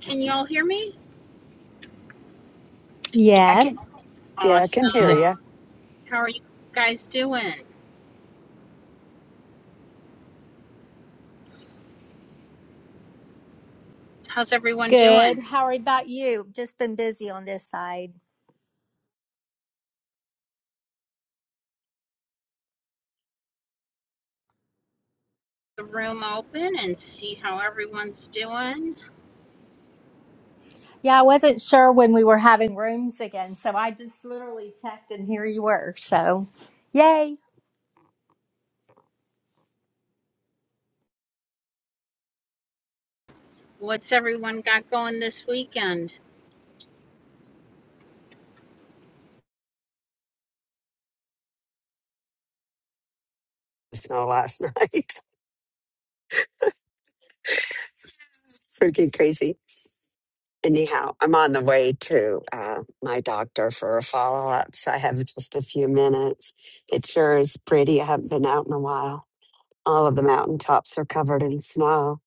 Can y'all hear me? I Yes. can, yeah, I can hear you. Yes. Awesome. How are you guys doing? How's everyone Good. doing? How about you? Just been busy on this side. The room open and see how everyone's doing. Yeah, I wasn't sure when we were having rooms again, so I just literally checked and here you were. So, yay. What's everyone got going this weekend? Snow last night. Freaking crazy. Anyhow, I'm on the way to uh, my doctor for a follow up, so I have just a few minutes. It sure is pretty. I haven't been out in a while. All of the mountaintops are covered in snow,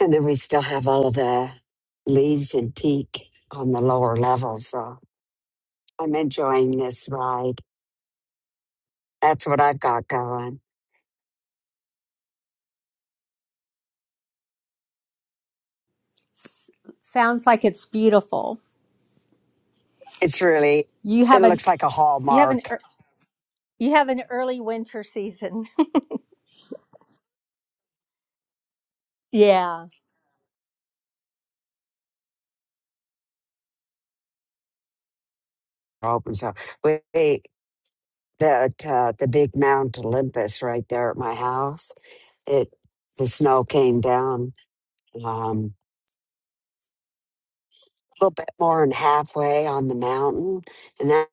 and then we still have all of the leaves and peak on the lower levels. So I'm enjoying this ride. That's what I've got going. Sounds like it's beautiful. It's really, You it have an looks like a you have an hallmark. ear- you have an early winter season. Yeah. Open so. Wait, that uh, the big Mount Olympus right there at my house. It the snow came down um, a little bit more than halfway on the mountain, and that,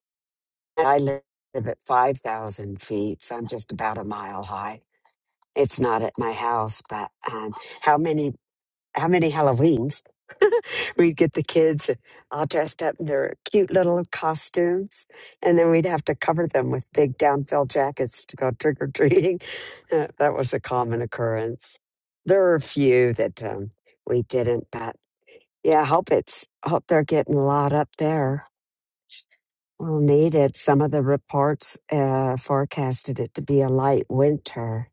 I live at five thousand feet, so I'm just about a mile high. It's not at my house, but um, how many how many Halloweens we'd get the kids all dressed up in their cute little costumes, and then we'd have to cover them with big down-filled jackets to go trick or treating. Uh, that was a common occurrence. There are a few that um, we didn't, but yeah, I hope it's hope they're getting a lot up there. We'll need it. Some of the reports uh, forecasted it to be a light winter.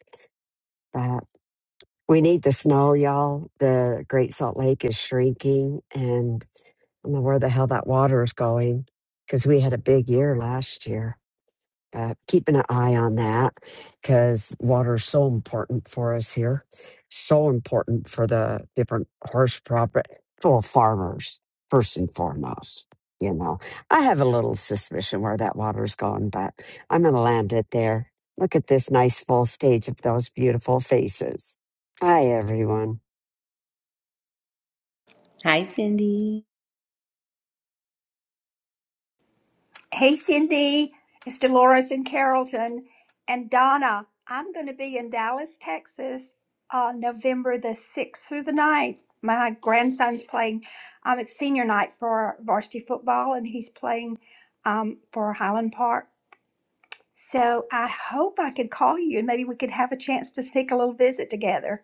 We need the snow, y'all. The Great Salt Lake is shrinking, and I don't know where the hell that water is going because we had a big year last year uh, keeping an eye on that because water is so important for us here, so important for the different horse proper for farmers first and foremost. You know, I have a little suspicion where that water's going, but I'm going to land it there. Look at this nice full stage of those beautiful faces. Hi, everyone. Hi, Cindy. Hey, Cindy, it's Dolores in Carrollton. And Donna, I'm going to be in Dallas, Texas on November the 6th through the ninth. My grandson's playing, um, it's senior night for varsity football, and he's playing um, for Highland Park. So I hope I could call you and maybe we could have a chance to sneak a little visit together.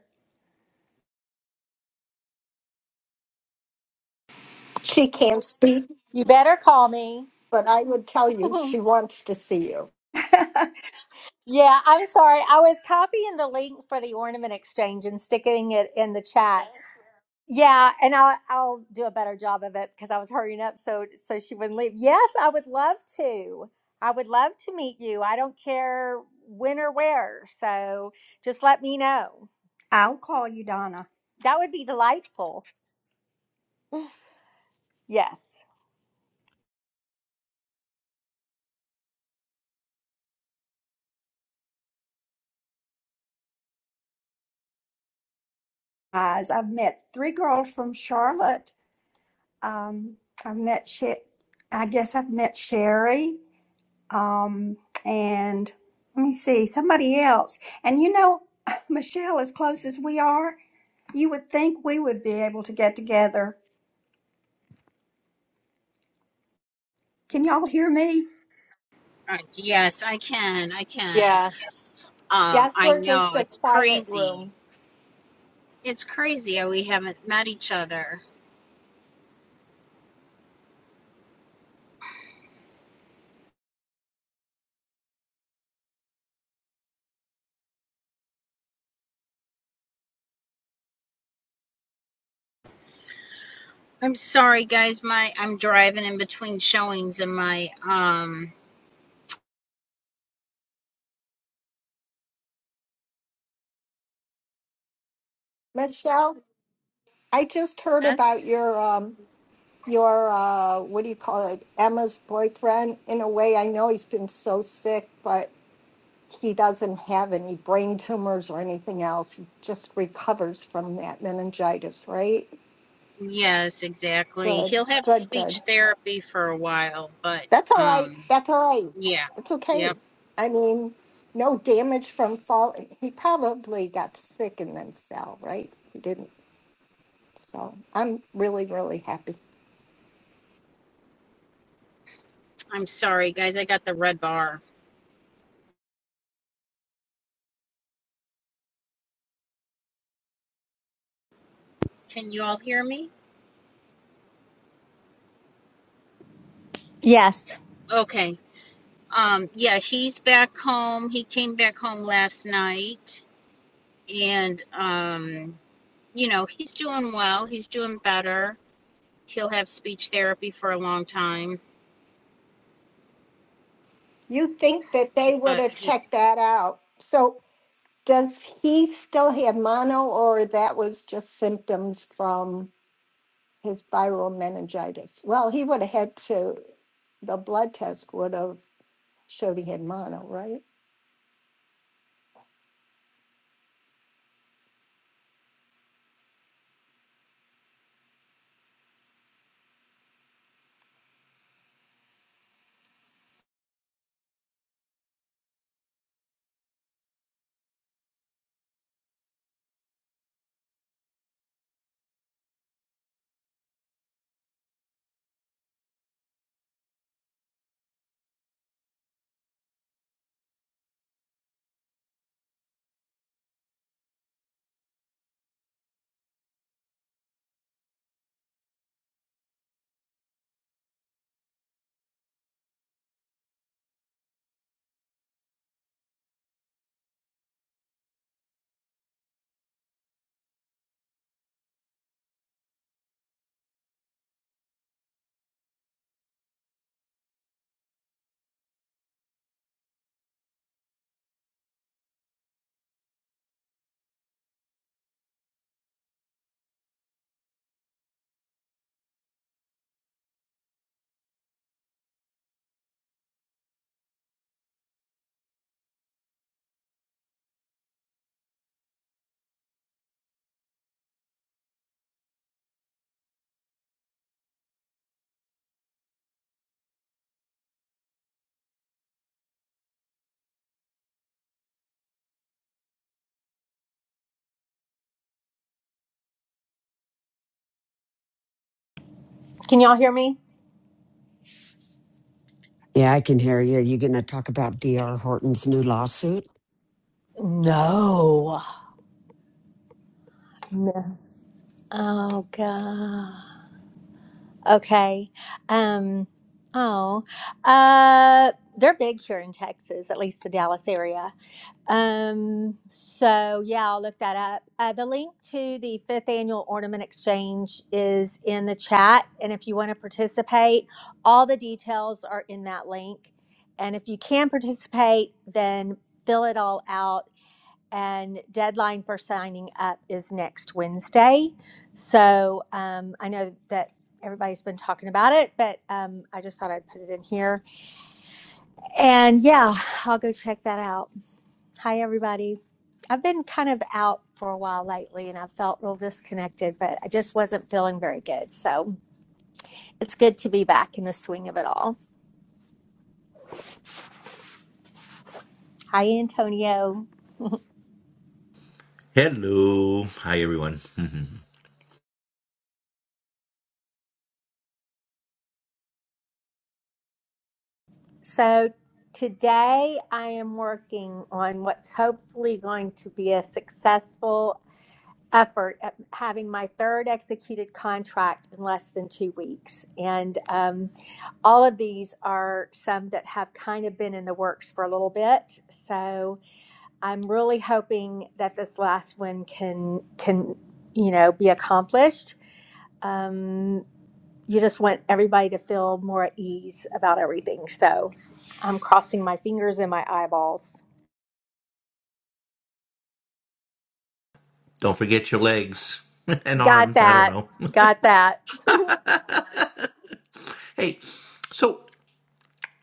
She can't speak, You better call me. but I would tell you she wants to see you. yeah, I'm sorry. I was copying the link for the ornament exchange and sticking it in the chat. Yeah, and I'll I'll do a better job of it because I was hurrying up so so she wouldn't leave. Yes, I would love to. I would love to meet you. I don't care when or where. So just let me know. I'll call you, Donna. That would be delightful. Yes. Guys, I've met three girls from Charlotte Um, I've met Sher- I guess I've met Sherry. Um, and let me see, somebody else. And you know, Michelle, as close as we are, you would think we would be able to get together. Can y'all hear me? Uh, yes, I can. I can. Yes. Um, Yes, I we're just know a it's quiet crazy. room. It's crazy how we haven't met each other. I'm sorry, guys. My I'm driving in between showings, and my um, Michelle, I just heard about your um your uh what do you call it? Emma's boyfriend. In a way, I know he's been so sick, but he doesn't have any brain tumors or anything else. He just recovers from that meningitis, right? Yes, exactly. Good, He'll have good, good. speech therapy for a while, but That's all right. um That's all right. yeah. It's okay. Yep. I mean, no damage from fall. He probably got sick and then fell, right? He didn't. So I'm really, really happy. I'm sorry guys, I got the red bar. Can you all hear me? Yes. Okay. Um yeah, he's back home. He came back home last night and um you know, he's doing well. He's doing better. He'll have speech therapy for a long time, You think that they would but have he. checked that out. So does he still have mono or that was just symptoms from his viral meningitis? Well, he would have had to, the blood test would have showed he had mono, right? Can y'all hear me? Yeah, I can hear you. You going to talk about D.R. Horton's new lawsuit? No. No. Oh god. Okay. Um oh. Uh they're big here in Texas, at least the Dallas area. Um, so yeah, I'll look that up. Uh, the link to the fifth annual ornament exchange is in the chat. And if you want to participate, all the details are in that link. And if you can participate, then fill it all out. And deadline for signing up is next Wednesday. So um, I know that everybody's been talking about it, but um, I just thought I'd put it in here. And yeah, I'll go check that out. Hi, everybody. I've been kind of out for a while lately and I felt real disconnected, but I just wasn't feeling very good. So it's good to be back in the swing of it all. Hi, Antonio. Hello. Hi, everyone. So today I am working on what's hopefully going to be a successful effort at having my third executed contract in less than two weeks. And um, all of these are some that have kind of been in the works for a little bit. So I'm really hoping that this last one can can you know be accomplished. Um, you just want everybody to feel more at ease about everything. So I'm crossing my fingers and my eyeballs. don't forget your legs and Got arms. I don't that. know. Got that. hey, so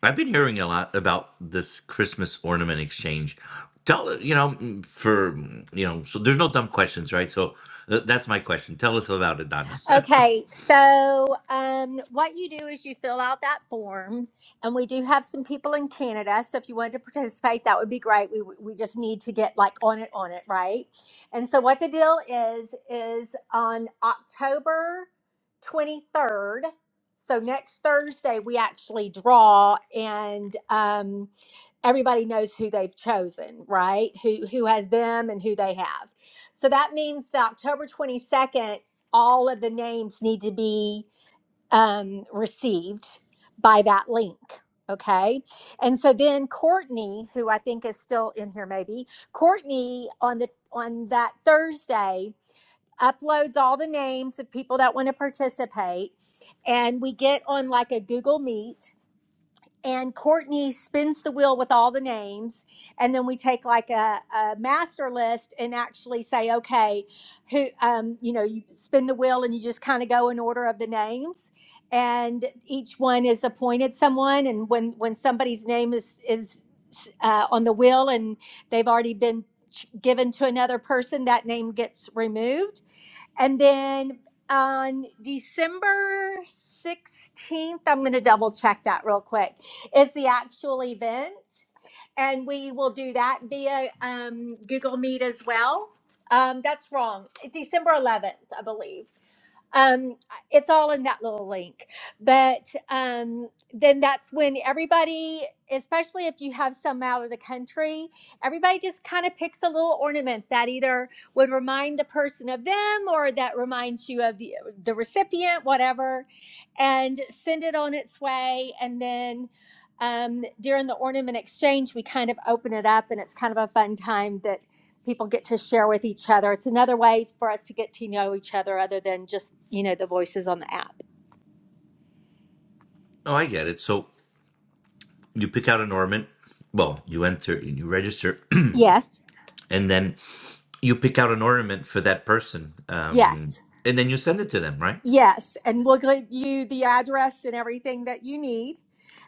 I've been hearing a lot about this Christmas ornament exchange. Tell you know mm, for you know so there's no dumb questions, right? So uh, that's my question. Tell us about it, Donna. Okay, oh, so um, what you do is you fill out that form, and we do have some people in Canada. So if you wanted to participate, that would be great. We we just need to get like on it, on it, right? And so what the deal is is on October twenty third. So next Thursday, we actually draw, and um, everybody knows who they've chosen, right? Who who has them and who they have. So that means the October 22nd all of the names need to be um, received by that link. Okay. And so then Courtney, who I think is still in here, maybe Courtney on the on that Thursday uploads all the names of people that want to participate, and we get on like a Google Meet and Courtney spins the wheel with all the names, and then we take like a, a master list and actually say, okay, who, um, you know, you spin the wheel and you just kind of go in order of the names, and each one is appointed someone, and when when somebody's name is is uh, on the wheel and they've already been ch- given to another person, that name gets removed and then on December 16th, I'm going to double check that real quick, is the actual event. And we will do that via um, Google Meet as well. Um, that's wrong. December 11th, I believe um it's all in that little link but um then that's when everybody especially if you have some out of the country everybody just kind of picks a little ornament that either would remind the person of them or that reminds you of the, the recipient whatever and send it on its way and then um, during the ornament exchange we kind of open it up and it's kind of a fun time that people get to share with each other. It's another way for us to get to know each other other than just, you know, the voices on the app. I get it. So you pick out an ornament. Well, you enter and you register, Yes. and then you pick out an ornament for that person, um, Yes. and then you send it to them, right? Yes, and we'll give you the address and everything that you need.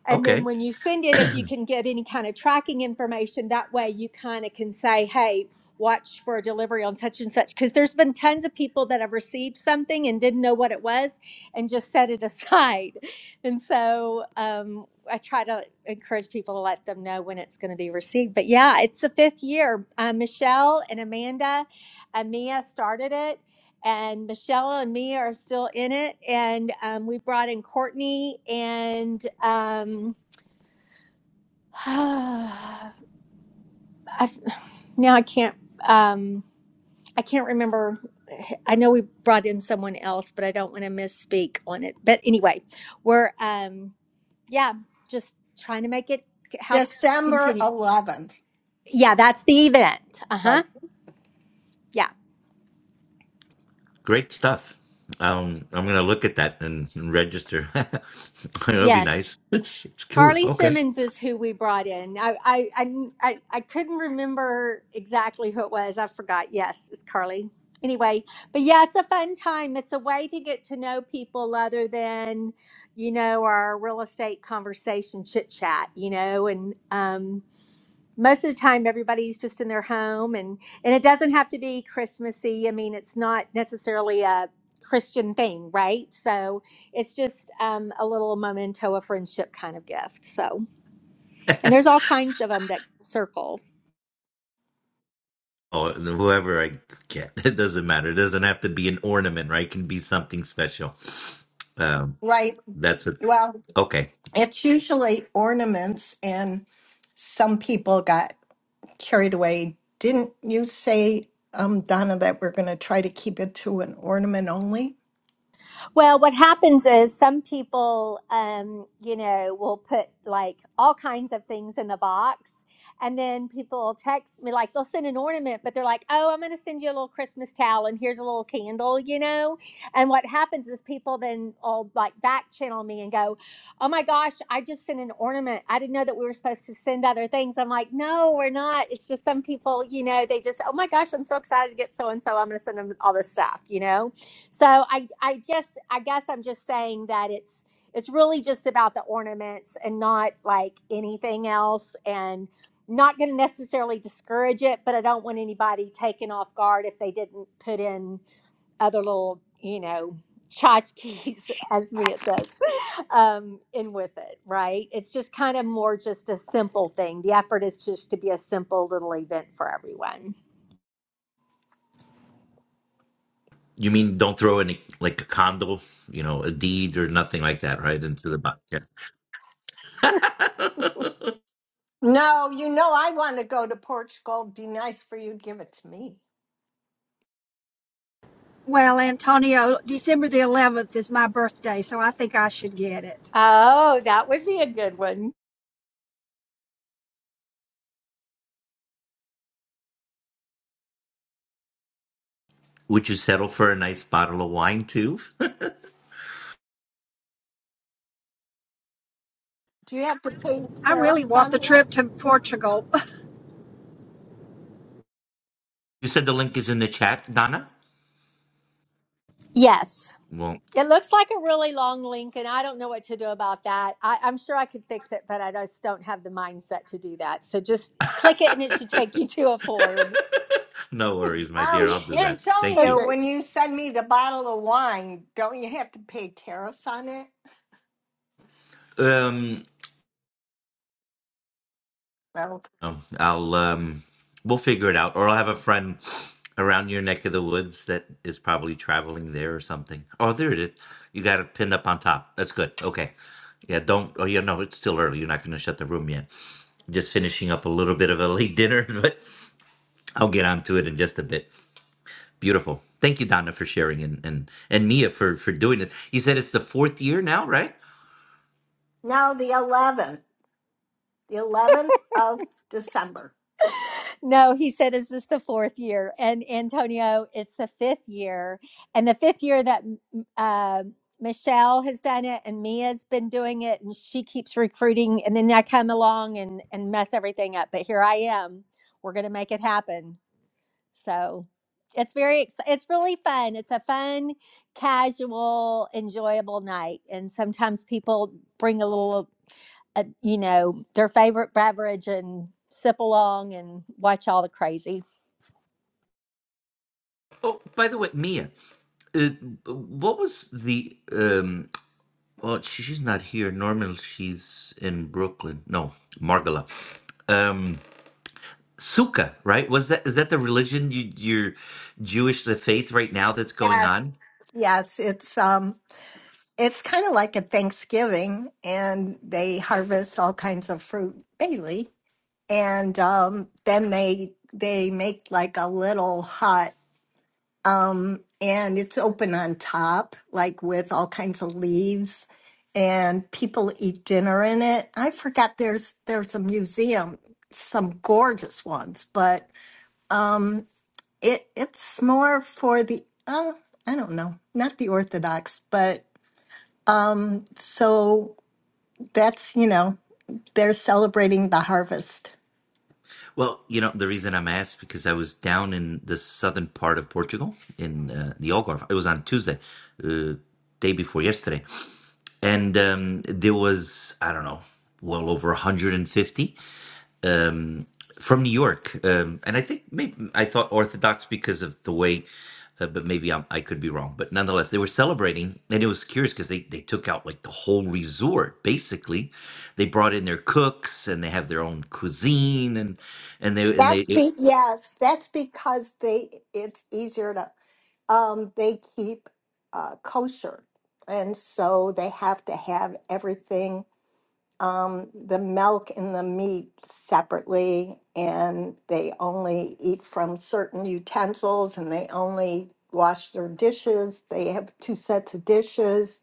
And Okay. then when you send it, if you can get any kind of tracking information, that way you kind of can say, hey, watch for a delivery on such and such. Because there's been tons of people that have received something and didn't know what it was and just set it aside. And so um, I try to encourage people to let them know when it's going to be received. But yeah, it's the fifth year. Uh, Michelle and Amanda and Mia started it and Michelle and me are still in it. And um, we brought in Courtney and um, I, f- now I can't um, I can't remember. I know we brought in someone else, but I don't want to misspeak on it. But anyway, we're um, yeah, just trying to make it help December continue. 11th. Yeah, that's the event. Uh huh. Right. Yeah. Great stuff. Um, I'm gonna look at that and and register. It'll be Yes. nice. It's it's cool. Carly Okay. Simmons is who we brought in. I, I, I, I I couldn't remember exactly who it was. I forgot. Yes, it's Carly. Anyway, but yeah, it's a fun time. It's a way to get to know people other than, you know, our real estate conversation chit chat, you know, and, um, most of the time everybody's just in their home and and it doesn't have to be christmassy i mean it's not necessarily a christian thing right so it's just um, a little memento of friendship kind of gift so and there's all kinds of them that circle Oh, whoever I get, it doesn't matter. It doesn't have to be an ornament, right? It can be something special. Um, Right. that's it. Well, Okay. it's usually ornaments, and some people got carried away. Didn't you say, um, Donna, that we're going to try to keep it to an ornament only? Well, what happens is some people, um, you know, will put like all kinds of things in the box. And then people will text me, like they'll send an ornament, but they're like, oh, I'm going to send you a little Christmas towel and here's a little candle, you know? And what happens is people then all like back channel me and go, oh my gosh, I just sent an ornament. I didn't know that we were supposed to send other things. I'm like, no, we're not. It's just some people, you know, they just, oh my gosh, I'm so excited to get so and so. I'm going to send them all this stuff, you know? So I I just I guess I'm just saying that it's it's really just about the ornaments and not like anything else and not going to necessarily discourage it, but I don't want anybody taken off guard if they didn't put in other little, you know, tchotchkes, as Mia says. um, in with it, right? It's just kind of more just a simple thing. The effort is just to be a simple little event for everyone. You mean don't throw any like a condo, you know, a deed or nothing like that, right? Into the box. Yeah. No, you know I want to go to Portugal. It'd be nice for you to give it to me. Well, Antonio, December the 11th is my birthday, so I think I should get it. Oh, that would be a good one. Would you settle for a nice bottle of wine too? Do you have to pay I really tariffs want on the that? trip to Portugal, You said the link is in the chat, Donna. Yes. Well, It looks like a really long link, and I don't know what to do about that. I, I'm sure I could fix it, but I just don't have the mindset to do that. So just click it, and it should take you to a form. no worries, my dear. Um, I'll do that. Thank Antonio, you. Okay. when you send me the bottle of wine, don't you have to pay tariffs on it? Um, No, oh, I'll um, we'll figure it out, or I'll have a friend around your neck of the woods that is probably traveling there or something. Oh, there it is. You got it pinned up on top. That's good. Okay. Yeah, don't. Oh, yeah, no, it's still early. You're not going to shut the room yet. Just finishing up a little bit of a late dinner, but I'll get onto it in just a bit. Beautiful. Thank you, Donna, for sharing, and and and Mia for for doing it. You said it's the fourth year now, right? no, the eleventh, the eleventh of December. No, he said, "Is this the fourth year?" And Antonio, it's the fifth year, and the fifth year that uh, Michelle has done it, and Mia's been doing it, and she keeps recruiting, and then I come along and and mess everything up. But here I am. We're gonna make it happen. So it's very, ex- it's really fun. It's a fun, casual, enjoyable night. And sometimes people bring a little, uh, you know, their favorite beverage and sip along and watch all the crazy. Oh, by the way, Mia, uh, what was the um Well, she- she's not here. Normally, she's in Brooklyn. No, Margola. Um, Sukkah, right? Was that is that the religion you, you're Jewish, the faith right now that's going on? Yes. Yes, it's um it's kind of like a Thanksgiving and they harvest all kinds of fruit daily and um then they they make like a little hut um and it's open on top like with all kinds of leaves and people eat dinner in it. I forgot there's there's a museum some gorgeous ones but um, it it's more for the uh, I don't know, not the Orthodox, but um so that's, you know, they're celebrating the harvest. Well, you know the reason I'm asked because I was down in the southern part of Portugal in uh, the Algarve. It was on Tuesday, uh, day before yesterday, and um, there was I don't know, well over 150. um, from New York, um, and I think maybe I thought Orthodox because of the way, uh, but maybe I'm, I could be wrong. But nonetheless, they were celebrating, and it was curious because they they took out like the whole resort. Basically, they brought in their cooks, and they have their own cuisine, and and they and they That's it- be yes, that's because they it's easier to um they keep uh kosher. And so they have to have everything um, the milk and the meat separately, and they only eat from certain utensils and they only wash their dishes. They have two sets of dishes.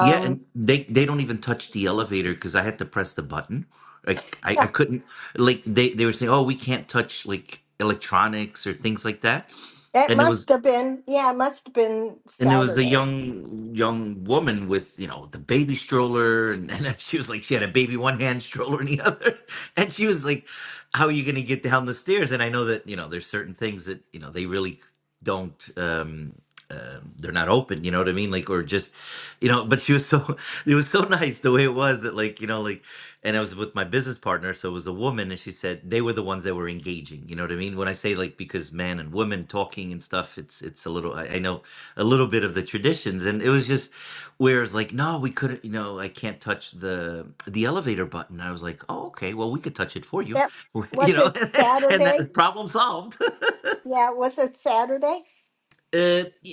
yeah, and they they don't even touch the elevator because I had to press the button. Like I, I yeah, couldn't like they they were saying, oh, we can't touch like electronics or things like that, it and it was must have been, yeah, it must have been and it was a Saturday. young young woman with you know the baby stroller and, and she was like she had a baby one hand stroller in the other and she was like how are you going to get down the stairs and i know that you know there's certain things that you know they really don't um uh, they're not open you know what i mean like or just you know but she was so it was so nice the way it was that like you know like and i was with my business partner so it was a woman and she said they were the ones that were engaging you know what i mean when i say like because man and women talking and stuff it's it's a little i, I know a little bit of the traditions and it was just where it's like no we couldn't you know i can't touch the the elevator button i was like oh okay well we could touch it for you Yep. you Was know it and Saturday? that problem solved uh, Yeah, was it Saturday?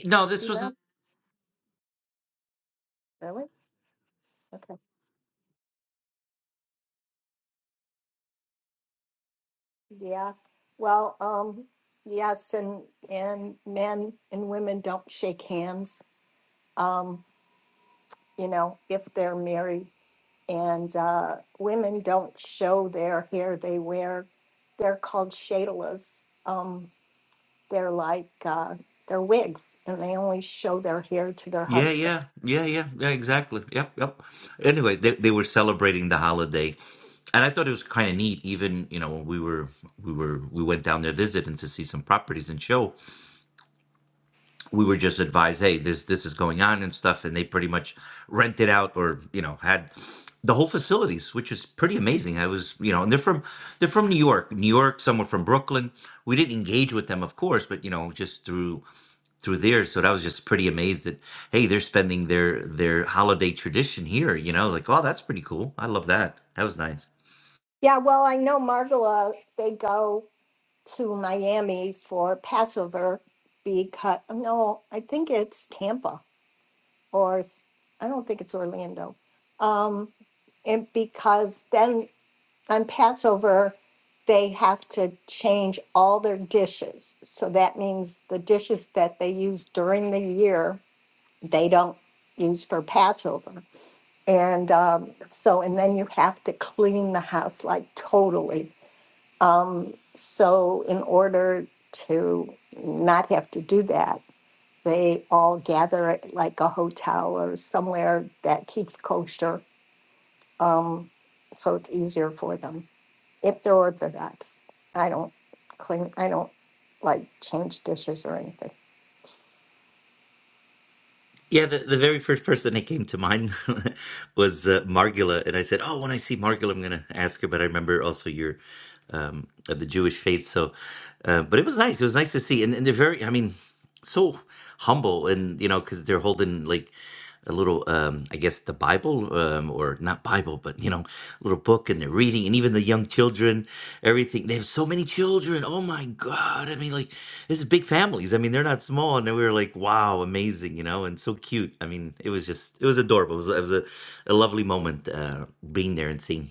no Do this you know? was Really? Okay. Yeah. Well, um, yes, and and men and women don't shake hands. Um, you know, if they're married. And uh, women don't show their hair. They wear, they're called shadalas. Um, they're like, uh, they're wigs and they only show their hair to their yeah husband. yeah yeah yeah yeah exactly yep yep anyway they, they were celebrating the holiday and i thought it was kind of neat even you know when we were we were we went down there visiting to see some properties and show we were just advised, hey, this this is going on and stuff, and they pretty much rented out or you know had the whole facilities, which is pretty amazing. I was you know, and they're from they're from New York, New York, somewhere from Brooklyn. We didn't engage with them, of course, but you know, just through through there. So that was just pretty amazed that hey, they're spending their their holiday tradition here. You know, like oh, that's pretty cool. I love that. That was nice. Yeah, well, I know Margola, they go to Miami for Passover because, no, I think it's Tampa or s- I don't think it's Orlando. Um, and because then on Passover, they have to change all their dishes. So that means the dishes that they use during the year, they don't use for Passover. And um, so, and then you have to clean the house like totally. Um, so, in order to not have to do that, they all gather at like a hotel or somewhere that keeps kosher. Um, so it's easier for them if they're Orthodox. I don't clean, I don't like change dishes or anything. Yeah, the, the very first person that came to mind was uh, Margula, and I said, "Oh, when I see Margula, I'm going to ask her." But I remember also your um, of the Jewish faith. So, uh, but it was nice. It was nice to see, and, and they're very, I mean, so humble, and you know, because they're holding like a little um i guess the bible um or not bible but you know little book and they're reading and even the young children everything they have so many children oh my god i mean like this is big families i mean they're not small and then we were like wow amazing you know and so cute i mean it was just it was adorable it was, it was a, a lovely moment uh being there and seeing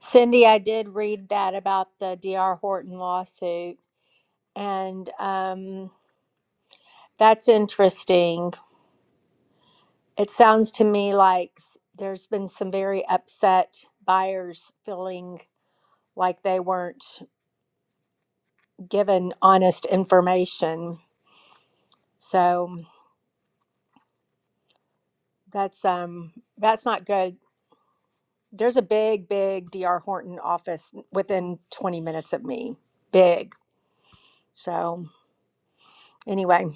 Cindy, I did read that about the DR Horton lawsuit. And, um, That's interesting. It sounds to me like s- there's been some very upset buyers feeling like they weren't given honest information. So that's um that's not good. There's a big, big DR Horton office within 20 minutes of me. Big. So anyway,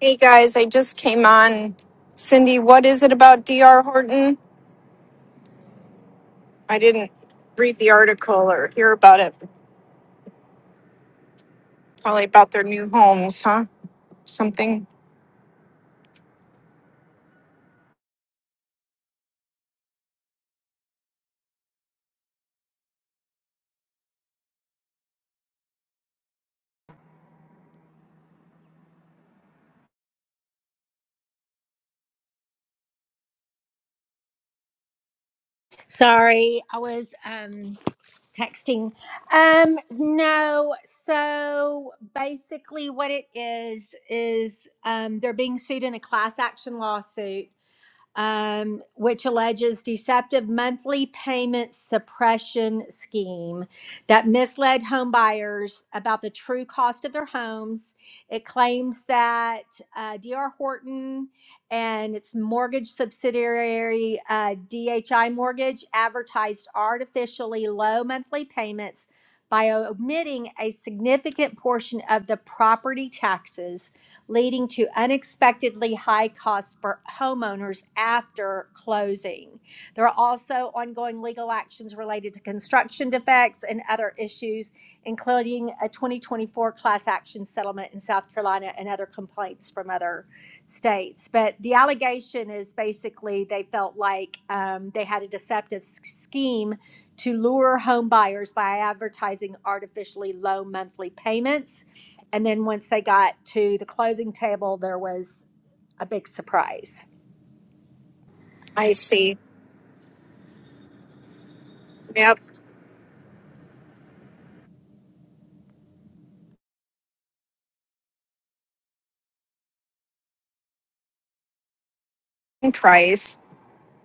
Hey guys, I just came on. Cindy, what is it about DR Horton? I didn't read the article or hear about it. Probably about their new homes, huh? Something. sorry, I was um texting um no so basically what it is is um they're being sued in a class action lawsuit um, which alleges deceptive monthly payment suppression scheme that misled home buyers about the true cost of their homes. It claims that uh, DR Horton and its mortgage subsidiary uh, DHI Mortgage advertised artificially low monthly payments by omitting a significant portion of the property taxes leading to unexpectedly high costs for homeowners after closing. There are also ongoing legal actions related to construction defects and other issues, including a 2024 class action settlement in South Carolina and other complaints from other states. But the allegation is basically they felt like um, they had a deceptive scheme to lure home buyers by advertising artificially low monthly payments and then once they got to the closing table, there was a big surprise. I see. Yep. And price.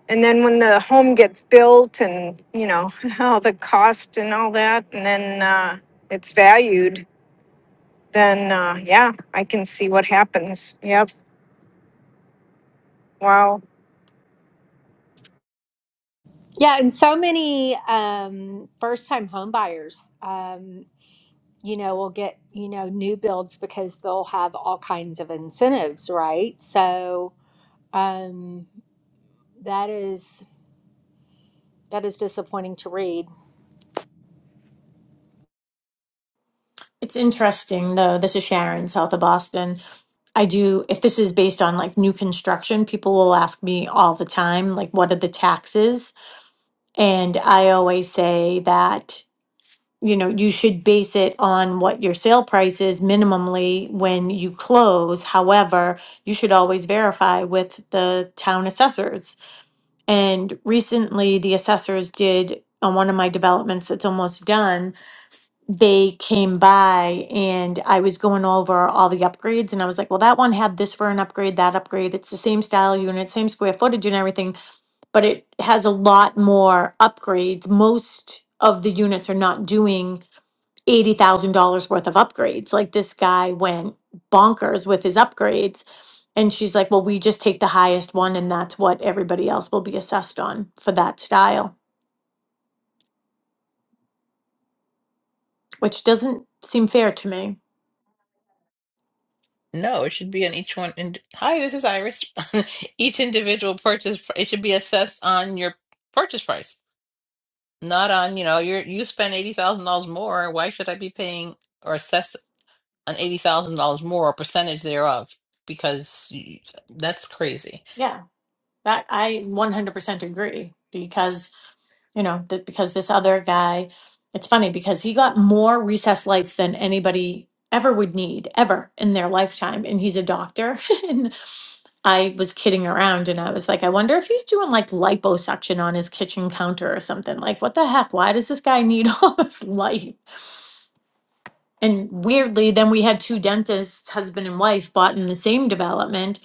And then when the home gets built and, you know, all the cost and all that, and then uh, it's valued, then uh, yeah, I can see what happens. Yep. Wow. Yeah, and so many um, first-time home buyers, um, you know, will get, you know, new builds because they'll have all kinds of incentives, right? So um, that is that is disappointing to read. It's interesting though. This is Sharon, south of Boston. I do, if this is based on like new construction, people will ask me all the time, like, what are the taxes? And I always say that, you know, you should base it on what your sale price is minimally when you close. However, you should always verify with the town assessors. And recently, the assessors did on one of my developments that's almost done they came by and I was going over all the upgrades and I was like, well, that one had this for an upgrade, that upgrade. It's the same style unit, same square footage and everything, but it has a lot more upgrades. Most of the units are not doing $80,000 worth of upgrades. Like this guy went bonkers with his upgrades. And she's like, well, we just take the highest one and that's what everybody else will be assessed on for that style, which doesn't seem fair to me. No, it should be on each one. And hi, this is Iris. Each individual purchase, pr- it should be assessed on your purchase price, not on, you know, you're, you spend $80,000 more. Why should I be paying or assess an $80,000 more or percentage thereof? Because you, that's crazy. Yeah. That I 100% agree because, you know, that because this other guy, it's funny because he got more recessed lights than anybody ever would need ever in their lifetime and he's a doctor and I was kidding around and I was like I wonder if he's doing like liposuction on his kitchen counter or something like what the heck why does this guy need all this light and weirdly, then we had two dentists, husband and wife, bought in the same development,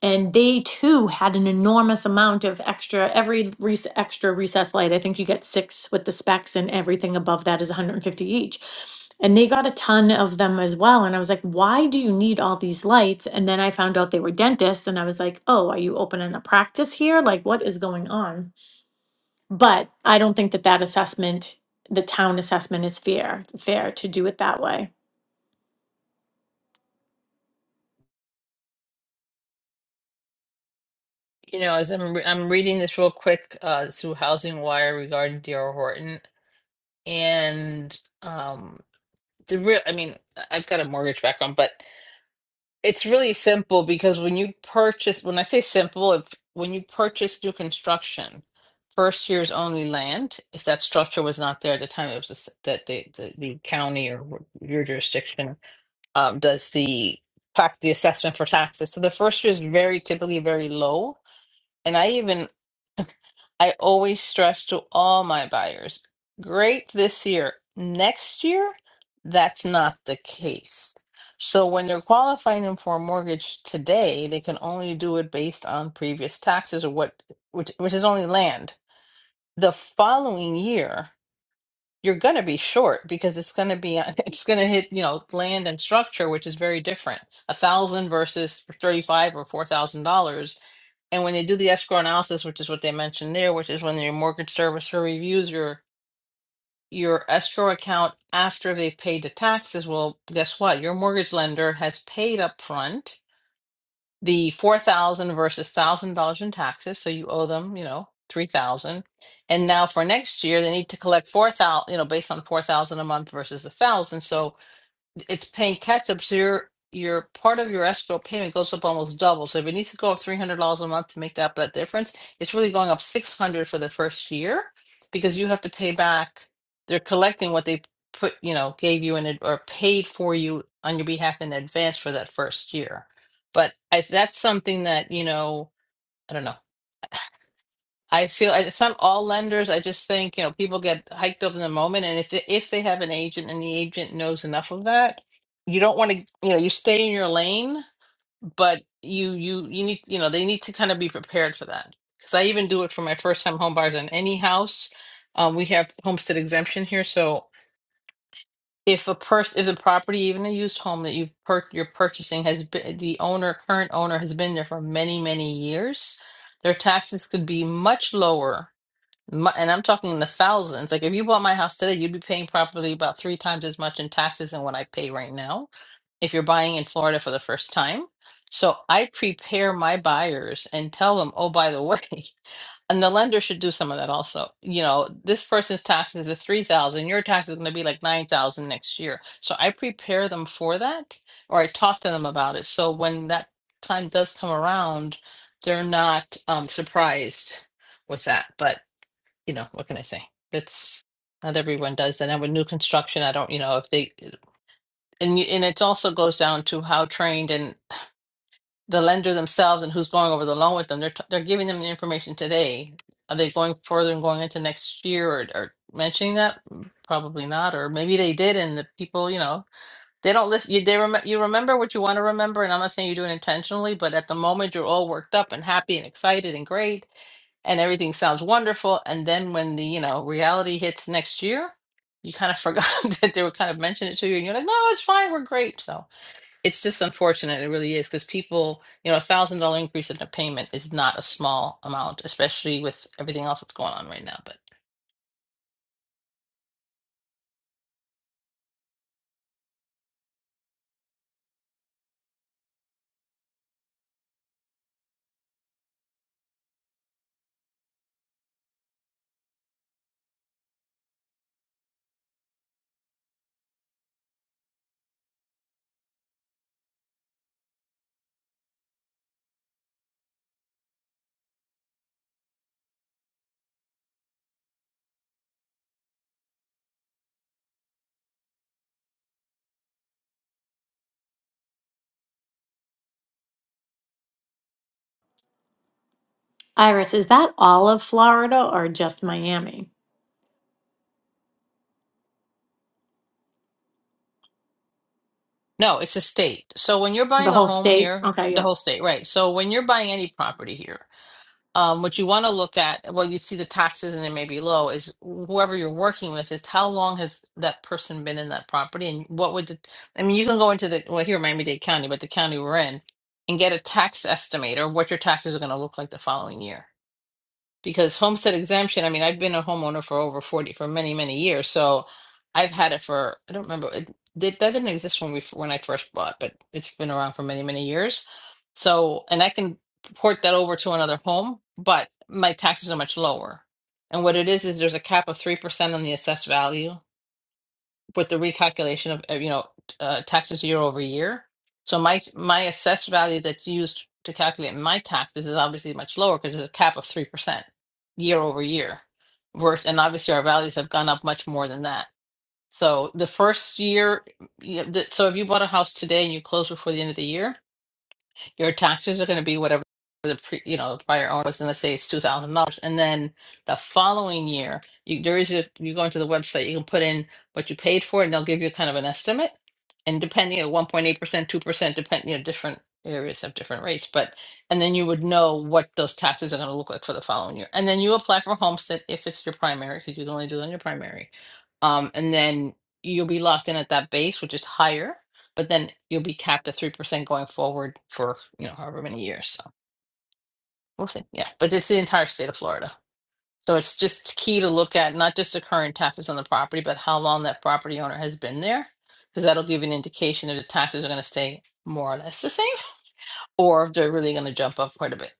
and they too had an enormous amount of extra every rec- extra recessed light. I think you get six with the specs, and everything above that is 150 each. And they got a ton of them as well. And I was like, why do you need all these lights? And then I found out they were dentists, and I was like, oh, are you opening a practice here? Like, what is going on? But I don't think that that assessment, the town assessment, is fair fair to do it that way. You know, as I'm, re I'm reading this real quick uh, through Housing Wire regarding D.R. Horton and um, the real, I mean, I've got a mortgage background, but It's really simple because when you purchase, when I say simple, if when you purchase new construction, first year's only land, if that structure was not there at the time, it was just that the, the, the county or your jurisdiction um, does the tax the assessment for taxes. So the first year is very typically very low. And I even I always stress to all my buyers, great this year. Next year, that's not the case. So when they're qualifying them for a mortgage today, they can only do it based on previous taxes or what which which is only land. The following year, you're going to be short because it's going to be it's going to hit, you know, land and structure, which is very different. A thousand versus 35 or $4,000 and when they do the escrow analysis, which is what they mentioned there, which is when your mortgage servicer reviews your your escrow account after they've paid the taxes, well, guess what? Your mortgage lender has paid up front the four thousand versus thousand dollars in taxes, so you owe them, you know, three thousand. And now for next year, they need to collect four thousand, you know, based on four thousand a month versus a thousand. So it's paying catch up. So your your part of your escrow payment goes up almost double. So if it needs to go up three hundred dollars a month to make up that difference, it's really going up six hundred for the first year because you have to pay back. They're collecting what they put, you know, gave you in ad- or paid for you on your behalf in advance for that first year. But I, that's something that you know, I don't know. I feel it's not all lenders. I just think, you know, people get hiked up in the moment, and if if they have an agent and the agent knows enough of that, you don't want to, you know, you stay in your lane, but you you you need, you know, they need to kind of be prepared for that. Because I even do it for my first time home buyers on any house. Um, we have homestead exemption here, so if a person, if the property, even a used home that you've per- you're purchasing has been the owner, current owner has been there for many many years, their taxes could be much lower my, and I'm talking in the thousands. Like if you bought my house today, you'd be paying probably about three times as much in taxes than what I pay right now if you're buying in Florida for the first time. So I prepare my buyers and tell them, oh, by the way, and the lender should do some of that also. You know, this person's taxes are three thousand, your tax is gonna be like nine thousand next year. So I prepare them for that or I talk to them about it. So when that time does come around, they're not um surprised with that. But you know, what can I say? It's not everyone does that. And with new construction, I don't, you know, if they, uh, and you- and it also goes down to how trained and the lender themselves and who's going over the loan with them. They're t- they're giving them the information today. Are they going further and going into next year or, or mentioning that? Mm, Probably not. Or maybe they did, and the people, you know. They don't listen. You, they rem- you remember what you want to remember, and I'm not saying you do it intentionally, but at the moment you're all worked up and happy and excited and great, and everything sounds wonderful. And then when the you know reality hits next year, you kind of forgot that they were kind of mentioning it to you, and you're like, no, it's fine, we're great. So it's just unfortunate, it really is, because people, you know, a thousand dollar increase in a payment is not a small amount, especially with everything else that's going on right now. But Iris, is that all of Florida or just Miami? no, it's a state. So when you're The buying a whole home state? here, Okay, the yeah. whole state, right? So when you're buying any property here. Um, what you want to look at, well, you see the taxes and it may be low, is whoever you're working with is how long has that person been in that property and what would the, I mean, you can go into the, well, here in Miami-Dade County, but the county we're in, and get a tax estimate or what your taxes are going to look like the following year because homestead exemption, I mean, I've been a homeowner for over 40 for many, many years. So I've had it for, I don't remember, it, did that didn't exist when we when I first bought, but it's been around for many, many years. So, and I can port that over to another home, but my taxes are much lower. And what it is is there's a cap of 3% on the assessed value with the recalculation of, of, you know, uh, taxes year over year. So my my assessed value that's used to calculate my taxes is obviously much lower because there's a cap of 3% year over year. Vers- And obviously our values have gone up much more than that. So the first year, you know, th- so if you bought a house today and you close before the end of the year, your taxes are going to be whatever the pre, you know the prior owner was, and let's say it's two thousand dollars, and then the following year, you, there is a, you go into the website, you can put in what you paid for, and they'll give you kind of an estimate, and depending at one point eight percent, two percent, depending you know different areas have different rates, but and then you would know what those taxes are going to look like for the following year, and then you apply for homestead if it's your primary, because you can only do it on your primary, um, and then you'll be locked in at that base, which is higher but then you'll be capped at three percent going forward for you know however many years. So we'll see. Yeah, but it's the entire state of Florida. So it's just key to look at not just the current taxes on the property, but how long that property owner has been there, because that'll give you an indication if the taxes are going to stay more or less the same, or if they're really going to jump up quite a bit.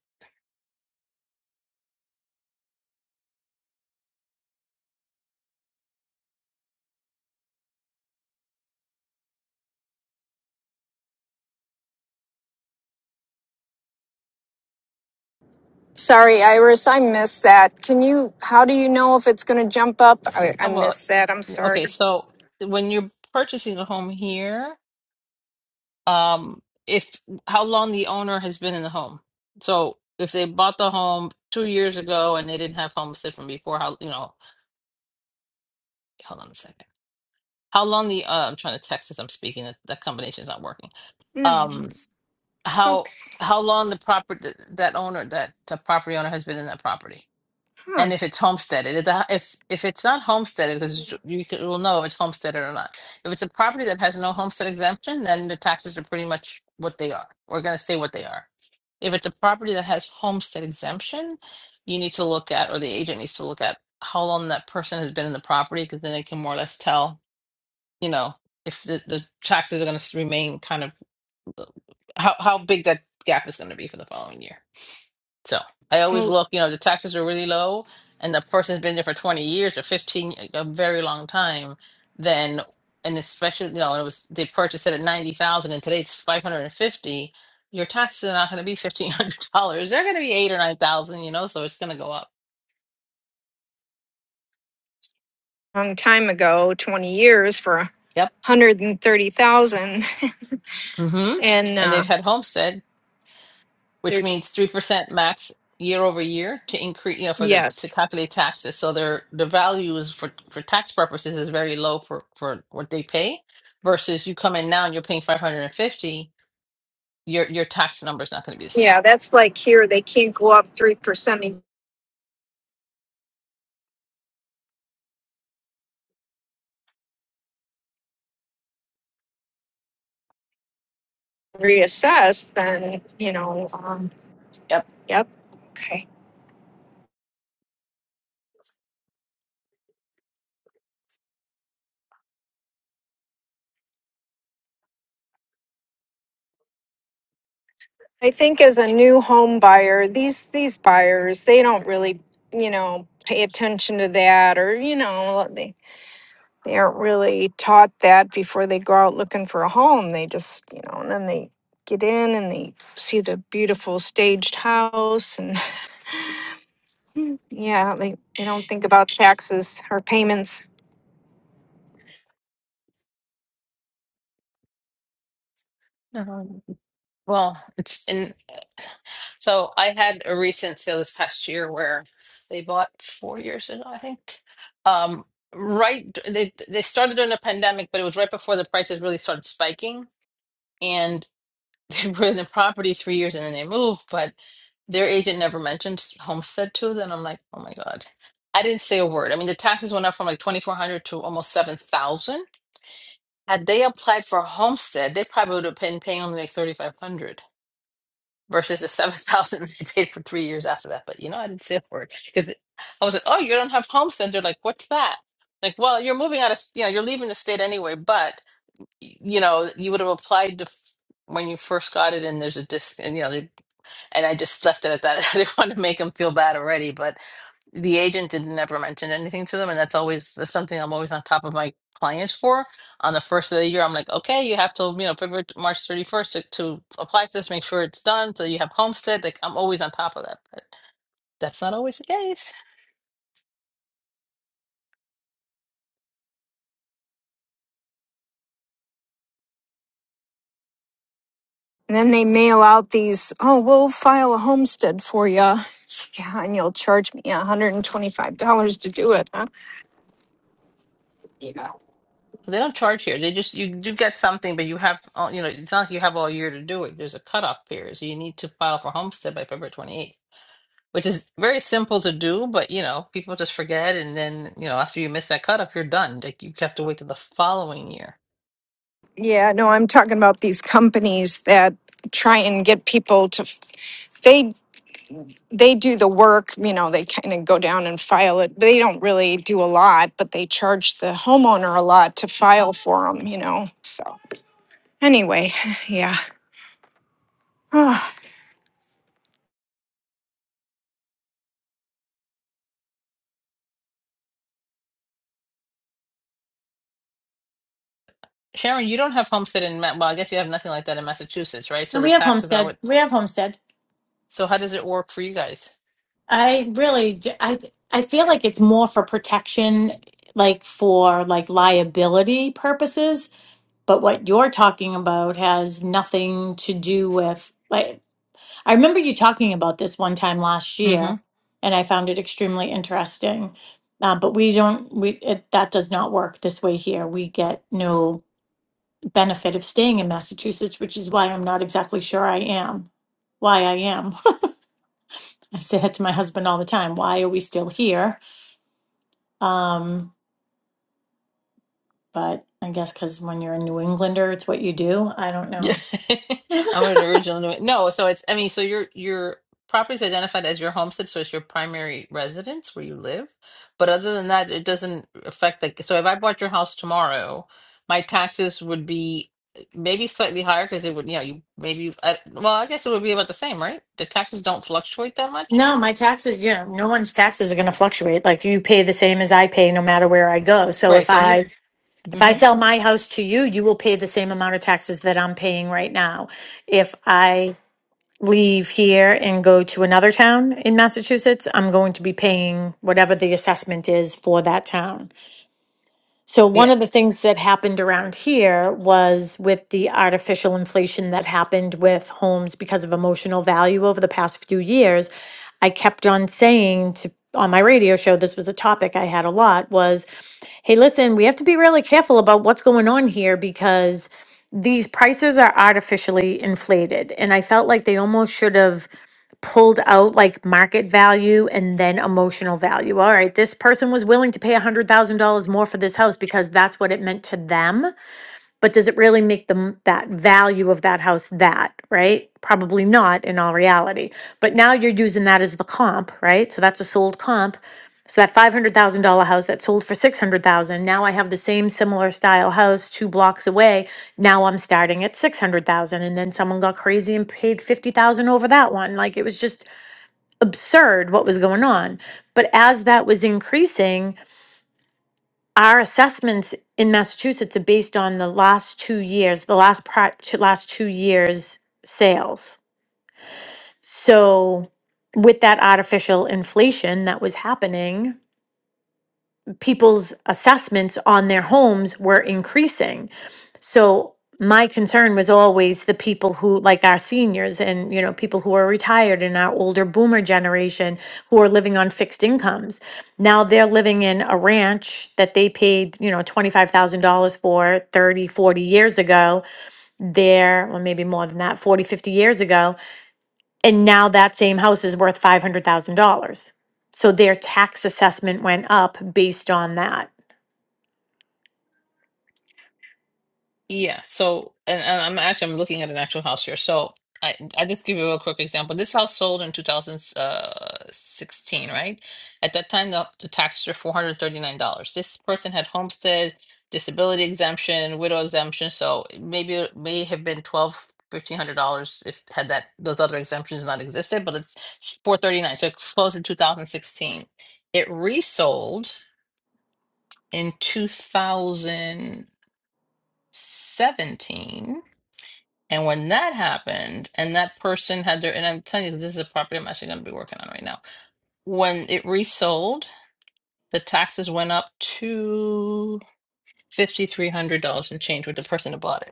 Sorry, Iris, I missed that. Can you, how do you know if it's going to jump up? I, I Oh, Well, missed that. I'm sorry. okay, so when you're purchasing a home here. um if how long the owner has been in the home so if they bought the home two years ago and they didn't have homestead from before how you know hold on a second how long the uh, i'm trying to text as i'm speaking that, that combination is not working No, um it's how okay. how long the property that owner that the property owner has been in that property Huh. and if it's homesteaded if, the, if if it's not homesteaded because you can- will know if it's homesteaded or not if it's a property that has no homestead exemption then the taxes are pretty much what they are we're going to say what they are if it's a property that has homestead exemption you need to look at or the agent needs to look at how long that person has been in the property because then they can more or less tell you know if the, the taxes are going to remain kind of how, how big that gap is going to be for the following year so I always Well, look, you know, the taxes are really low and the person's been there for 20 years or 15, y- a very long time, then, and especially, you know, it was, they purchased it at 90,000 and today it's 550. Your taxes are not going to be $1,500. They're going to be eight or 9,000, you know, so it's going to go up. long time ago, 20 years for a Yep. 130,000. And thirty thousand. Mm-hmm. And And uh, they've had homestead. which there's, means 3% max year over year to increase, you know, for the to yes. calculate taxes. So their the value is for for tax purposes is very low for for what they pay versus you come in now and you're paying 550, your your tax number is not going to be the same. Yeah, that's like here, they can't go up 3% and reassess, then, you know, um, Yep. yep. Okay. I think as a new home buyer, these these buyers, they don't really, you know, pay attention to that or, you know, they they aren't really taught that before they go out looking for a home. They just, you know, and then they get in and they see the beautiful staged house and yeah, they they don't think about taxes or payments. Um, well, it's in so I had a recent sale this past year where they bought four years ago, I think. Um, right, they they started during the pandemic, but it was right before the prices really started spiking they were in the property three years and then they moved, but their agent never mentioned homestead to them. I'm like, oh my God. I didn't say a word. I mean, the taxes went up from like 2,400 to almost 7,000. Had they applied for homestead, they probably would have been paying only like 3,500 versus the 7,000 they paid for three years after that. But you know, I didn't say a word because I was like, oh, you don't have homestead. They're like, what's that? Like, well, you're moving out of, you know, you're leaving the state anyway, but you know, you would have applied to when you first got it and there's a disc and you know, they and I just left it at that. I didn't want to make them feel bad already, but the agent did not ever mention anything to them, and that's always that's something I'm always on top of my clients for. On the first of the year, I'm like, okay, you have till you know February March 31st to, to apply for this, make sure it's done, so you have homestead. Like I'm always on top of that, but that's not always the case. And then they mail out these, "Oh, we'll file a homestead for you." Yeah, and you'll charge me $125 to do it, huh? Yeah. They don't charge here. They just you do get something, but you have all- you know it's not like you have all year to do it. There's a cutoff period, so you need to file for homestead by February 28th. which is very simple to do, but you know, people just forget. And then, you know, after you miss that cut up, you're done. Like you have to wait till the following year. Yeah, no, I'm talking about these companies that try and get people to they they do the work, you know, they kind of go down and file it. They don't really do a lot, but they charge the homeowner a lot to file for them, you know. So, anyway, yeah. no, Sharon, you don't have homestead in, Ma- well, I guess you have nothing like that in Massachusetts, right? So And the we have taxes are Homestead. what, We have Homestead. so how does it work for you guys? I really, j- I, I feel like it's more for protection, like for like liability purposes. But what you're talking about has nothing to do with like. I remember you talking about this one time last Mm-hmm. year, and I found it extremely interesting. Uh, but we don't. We it, that does not work this way here. We get no benefit of staying in Massachusetts, which is why I'm not exactly sure I am. Why I am. I say that to my husband all the time. Why are we still here? Um, but I guess because when you're a New Englander, it's what you do. I don't Yeah. know. I'm an original. New- No, so it's, I mean, so your your property is identified as your homestead, so it's your primary residence where you live. But other than that, it doesn't affect like, so if I bought your house tomorrow, my taxes would be uh, maybe slightly higher because it would, you know, you maybe, I, well, I guess it would be about the same, right? The taxes don't fluctuate that much. No, my taxes, you know, no one's taxes are going to fluctuate. Like you pay the same as I pay no matter where I go. So Right. if So if you, I if I hmm sell my house to you, you will pay the same amount of taxes that I'm paying right now. If I leave here and go to another town in Massachusetts, I'm going to be paying whatever the assessment is for that town. So, one of Yes. the things that happened around here was with the artificial inflation that happened with homes because of emotional value over the past few years. I kept on saying to on my radio show, this was a topic I had a lot was hey, listen, we have to be really careful about what's going on here because these prices are artificially inflated. And I felt like they almost should have pulled out like market value and then emotional value. All right, this person was willing to pay $100,000 more for this house because that's what it meant to them. But does it really make them that value of that house that, right? Probably not in all reality. But now you're using that as the comp, right? So that's a sold comp. So that $500,000 house that sold for 600,000, now I have the same similar style house 2 blocks away. Now I'm starting at 600,000 and then someone got crazy and paid 50,000 over that one. Like it was just absurd what was going on. But as that was increasing, our assessments in Massachusetts are based on the last two years, the last pri- two- last two years sales. So with that artificial inflation that was happening, people's assessments on their homes were increasing. So my concern was always the people who like our seniors and you know people who are retired and our older boomer generation who are living on fixed incomes. Now they're living in a ranch that they paid, you know, $25,000 for 30 forty years ago. There, or maybe more than that, 40 50 years ago, and now that same house is worth $500,000. So their tax assessment went up based on that. Yeah, so and, and I'm actually I'm looking at an actual house here. So I I just give you a quick example. This house sold in 2016, right? At that time, the, the taxes were $439. This person had homestead, disability exemption, widow exemption, so maybe it may have been twelve fifteen hundred dollars if had that those other exemptions not existed, but it's 439. So it closed in 2016. It resold in 2017 and when that happened, and that person had their, and I'm telling you, this is a property I'm actually going to be working on right now. When it resold, the taxes went up to $5,300 and change with the person that bought it.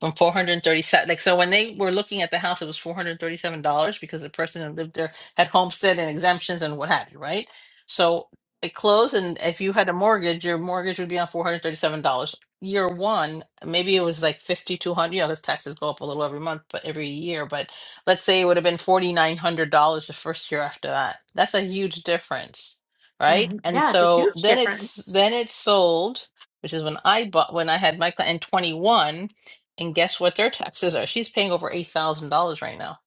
From 437 like so when they were looking at the house it was $437 because the person who lived there had homestead and exemptions and what have you, right? So it closed and if you had a mortgage, your mortgage would be on $437. Year one, maybe it was like 5200, you know, because taxes go up a little every month, but every year, but let's say it would have been $4900 the first year after that. That's a huge difference, right? Mhm. And Yeah, it's a so huge then it's difference. then it's sold, which is when I bought when I had my cl- in 21 and guess what their taxes are? She's paying over $8,000 right now.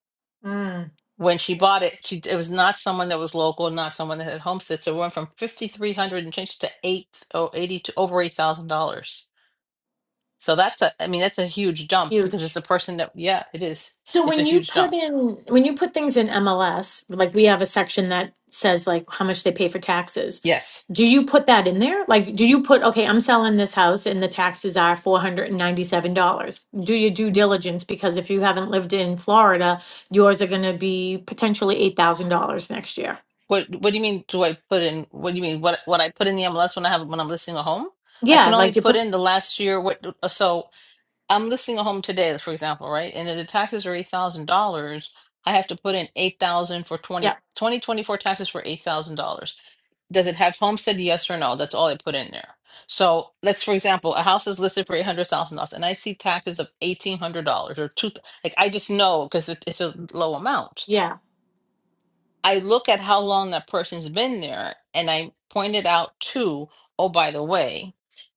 Mm, When she bought it, she it was not someone that was local, not someone that had homestead. So it went from 5300 and change to eight oh eighty to over $8,000. So that's a, I mean, that's a huge jump because it's huge. a person that, yeah, it is. So It's a when you huge put jump. in when you put things in MLS, like we have a section that says like how much they pay for taxes. Yes. Do you put that in there? Like, do you put, okay, I'm selling this house and the taxes are $497? Do your due diligence because if you haven't lived in Florida, yours are going to be potentially $8,000 next year. What What do you mean? Do I put in? What do you mean? What What I put in the MLS when I have when I'm listing a home? I can Yeah, only like you put put, in the last year. What so? I'm listing a home today, for example, right? And if the taxes are eight thousand dollars, I have to put in eight thousand for yeah, twenty, twenty, twenty-four taxes for eight thousand dollars. Does it have homestead? Yes or no? That's all I put in there. So let's, for example, a house is listed for eight hundred thousand dollars, and I see taxes of eighteen hundred dollars or two. Like I just know because it, it's a low amount. yeah. I look at how long that person's been there, and I point it out too. Oh, by the way,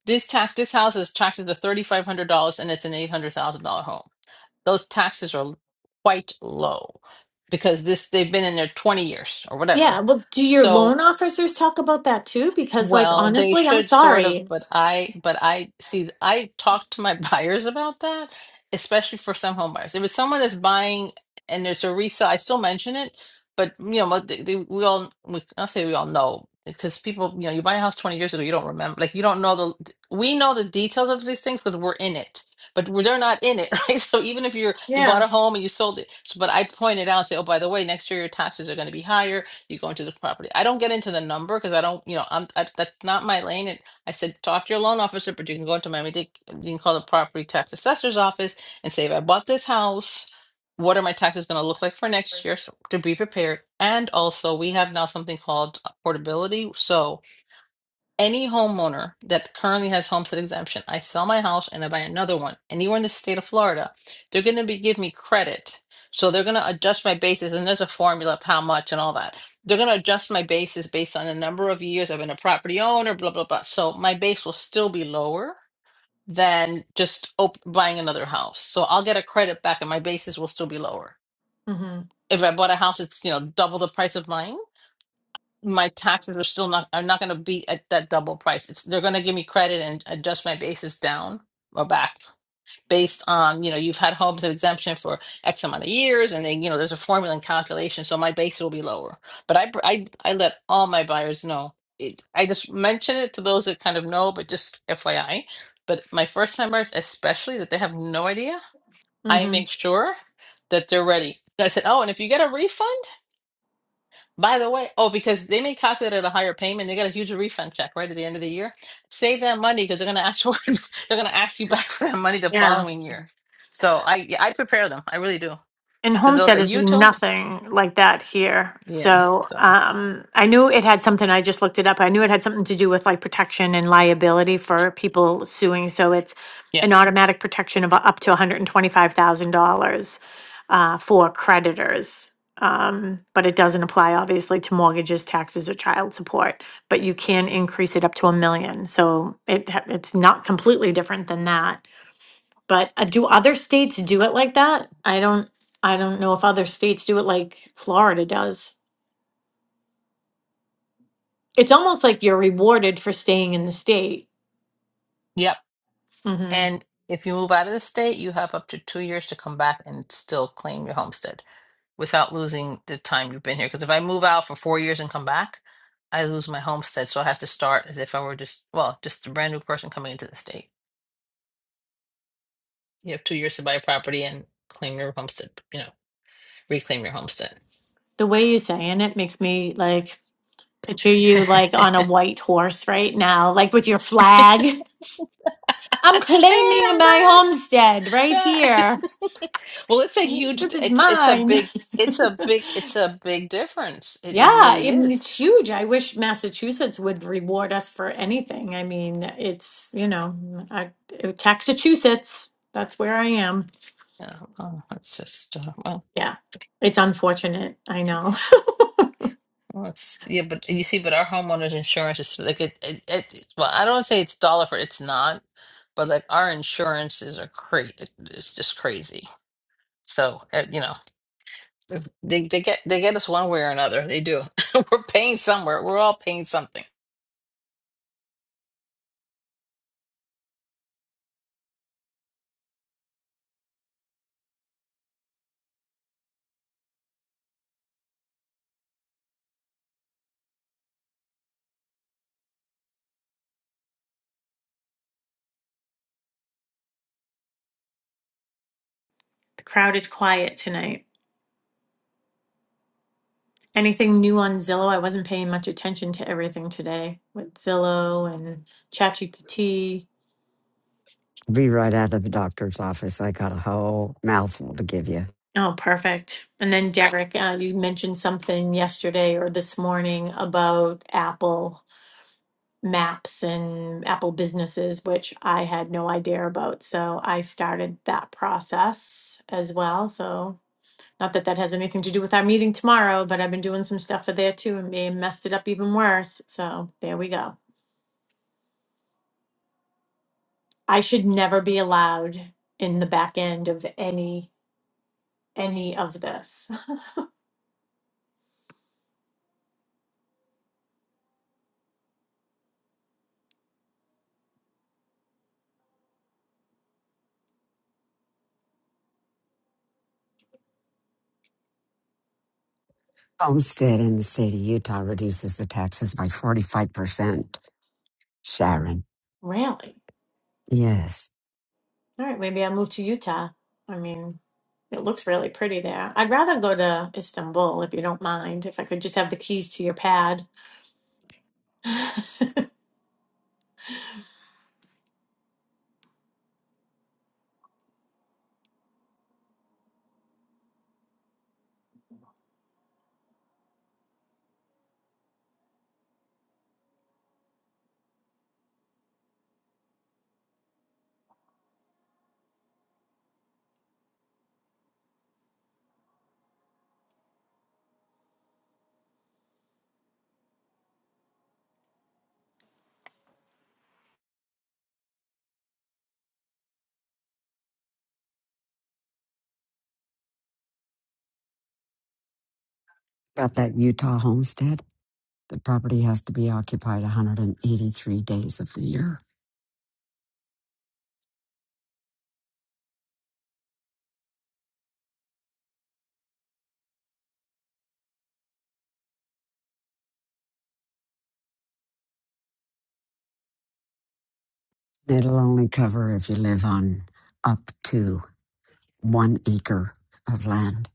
this tax, this house is taxed at thirty five hundred dollars, and it's an eight hundred thousand dollar home those taxes are quite low because this they've been in there 20 years or whatever. Yeah, well, do your So loan officers talk about that too? Because, like, well, they honestly, I'm should sort of, sorry. but I, but I see, I talk to my buyers about that, especially for some home buyers. If it's someone that's buying and it's a resale, I still mention it, but you know, but they, they, we all, we, I'll say we all know because people, you know, you buy a house 20 years ago, you don't remember, like you don't know the, we know the details of these things because we're in it, but we're, they're not in it, right? So even if you're, you bought Yeah. a home and you sold it, so, but I pointed out, say, oh, by the way, next year your taxes are going to be higher you go into the property. I don't get into the number because I don't, you know, I'm I, that's not my lane. And I said, talk to your loan officer, but you can go into Miami Dade, you can call the property tax assessor's office and say, if I bought this house, what are my taxes going to look like for next year so, to be prepared? And also, we have now something called portability. So any homeowner that currently has homestead exemption, I sell my house and I buy another one anywhere in the state of Florida, they're going to be give me credit. So they're going to adjust my basis, and there's a formula of how much and all that. They're going to adjust my basis based on the number of years I've been a property owner, blah blah blah. So my base will still be lower than just op- buying another house. So I'll get a credit back, and my basis will still be lower. Mm-hmm. If I bought a house, it's you know double the price of mine my taxes are still not are not going to be at that double price. It's they're going to give me credit and adjust my basis down or back based on you know you've had homes at exemption for X amount of years, and then you know there's a formula and calculation, so my base will be lower. But I I I let all my buyers know. It, I just mention it to those that kind of know, but just FYI. But my first time buyers, especially that they have no idea, I Mm-hmm. make sure that they're ready. I said, oh, and if you get a refund. By the way, oh, because they may cost it at a higher payment, they got a huge refund check right at the end of the year. Save that money because they're gonna ask for they're gonna ask you back for that money the Yeah. following year. So I yeah, I prepare them, I really do, and because they'll Homestead say is you told me. nothing like that here. Yeah. So So um, I knew it had something. I just looked it up. I knew it had something to do with like protection and liability for people suing. So it's yeah, an automatic protection of up to one hundred and twenty-five thousand dollars uh, for creditors. Um, but it doesn't apply obviously to mortgages, taxes, or child support. But you can increase it up to a million. So it ha- it's not completely different than that. But uh, do other states do it like that? I don't I don't know if other states do it like Florida does. It's almost like you're rewarded for staying in the state. yep. hmm And if you move out of the state, you have up to two years to come back and still claim your homestead without losing the time you've been here. Because if I move out for four years and come back, I lose my homestead, so I have to start as if I were just well, just a brand new person coming into the state. You have two years to buy a property and claim your homestead, you know, reclaim your homestead. The way you're saying it makes me like picture you like on a white horse right now, like with your flag. I'm Hey, claiming I'm my back. homestead right Yeah. here. Well, it's a huge, This is it's it's a mine. big, it's a big, it's a big difference. It Yeah, it really I mean, is. it's huge. I wish Massachusetts would reward us for anything. I mean, it's, you know, I, Taxachusetts, that's where I am. Yeah. Oh, it's just uh, well, Yeah, it's unfortunate. I know. yeah. Well, it's yeah, but you see, but our homeowners insurance is like it, it, it. Well, I don't say it's dollar for it's not, but like our insurances are crazy. It's just crazy. So uh, you know. If They they get they get us one way or another. They do. We're paying somewhere. We're all paying something. The crowd is quiet tonight. Anything new on Zillow? I wasn't paying much attention to everything today with Zillow and ChatGPT. Be right out of the doctor's office. I got a whole mouthful to give you. Oh, perfect. And then Derek, uh, you mentioned something yesterday or this morning about Apple. maps and Apple businesses, which I had no idea about. So I started that process as well. So not that that has anything to do with our meeting tomorrow, but I've been doing some stuff for there too and may have messed it up even worse. So there we go. I should never be allowed in the back end of any any of this. Homestead in the state of Utah reduces the taxes by 45%, Sharon. Really? Yes. All right, maybe I'll move to Utah. I mean, it looks really pretty there. I'd rather go to Istanbul if you don't mind, if I could just have the keys to your pad. About that Utah homestead, the property has to be occupied 183 days of the year. It'll only cover if you live on up to one acre of land.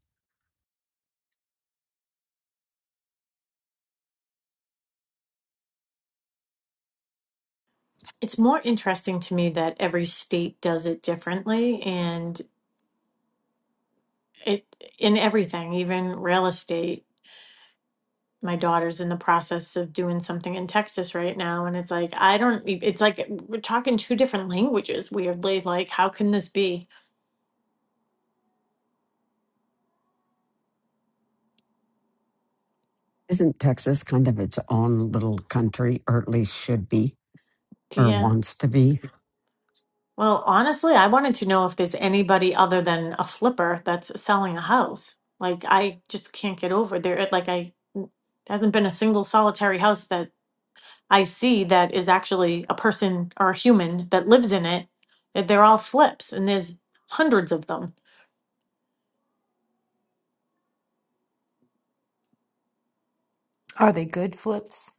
It's more interesting to me that every state does it differently and it in everything, even real estate. My daughter's in the process of doing something in Texas right now, and it's like, I don't, e- it's like we're talking two different languages, weirdly. Like, how can this be? Isn't Texas kind of its own little country, or at least should be, or Yeah. wants to be? Well, honestly, I wanted to know if there's anybody other than a flipper that's selling a house. Like, I just can't get over there. Like, I, hasn't been a single solitary house that I see that is actually a person or a human that lives in it, that they're all flips and there's hundreds of them. Are they good flips?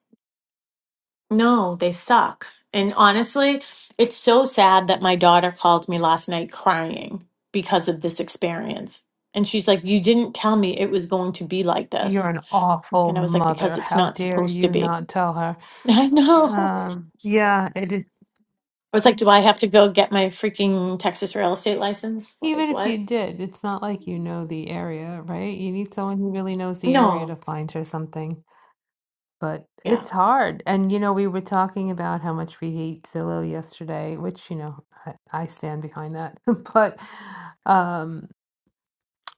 No, they suck. And honestly, it's so sad that my daughter called me last night crying because of this experience. And she's like, You didn't tell me it was going to be like You're this. an awful And I was like, mother. Because it's How not dare supposed to you be. not tell her? I know. Um, yeah, it is. I was like, Do I have to go get my freaking Texas real estate license? Like, Even if what? you did, it's not like you know the area, right? You need someone who really knows the area to No. find her something. But Yeah. it's hard. And, you know, we were talking about how much we hate Zillow yesterday, which, you know, I, I stand behind that. But um,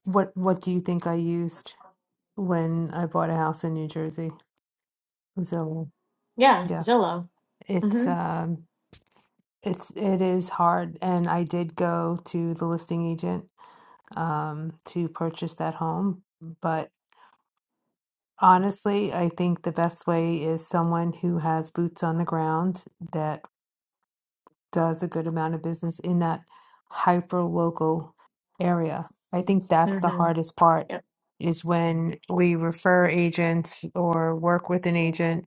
what what do you think I used when I bought a house in New Jersey? Zillow. Yeah. Yeah. Zillow. It's Mm um It's it is hard, and I did go to the listing agent um, to purchase that home. But honestly, I think the best way is someone who has boots on the ground that does a good amount of business in that hyper local area. I think hmm. that's Mm the hmm. hardest part is when we refer agents or work with an agent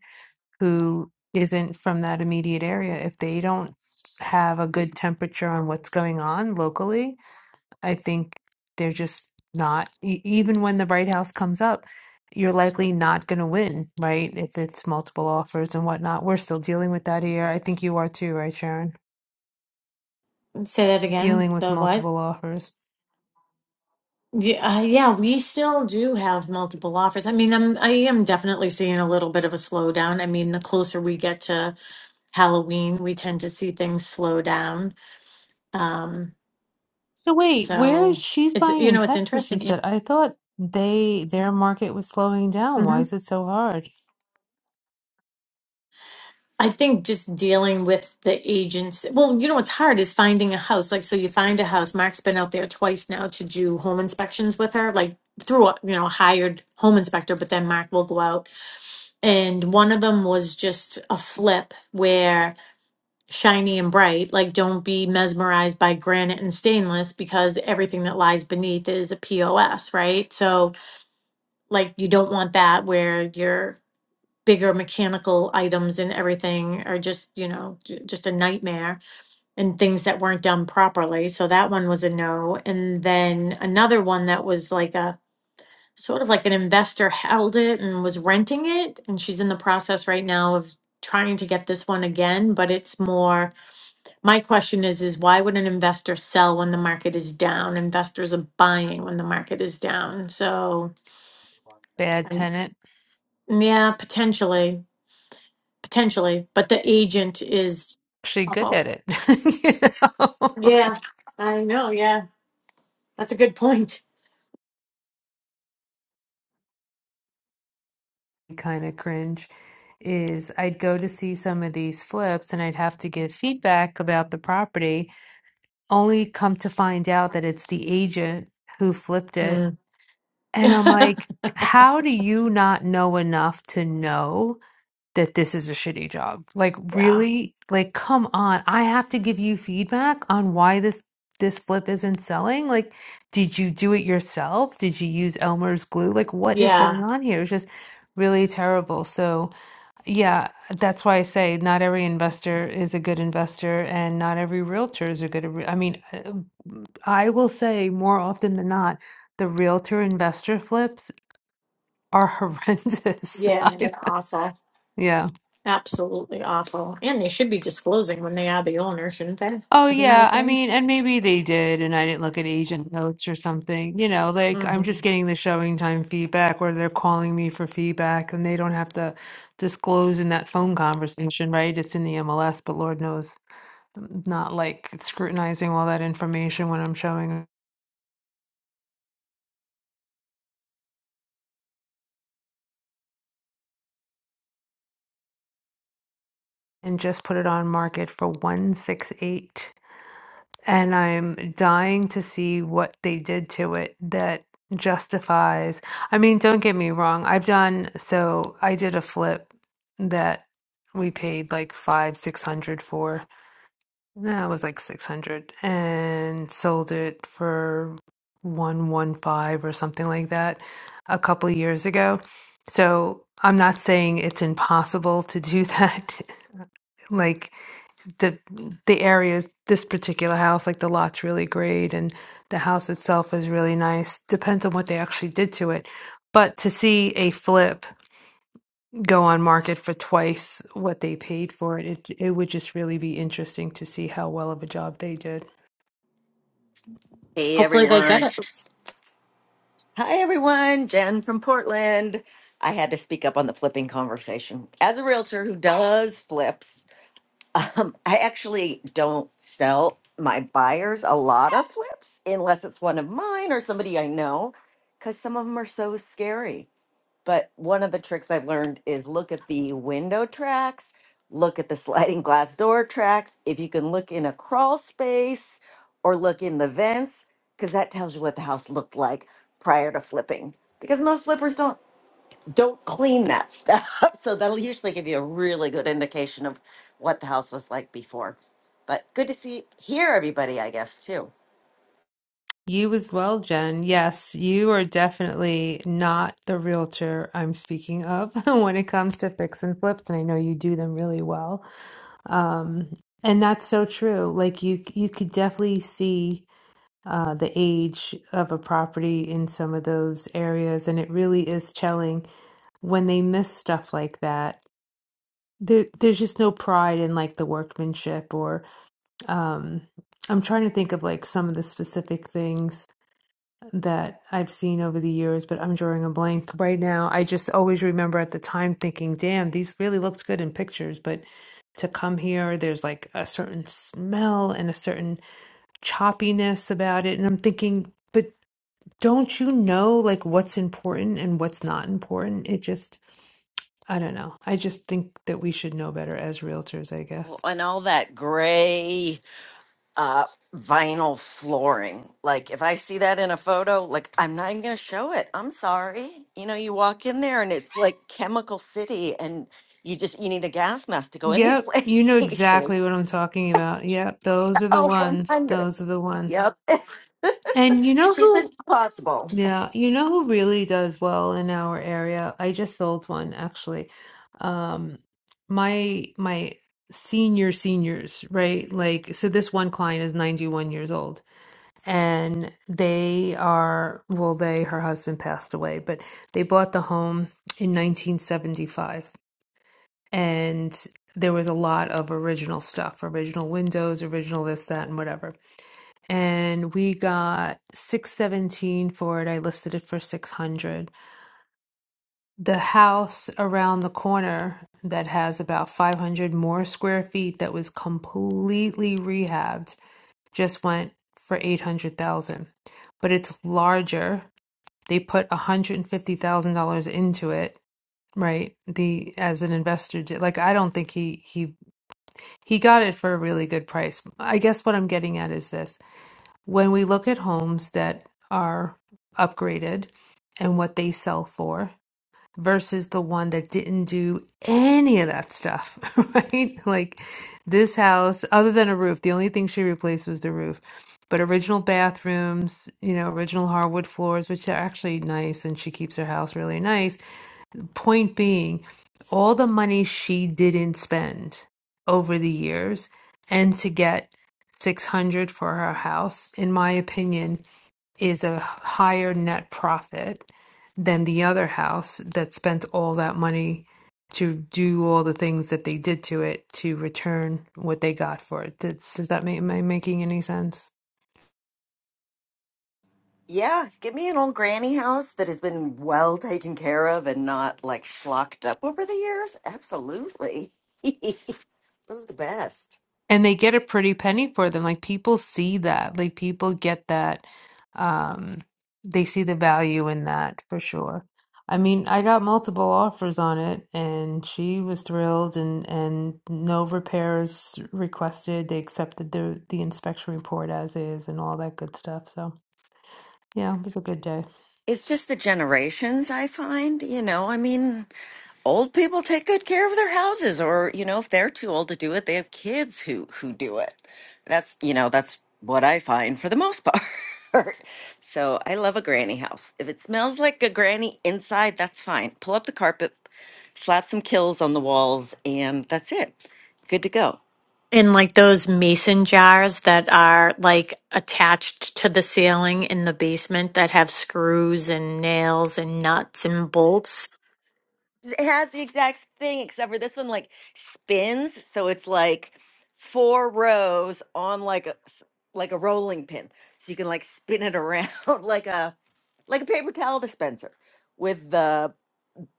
who isn't from that immediate area, if they don't have a good temperature on what's going on locally, I think they're just not, e- even when the right house comes up, you're likely not going to win, right? If it's multiple offers and whatnot. We're still dealing with that here. I think you are too, right, Sharon? Say that again. Dealing with The what? multiple offers. Yeah, uh, yeah, we still do have multiple offers. I mean, I'm I am definitely seeing a little bit of a slowdown. I mean, the closer we get to Halloween, we tend to see things slow down. Um, So wait, where so she's it's buying you in know, it's Texas, you interesting. Yeah. said. I thought they their market was slowing down. Why hmm is it so hard? I think just dealing with the agents. Well, you know, what's hard is finding a house. Like, so you find a house. Mark's been out there twice now to do home inspections with her, like through a, you know, a hired home inspector, but then Mark will go out And one of them was just a flip where shiny and bright, like don't be mesmerized by granite and stainless because everything that lies beneath is a POS, right? So, like, you don't want that where your bigger mechanical items and everything are just, you know, j- just a nightmare and things that weren't done properly. So, that one was a no. And then another one that was like a sort of like an investor held it and was renting it and she's in the process right now of trying to get this one again but it's more my question is is why would an investor sell when the market is down investors are buying when the market is down so Bad and tenant. yeah potentially potentially but the agent is actually good awful at it. you know? yeah i know yeah that's a good point kind of cringe is I'd go to see some of these flips and I'd have to give feedback about the property, only come to find out that it's the agent who flipped it. Mm. And I'm yeah like, how do you not know enough to know? that this is a shitty job. Like really, like come on. I have to give you feedback on why this this flip isn't selling. Like did you do it yourself? Did you use Elmer's glue? Like what is yeah going on here? It's just really terrible. So, yeah, that's why I say not every investor is a good investor and not every realtor is a good re- I mean, uh, I will say more often than not the realtor investor flips are horrendous. yeah I, they're awful yeah. Absolutely awful. And they should be disclosing when they are the owner, shouldn't they? Oh Isn't that a yeah, I thing? mean, and maybe they did, and I didn't look at agent notes or something. You know, like hmm I'm just getting the showing time feedback, or they're calling me for feedback, and they don't have to disclose in that phone conversation, right? It's in the MLS, but Lord knows, I'm not like scrutinizing all that information when I'm showing, and just put it on market for 168. and I'm dying to see what they did to it that justifies. I mean, don't get me wrong. I've done so I did a flip that we paid like five, six hundred for. No, it was like six hundred and sold it for one one five or something like that a couple of years ago. So I'm not saying it's impossible to do that. like the the areas this particular house like the lot's really great and the house itself is really nice depends on what they actually did to it but to see a flip go on market for twice what they paid for it it, it would just really be interesting to see how well of a job they did Hey Hopefully they get everyone. it. Oops. Hi everyone. Jen from Portland. I had to speak up on the flipping conversation. As a realtor who does flips, um, I actually don't sell my buyers a lot of flips unless it's one of mine or somebody I know because some of them are so scary. But one of the tricks I've learned is look at the window tracks, look at the sliding glass door tracks. If you can look in a crawl space or look in the vents, because that tells you what the house looked like prior to flipping. Because most flippers don't don't clean that stuff, so that'll usually give you a really good indication of what the house was like before. But good to see hear everybody, I guess too. you as well jen yes you are definitely not the realtor i'm speaking of when it comes to fix and flips and i know you do them really well Um, and that's so true. Like you, you could definitely see uh, the age of a property in some of those areas, and it really is telling when they miss stuff like that. There, there's just no pride in like the workmanship, or um, I'm trying to think of like some of the specific things that I've seen over the years, but I'm drawing a blank right now. I just always remember at the time thinking, damn, these really looked good in pictures, but to come here, there's like a certain smell and a certain choppiness about it. And I'm thinking, but don't you know like what's important and what's not important? It just, I don't know. I just think that we should know better as realtors, I Well, guess. And all that gray. uh vinyl flooring. Like if I see that in a photo, like I'm not even gonna show it. I'm sorry. You know, you walk in there and it's like chemical city and you just you need a gas mask to go in these Yep, you know exactly places. what I'm talking about. Yep, those are the Oh one ones. Those are the ones. yep. And you know who? Cheapest possible. Yeah, you know who really does well in our area? I just sold one actually. Um, my my senior seniors, right? Like, so this one client is 91 years old, and they are, well, they, her husband passed away, but they bought the home in 1975, and there was a lot of original stuff, original windows, original this, that, and whatever and we got 617 for it. I listed it for 600. The house around the corner that has about 500 more square feet that was completely rehabbed just went for 800,000. But it's larger. They put $150,000 into it, right? The as an investor did. Like I don't think he he he got it for a really good price. I guess what I'm getting at is this. when we look at homes that are upgraded and what they sell for versus the one that didn't do any of that stuff, right? Like this house, other than a roof, the only thing she replaced was the roof. But original bathrooms, you know, original hardwood floors, which are actually nice, and she keeps her house really nice point being, all the money she didn't spend over the years and to get 600 for her house, in my opinion, is a higher net profit than the other house that spent all that money to do all the things that they did to it to return what they got for it. Does, does that make, am I making any sense? Yeah, give me an old granny house that has been well taken care of and not like schlocked up over the years. Absolutely. Those are the best. and they get a pretty penny for them like people see that like people get that um they see the value in that for sure i mean i got multiple offers on it and she was thrilled and and no repairs requested they accepted the the inspection report as is and all that good stuff so yeah it was a good day It's just the generations, I find. You know, I mean, old people take good care of their houses, or you know, if they're too old to do it, they have kids who who do it. That's you know, that's what I find for the most part. so I love a granny house. If it smells like a granny inside, that's fine. Pull up the carpet, slap some kills on the walls, and that's it. Good to go. in like those mason jars that are like attached to the ceiling in the basement that have screws and nails and nuts and bolts It has the exact thing, except for this one like spins, so it's like four rows on like a s- like a rolling pin, so you can like spin it around like a like a paper towel dispenser with the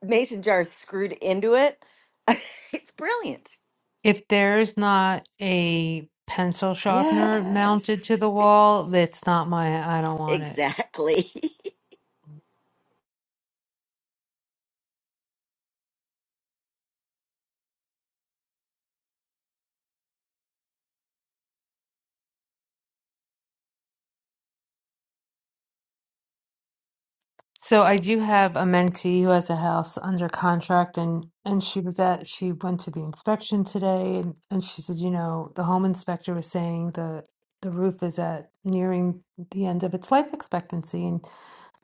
mason jar screwed into it. it's brilliant. if there's not a pencil sharpener mounted Yes, to the wall that's not my i don't want it exactly. So I do have a mentee who has a house under contract and and she was at she went to the inspection today and, and she said, you know, the home inspector was saying the the roof is at nearing the end of its life expectancy. And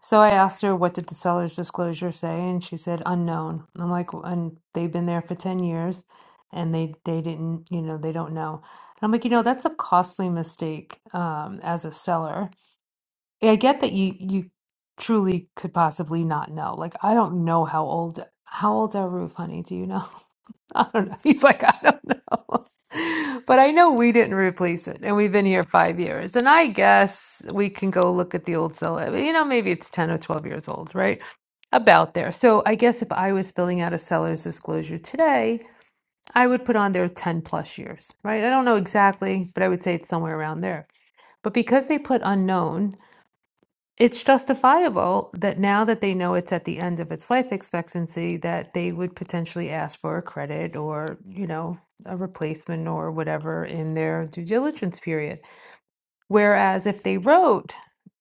so I asked her what did the seller's disclosure say and she said unknown. And I'm like "Well, and they've been there for 10 years and they they didn't, you know, they don't know. And I'm like, you know, that's a costly mistake um as a seller I get that you you truly could possibly not know. Like I don't know how old how old's our roof, honey? Do you know? I don't know. He's like, I don't know. But I know we didn't replace it, and we've been here five years. And I guess we can go look at the old cellar. But, You know, maybe it's ten or twelve years old, right? About there. So I guess if I was filling out a seller's disclosure today, I would put on there ten plus years, right? I don't know exactly, but I would say it's somewhere around there. But because they put unknown, it's justifiable that now that they know it's at the end of its life expectancy, that they would potentially ask for a credit or, you know, a replacement or whatever in their due diligence period. Whereas if they wrote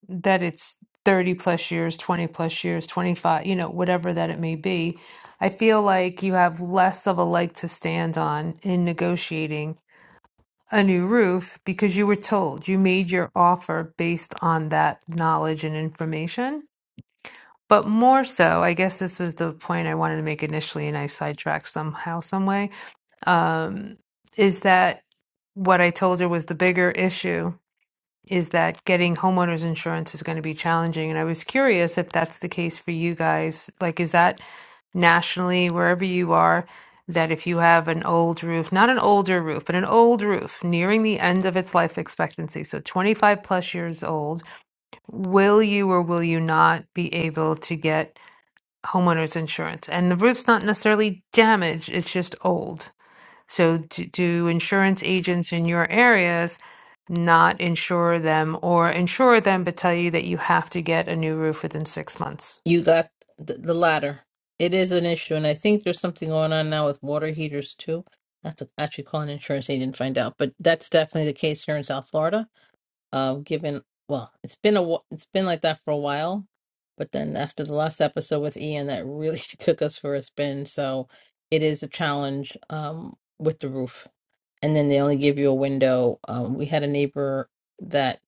that it's 30 plus years, 20 plus years, 25, you know, whatever that it may be, I feel like you have less of a leg to stand on in negotiating a new roof because you were told you made your offer based on that knowledge and information but more so, I guess this was the point I wanted to make initially, and I sidetracked somehow, some way, um, is that what I told her was the bigger issue is that getting homeowners insurance is going to be challenging. And I was curious if that's the case for you guys. Like, is that nationally, wherever you are, that if you have an old roof, not an older roof, but an old roof nearing the end of its life expectancy, so 25 plus years old, will you or will you not be able to get? homeowners insurance and the roof's not necessarily damaged it's just old so do, do insurance agents in your areas not insure them or insure them but tell you that you have to get a new roof within six months You got the, the latter. It is an issue, and I think there's something going on now with water heaters too. I have to actually call an insurance agent and find out, but that's definitely the case here in South Florida. uh, given well, it's been a wh- it's been like that for a while, but then after the last episode with Ian, that really took us for a spin. So it is a challenge um, with the roof, and then they only give you a window. Um, we had a neighbor that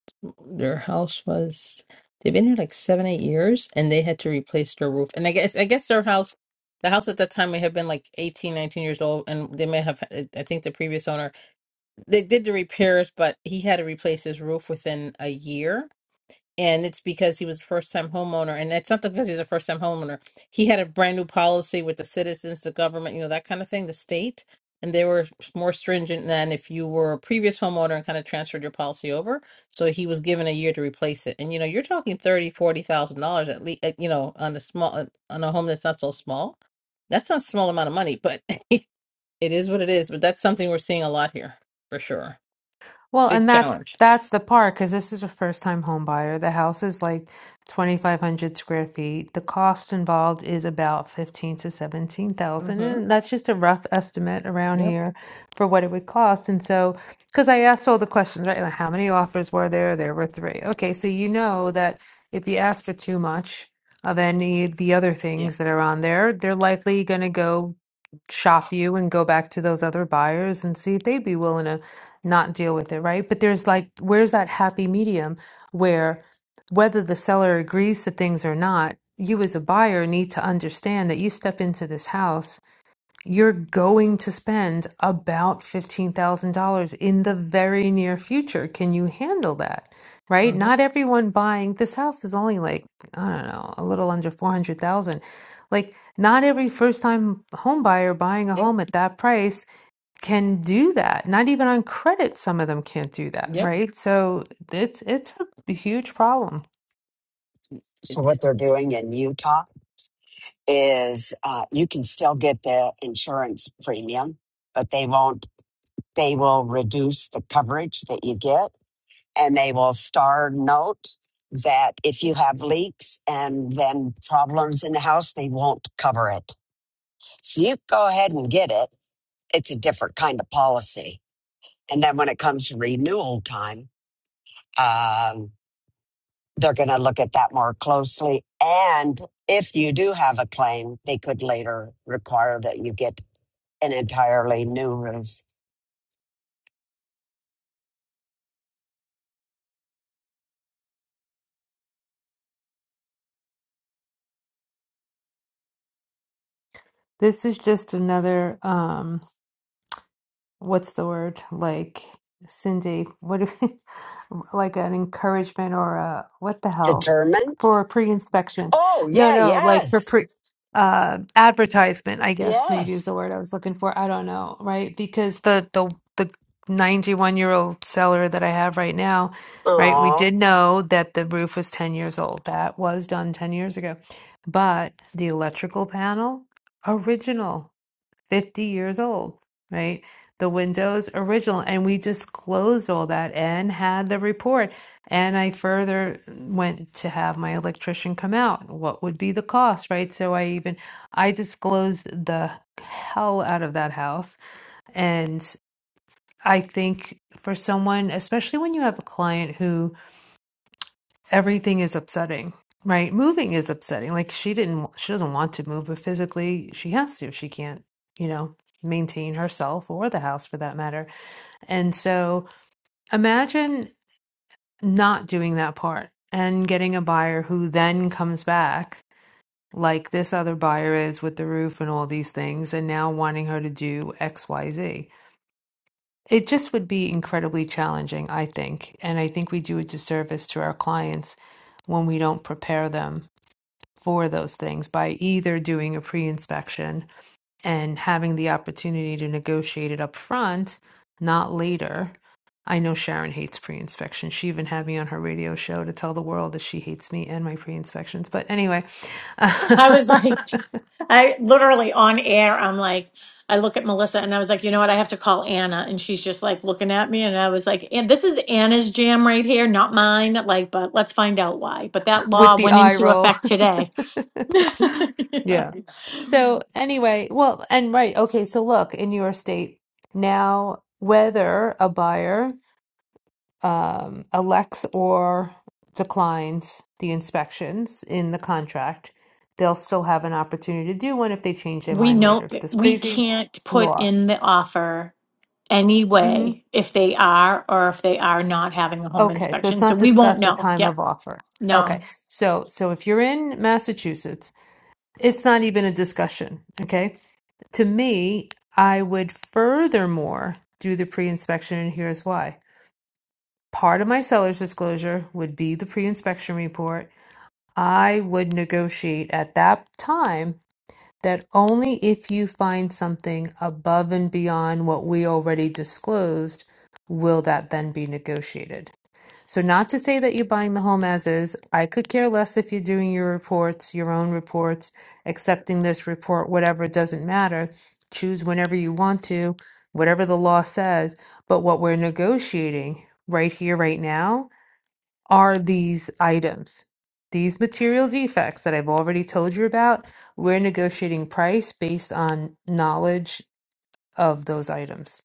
their house was they've been here like seven eight years, and they had to replace their roof. And I guess I guess their house. The house at that time may have been like 18 19 years old, and they may have. I think the previous owner they did the repairs, but he had to replace his roof within a year. And it's because he was a first time homeowner. And it's not because he's a first time homeowner. He had a brand new policy with the citizens, the government, you know, that kind of thing, the state. And they were more stringent than if you were a previous homeowner and kind of transferred your policy over. So he was given a year to replace it. And, you know, you're talking thirty, forty thousand dollars at least, you know, on a small, uh, on a home that's not so small. That's not a small amount of money, but it is what it is. But that's something we're seeing a lot here for sure Well, big and that's challenge. that's the part because this is a first time home buyer. The house is like 2,500 square feet. The cost involved is about 15 to 17,000, Mm-hmm. and that's just a rough estimate around Yep. here for what it would cost. And so, because I asked all the questions, right? Like, how many offers were there? There were three. Okay, so you know that if you ask for too much of any of the other Yeah. things that are on there, they're likely going to go shop you and go back to those other buyers and see if they'd be willing to not deal with it, right? But there's like, where's that happy medium where whether the seller agrees to things or not, you as a buyer need to understand that you step into this house you're going to spend about $15,000 in the very near future. Can you handle that? Right? Mm-hmm. Not everyone buying this house is only like, I don't know, a little under 400,000. Like not every first-time home buyer buying a Yep. home at that price can do that. Not even on credit some of them can't do that, Yep. right? So it's it's a huge problem. So, It, what they're it's doing in Utah is uh, you can still get the insurance premium, but they won't They will reduce the coverage that you get and they will star note that if you have leaks and then problems in the house, they won't cover it. So you go ahead and get it. It's a different kind of policy. And then when it comes to renewal time, um, they're going to look at that more closely. And if you do have a claim, they could later require that you get an entirely new roof This is just another um what's the word like Cindy? What do- like an encouragement or a what the hell determined. for pre-inspections? Oh, No, yeah, no, like for yes, pre uh advertisement, I guess maybe yes. is the word I was looking for. I don't know, right? Because the the the 91 year old seller that I have right now, right? We Aw. did know that the roof was 10 years old. That was done 10 years ago. But the electrical panel, original. 50 years old, right? The Windows original. And we just closed all that and had the report. And I further went to have my electrician come out. What would be the cost, right? So I even, I disclosed the hell out of that house. And I think for someone, especially when you have a client who, everything is upsetting right moving is upsetting like she didn't she doesn't want to move but physically she has to she can't you know maintain herself or the house for that matter and so imagine not doing that part and getting a buyer who then comes back like this other buyer is with the roof and all these things and now wanting her to do xyz it just would be incredibly challenging i think and i think we do a disservice to our clients when we don't prepare them for those things by either doing a pre-inspection and having the opportunity to negotiate it up front, not later. I know Sharon hates pre-inspection. She even had me on her radio show to tell the world that she hates me and my pre-inspections. But anyway, I was like, I literally on air, I'm like, I look at Melissa and I was like, you know what? I have to call Anna. And she's just like looking at me. And I was like, and this is Anna's jam right here, not mine. Like, but let's find out why. But that with law the went eye into roll. effect today. Yeah. Yeah. So anyway, well, and right, okay, so look, in your state now, whether a buyer um, elects or declines the inspections in the contract, they'll still have an opportunity to do one if they change their We mind know later. that This we crazy can't put law. in the offer hmm anyway if they are or if they are not having a home Okay, so it's inspection. So not we won't discussed at know. time Yep. of offer. Okay, No. so so if you're in Massachusetts, it's not even a discussion. Okay, to me, I would furthermore do the pre-inspection, and here's why. Part of my seller's disclosure would be the pre-inspection report I would negotiate at that time that only if you find something above and beyond what we already disclosed will that then be negotiated. So, not to say that you're buying the home as is, I could care less if you're doing your reports, your own reports, accepting this report, whatever, it doesn't matter. Choose whenever you want to, whatever the law says. But what we're negotiating right here, right now, are these items. These material defects that I've already told you about, we're negotiating price based on knowledge of those items.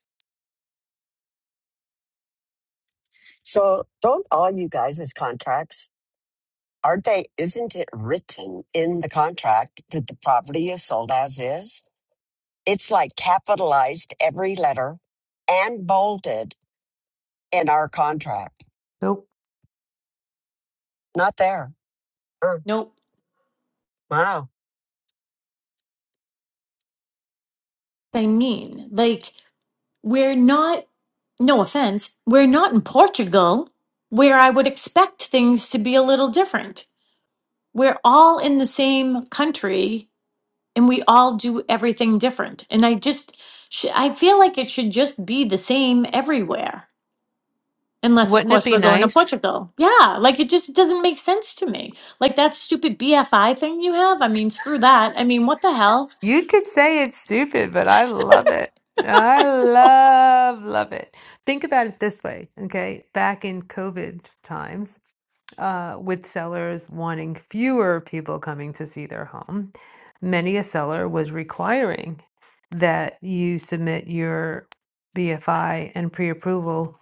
So don't all you guys' contracts, aren't they, isn't it written in the contract that the property is sold as is? It's like capitalized every letter and bolded in our contract. Nope. Not there. Oh, Nope. wow. They mean. Like We're not, no offense, we're not in Portugal where I would expect things to be a little different. We're all in the same country and we all do everything different. And I just, sh- I feel like it should just be the same everywhere. Unless, of Wouldn't it course, be we're going to nice? Portugal. Yeah, like it just doesn't make sense to me. Like that stupid BFI thing you have. I mean, screw that. I mean, what the hell? You could say it's stupid, but I love it. I love, love it. Think about it this way, okay? Back in COVID times, uh, with sellers wanting fewer people coming to see their home, many a seller was requiring that you submit your BFI and pre approval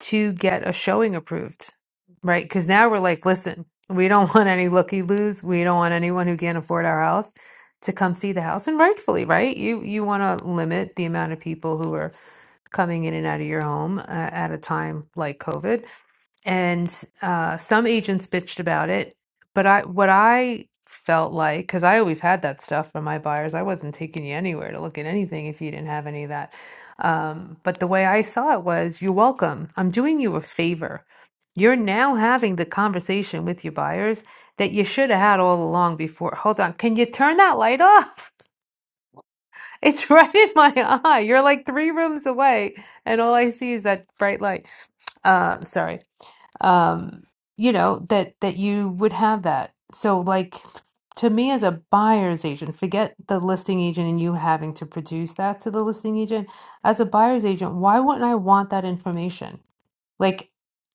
to get a showing approved, right? Because now we're like, listen, we don't want any looky loos. We don't want anyone who can't afford our house to come see the house and rightfully right you you want to limit the amount of people who are coming in and out of your home uh, at a time like COVID. And uh, some agents bitched about it, but I what I felt like because I always had that stuff from my buyers. I wasn't taking you anywhere to look at anything if you didn't have any of that. Um, but the way I saw it was, you're welcome. I'm doing you a favor. You're now having the conversation with your buyers that you should have had all along before. Hold on, can you turn that light off? It's right in my eye. You're like three rooms away, and all I see is that bright light. Uh, sorry. Um, you know, that that you would have that. So like to me as a buyer's agent, forget the listing agent and you having to produce that to the listing agent. As a buyer's agent, why wouldn't I want that information? Like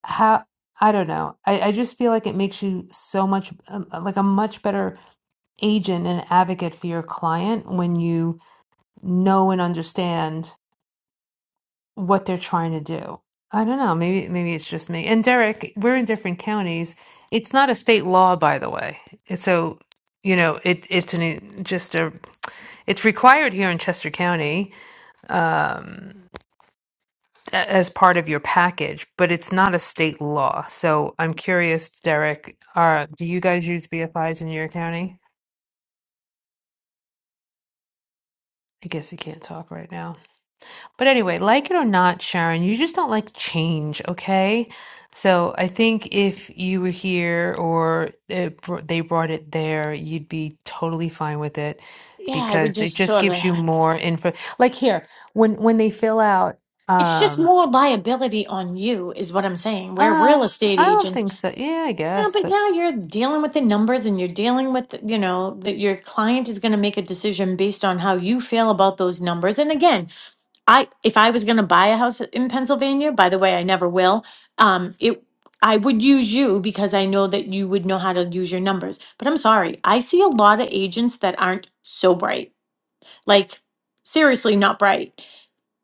how I don't know. I, I just feel like it makes you so much um, like a much better agent and advocate for your client when you know and understand what they're trying to do. I don't know. Maybe maybe it's just me. And Derek, we're in different counties. It's not a state law, by the way. So you know, it it's an just a it's required here in Chester County um, a- as part of your package, but it's not a state law. So I'm curious, Derek, are do you guys use BFIs in your county? I guess you can't talk right now. But anyway, like it or not, Sharon, you just don't like change, okay? So I think if you were here or it, br- they brought it there, you'd be totally fine with it Yeah, I would because it just just sort gives of. you more info. Like here, when when they fill out, It's just um, more liability on you, is what I'm saying. We're real oh, estate I don't agents. think so. Yeah, I Yeah, guess, but but now you're dealing with the numbers and you're dealing with, you know, that your client is going to make a decision based on how you feel about those numbers. And again, I if I was going to buy a house in Pennsylvania, by the way, I never will. Um, it I would use you because I know that you would know how to use your numbers. But I'm sorry, I see a lot of agents that aren't so bright. Like seriously not bright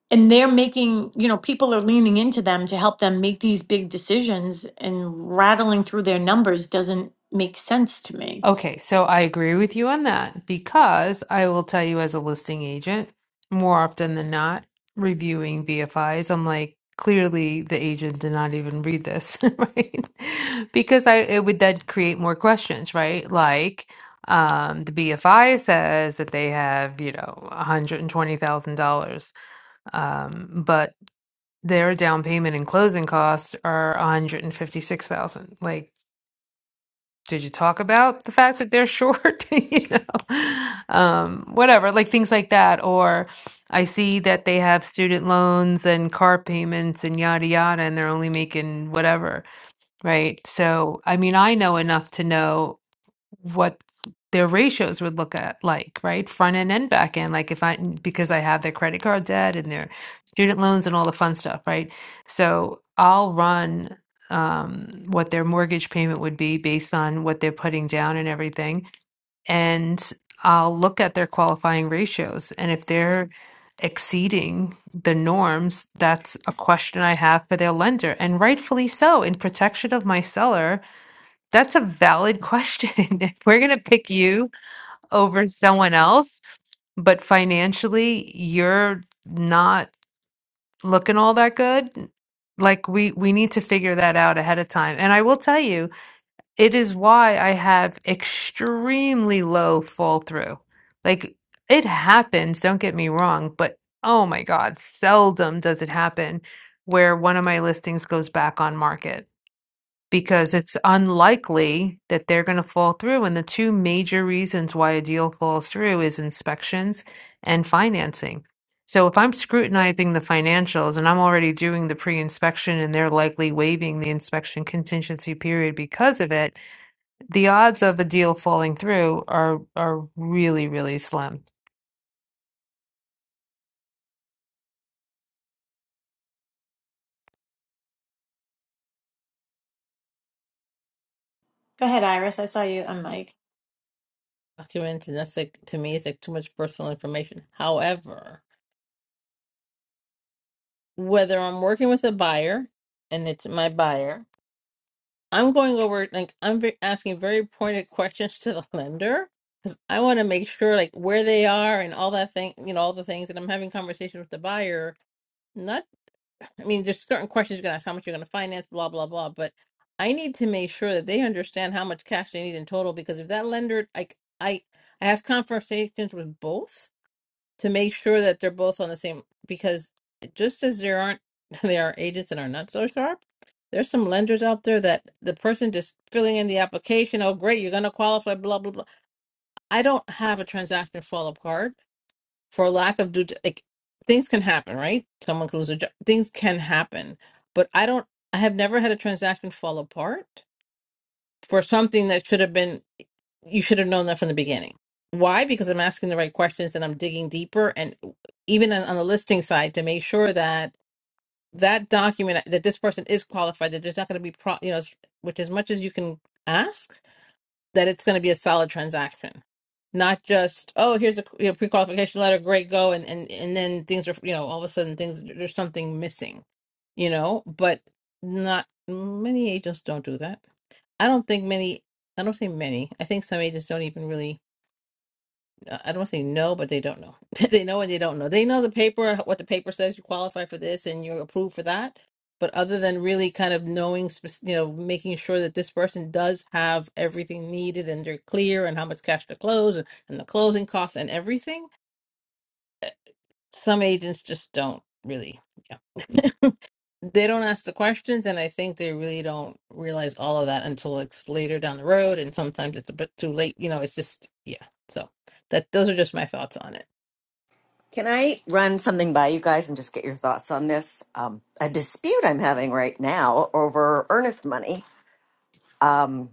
and they're making you know people are leaning into them to help them make these big decisions and rattling through their numbers doesn't make sense to me Okay, so I agree with you on that because I will tell you as a listing agent, more often than not, reviewing BFIs, I'm like, clearly the agent did not even read this, right? Because I it would then create more questions, right? Like, um, the BFI says that they have, you know, $120,000, um, but their down payment and closing costs are 156,000. Like did you talk about the fact that they're short you know um whatever like things like that or i see that they have student loans and car payments and yada yada and they're only making whatever right so i mean i know enough to know what their ratios would look at like, right? Front end and back end. Like if I because I have their credit card debt and their student loans and all the fun stuff, right? So I'll run um, what their mortgage payment would be based on what they're putting down and everything, and I'll look at their qualifying ratios. And if they're exceeding the norms, that's a question I have for their lender, and rightfully so, in protection of my seller that's a valid question. If we're gonna pick you over someone else, but financially you're not looking all that good, like we we need to figure that out ahead of time. And I will tell you, it is why I have extremely low fall through. Like it happens, don't get me wrong, but oh my God, seldom does it happen where one of my listings goes back on market because it's unlikely that they're going to fall through. And the two major reasons why a deal falls through is inspections and financing. So if I'm scrutinizing the financials and I'm already doing the pre-inspection and they're likely waiving the inspection contingency period because of it, the odds of a deal falling through are are really, really slim. go ahead iris i saw you on mic documented. And that's like to me, it's like too much personal information. However, whether I'm working with a buyer and it's my buyer, I'm going over like I'm ve- asking very pointed questions to the lender because I want to make sure like where they are and all that thing, you know, all the things. And I'm having conversations with the buyer, not. I mean, there's certain questions you're going to ask how much you're going to finance, blah, blah, blah. But I need to make sure that they understand how much cash they need in total because if that lender, like, I, I have conversations with both to make sure that they're both on the same, because just as there aren't, there are agents that are not so sharp, there's some lenders out there that the person just filling in the application, oh, great, you're going to qualify, blah, blah, blah. I don't have a transaction fall apart for lack of due like things can happen right someone can lose a job things can happen but i don't i have never had a transaction fall apart for something that should have been you should have known that from the beginning why because i'm asking the right questions and i'm digging deeper and even on, on the listing side to make sure that that document that this person is qualified that there's not going to be pro you know as- which as much as you can ask that it's going to be a solid transaction, not just oh here's a you know, pre-qualification letter, great go, and and and then things are you know all of a sudden things there's something missing, you know. But not many agents don't do that. I don't think many. I don't say many. I think some agents don't even really uh, I don't want to say no, but they don't know. they know and they don't know. They know the paper, what the paper says. You qualify for this and you're approved for that. But other than really kind of knowing, spec- you know, making sure that this person does have everything needed and they're clear and how much cash to close and, and the closing costs and everything, some agents just don't really. Yeah. they don't ask the questions and i think they really don't realize all of that until it's later down the road and sometimes it's a bit too late you know it's just yeah so that those are just my thoughts on it Can I run something by you guys and just get your thoughts on this? Um, a dispute I'm having right now over earnest money. Um,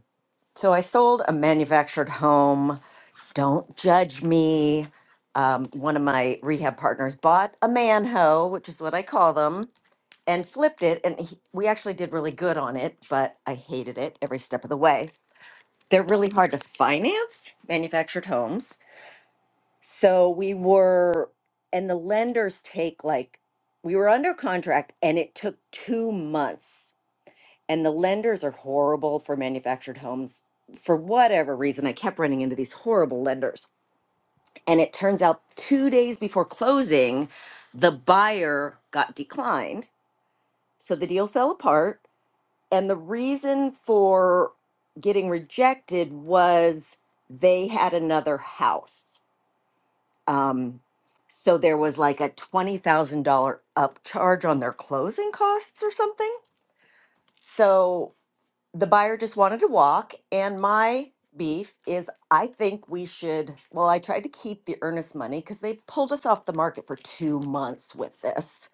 So I sold a manufactured home. Don't judge me. Um, one of my rehab partners bought a manho, which is what I call them, and flipped it. And he, we actually did really good on it, but I hated it every step of the way. They're really hard to finance, manufactured homes. So we were, and the lenders take like, we were under contract and it took two months and the lenders are horrible for manufactured homes for whatever reason i kept running into these horrible lenders and it turns out 2 days before closing the buyer got declined so the deal fell apart and the reason for getting rejected was they had another house um so there was like a $20,000 upcharge on their closing costs or something so the buyer just wanted to walk and my beef is i think we should well i tried to keep the earnest money because they pulled us off the market for two months with this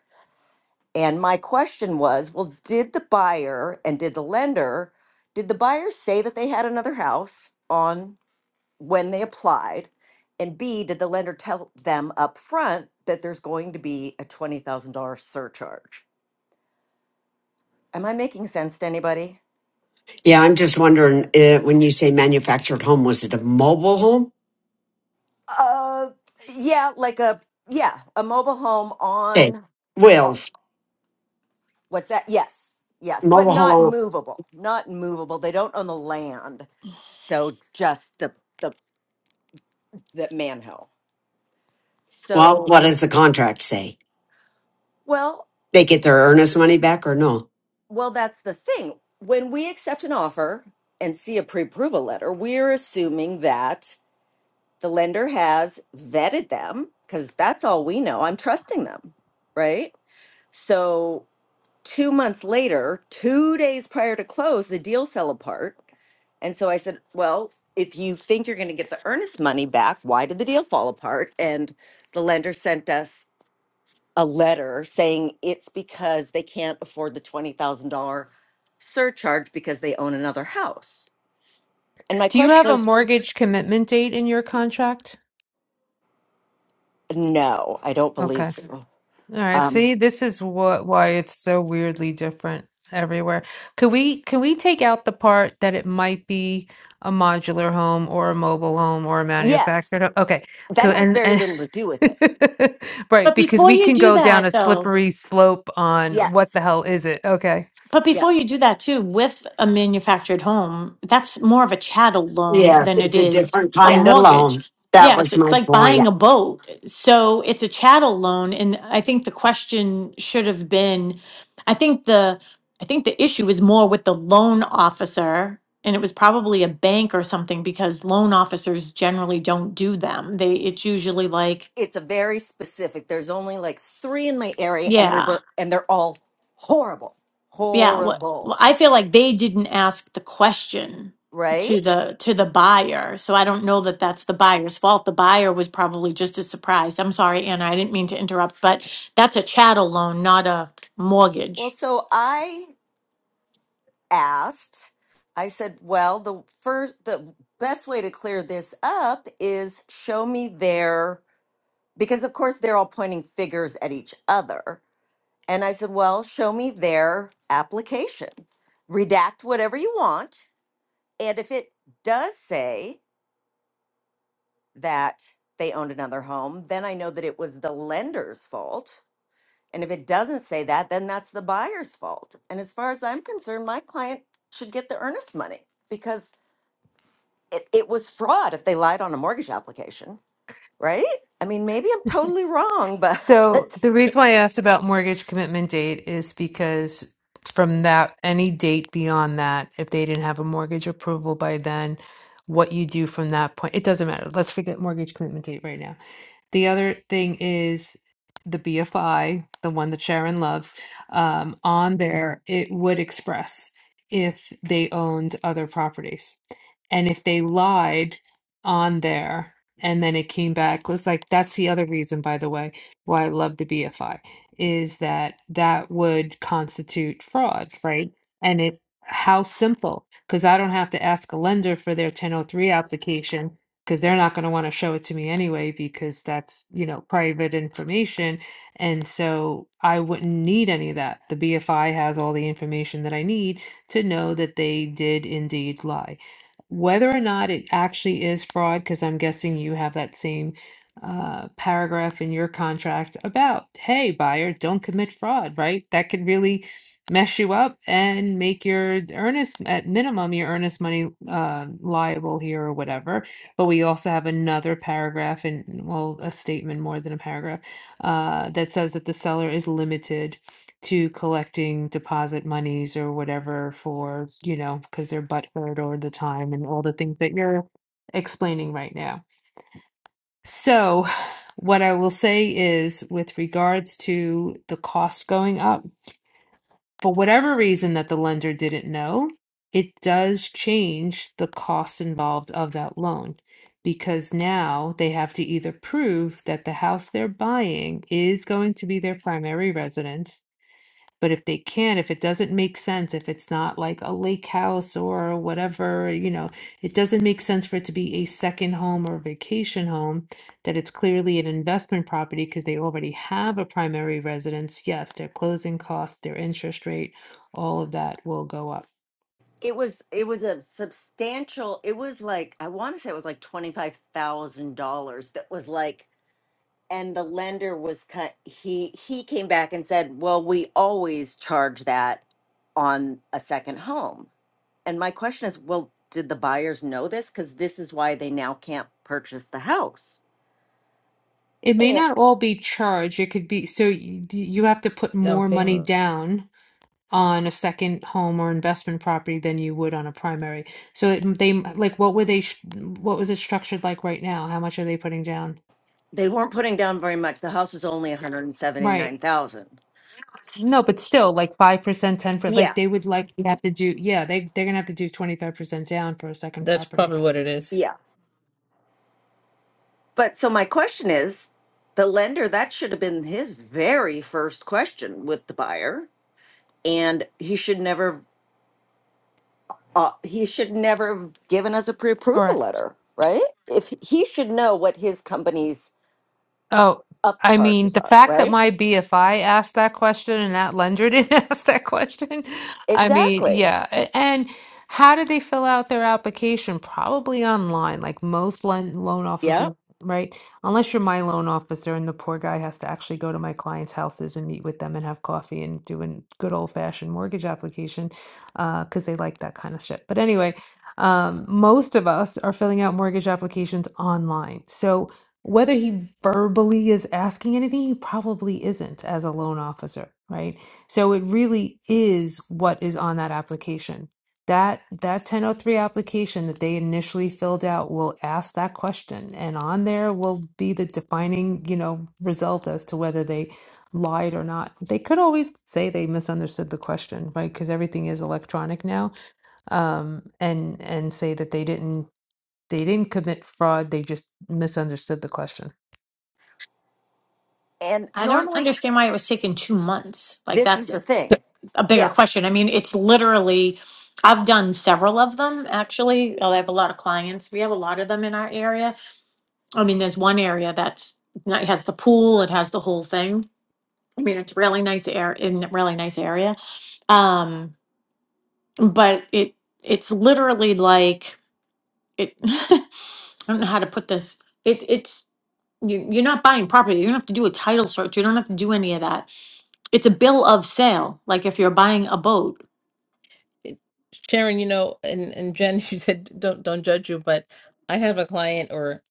and my question was well did the buyer and did the lender did the buyer say that they had another house on when they applied and b did the lender tell them up front that there's going to be a $20000 surcharge am i making sense to anybody Yeah, I'm just wondering uh when you say manufactured home, was it a mobile home? Uh, yeah, like a yeah, a mobile home Okay, on uh, Wills, what's that? Yes, yes, but mobile not home. movable, not movable. They don't own the land, so just the the the manho. Well, So what does the contract say? well, They get their earnest money back or no? well, that's the thing. When we accept an offer and see a pre-approval letter, we're assuming that the lender has vetted them because that's all we know. I'm trusting them, right? So two months later, two days prior to close, the deal fell apart. And so I said, Well, if you think you're going to get the earnest money back, why did the deal fall apart? And the lender sent us a letter saying it's because they can't afford the $20,000 surcharge because they own another house. And my Do you have question a is, mortgage commitment date in your contract? No, I don't Okay. believe so. All right, Um, see, this is what why it's so weirdly different everywhere. Could we can we take out the part that it might be a modular home or a mobile home or a yes, manufactured home? Okay, that cool. has And very and little to do with it. right, but because before we you can do go down a that though slippery slope on what Yes, the hell is it? okay. But before you yes, do that too, with a manufactured home, that's more of a chattel loan Yes, than it it's a is different a kind of yes, mortgage. loan. That Yeah, so was it's my like buying point. a yes. boat. So it's a chattel loan, and I think the question should have been, I think the, I think the issue is more with the loan officer, and it was probably a bank or something because loan officers generally don't do them. They, it's usually like, it's a very specific. There's only like three in my area, and they're yeah. but and they're all horrible, Yeah, well, well, horrible, I feel like they didn't ask the question to right? the to the buyer, so I don't know that that's the buyer's fault. The buyer was probably just as surprised. I'm sorry, Anna, I didn't mean to interrupt, but that's a chattel loan, not a Well, mortgage. so I asked. I said, "Well, the first, the best way to clear this up is show me their because of course they're all pointing figures at each other." And I said, "Well, show me their application. Redact whatever you want, and if it does say." that they owned another home, then I know that it was the lender's fault. And if it doesn't say that, then that's the buyer's fault. And as far as I'm concerned, my client should get the earnest money because it, it was fraud if they lied on a mortgage application, right? I mean, maybe I'm totally wrong, So but the reason why I asked about mortgage commitment date is because from that, any date beyond that, if they didn't have a mortgage approval by then, what you do from that point, it doesn't matter. Let's forget mortgage commitment date right now. The other thing is the BFI, the one that Sharon loves, um, on there, it would express if they owned other properties. And if they lied on there and then it came back, was like, that's the other reason, by the way, why I love the BFI, is that that would constitute fraud, right? And it, how simple, because I don't have to ask a lender for their 1003 application because they're not going to want to show it to me anyway because that's you know private information and so i wouldn't need any of that the bfi has all the information that i need to know that they did indeed lie whether or not it actually is fraud because i'm guessing you have that same uh, paragraph in your contract about hey buyer don't commit fraud right that could really mess you up and make your earnest at minimum your earnest money um liable here or whatever but we also have another paragraph and, well, a statement more than a paragraph, uh, that says that the seller is limited to collecting deposit monies or whatever for, you know, because they're butthurt or the time and all the things that you're explaining right now. So, what I will say is, with regards to the cost going up, for whatever reason that the lender didn't know, it does change the cost involved of that loan because now they have to either prove that the house they're buying is going to be their primary residence but if they can, if it doesn't make sense, if it's not like a lake house or whatever, you know, it doesn't make sense for it to be a second home or vacation home, that it's clearly an investment property because they already have a primary residence. Yes, their closing costs, their interest rate, all of that will go up. it was it was a substantial, it was like I want to say it was like $25,000 that was like and the lender was cut he he came back and said well we always charge that on a second home and my question is well did the buyers know this because this is why they now can't purchase the house It may and not all be charged. It could be so you, you have to put down more money payment down on a second home or investment property than you would on a primary. So it, they like what were they sh- what was it structured like right now? How much are they putting down? they weren't putting down very much the house is only Right. 179000 No, but still like 5%, 10%, like yeah they would likely have to do yeah, they they're gonna have to do 25% down for a second that's property. probably what it is yeah but so my question is the lender that should have been his very first question with the buyer and he should never uh, he should never have given us a pre-approval Correct. letter, right? If he should know what his company's Oh, up I mean, charges the are, fact that right? my BFI asked that question and that lender didn't ask that question. I mean, Exactly. yeah. A- And how did they fill out their application? Probably online, like most loan loan Yeah. officers, right? Unless you're my loan officer and the poor guy has to actually go to my clients' houses and meet with them and have coffee and do a good old-fashioned mortgage application, uh, because they like that kind of shit. But anyway, um, most of us are filling out mortgage applications online. So whether he verbally is asking anything, he probably isn't as a loan officer, right? So it really is what is on that application. That that 1003 application that they initially filled out will ask that question, and on there will be the defining, you know, result as to whether they lied or not. They could always say they misunderstood the question, right? Because everything is electronic now, um, and and say that they didn't they didn't commit fraud, they just misunderstood the question. And I don't normally understand why it was taking two months. Like this is that's the thing. a bigger Yeah. question. I mean, it's literally I've done several of them actually. Well, I have a lot of clients. We have a lot of them in our area. I mean, there's one area that's it has the pool, it has the whole thing I mean, it's really nice air in a really nice area. Um, but it it's literally like it. I don't know how to put this. It it's you, you're not buying property. You don't have to do a title search. You don't have to do any of that. It's a bill of sale. Like if you're buying a boat, Sharon, you know, and and Jen, she said don't don't judge you, but I have a client or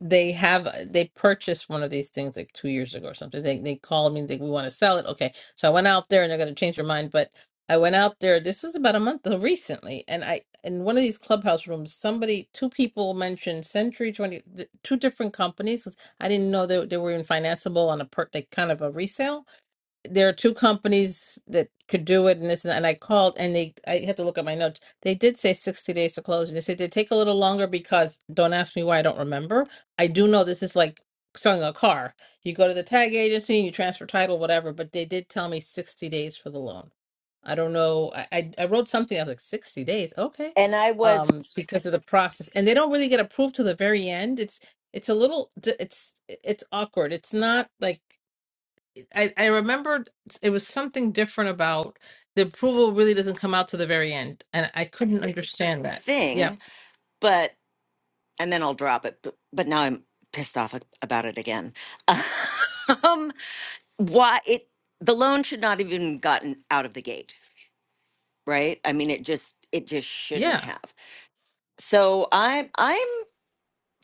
they have uh, they purchased one of these things like two years ago or something. They they called me and they we want to sell it. Okay, so I went out there and they're gonna change their mind, but I went out there. This was about a month ago recently, and I in one of these clubhouse rooms, somebody two people mentioned Century Twenty, th- two different companies. I didn't know that they they were even financeable on a per like kind of a resale there are two companies that could do it and this and that. And I called and they, I had to look at my notes. They did say 60 days to close. And they said they take a little longer because don't ask me why I don't remember. I do know this is like selling a car. You go to the tag agency, you transfer title, whatever, but they did tell me 60 days for the loan. I don't know. I, I, I wrote something. I was like, 60 days. Okay. And I was Um, because of the process and they don't really get approved to the very end. It's, it's a little, d- it's, it's awkward. It's not like, I, I remember it was something different about the approval really doesn't come out to the very end, and I couldn't understand that. Yeah, thing, but and then I'll drop it. But, but now I'm pissed off about it again. Um, why it the loan should not have even gotten out of the gate, right? I mean, it just it just shouldn't yeah. have. So I'm I'm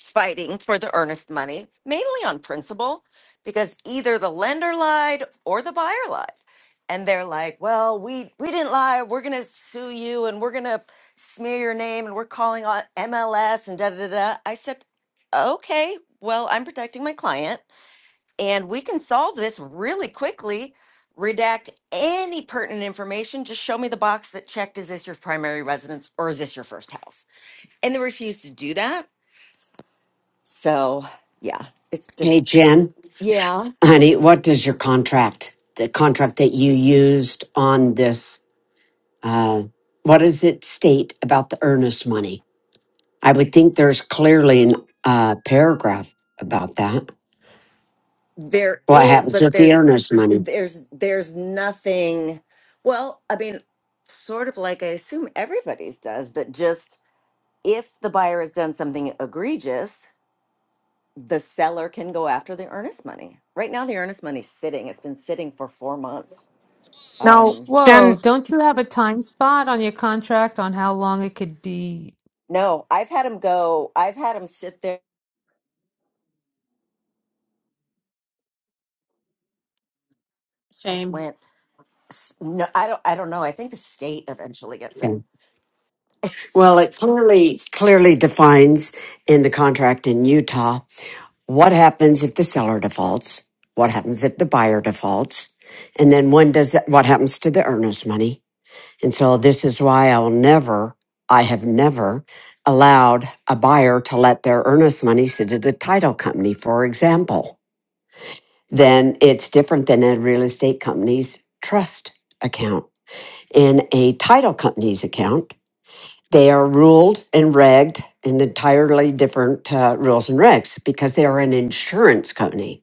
fighting for the earnest money, mainly on principle, because either the lender lied or the buyer lied. And they're like, well, we, we didn't lie. We're going to sue you and we're going to smear your name and we're calling on MLS and da da da. da." I said, okay, well, I'm protecting my client and we can solve this really quickly. Redact any pertinent information. Just show me the box that checked is this your primary residence or is this your first house? And they refused to do that. So yeah, it's just Hey, Jen, yeah, honey, what does your contract, the contract that you used on this, uh, what does it state about the earnest money? I would think there's clearly an uh, paragraph about that. there What is, happens but with the there's earnest money? there's there's nothing. Well, I mean, sort of like I assume everybody's does that. Just if the buyer has done something egregious, the seller can go after the earnest money. Right now, the earnest money's sitting. It's been sitting for four months. Um, Whoa, Jen don't you have a time spot on your contract on how long it could be? no, I've had him go. I've had him sit there. Just same. went. s- No, I don't. I don't know. I think the state eventually gets Okay. it. Well, it clearly clearly defines in the contract in Utah What happens if the seller defaults? What happens if the buyer defaults? And then when does that, what happens to the earnest money? And so this is why I will never, I have never allowed a buyer to let their earnest money sit at a title company, for example. Then it's different than a real estate company's trust account. In a title company's account, they are ruled and regged in entirely different uh, rules and regs because they are an insurance company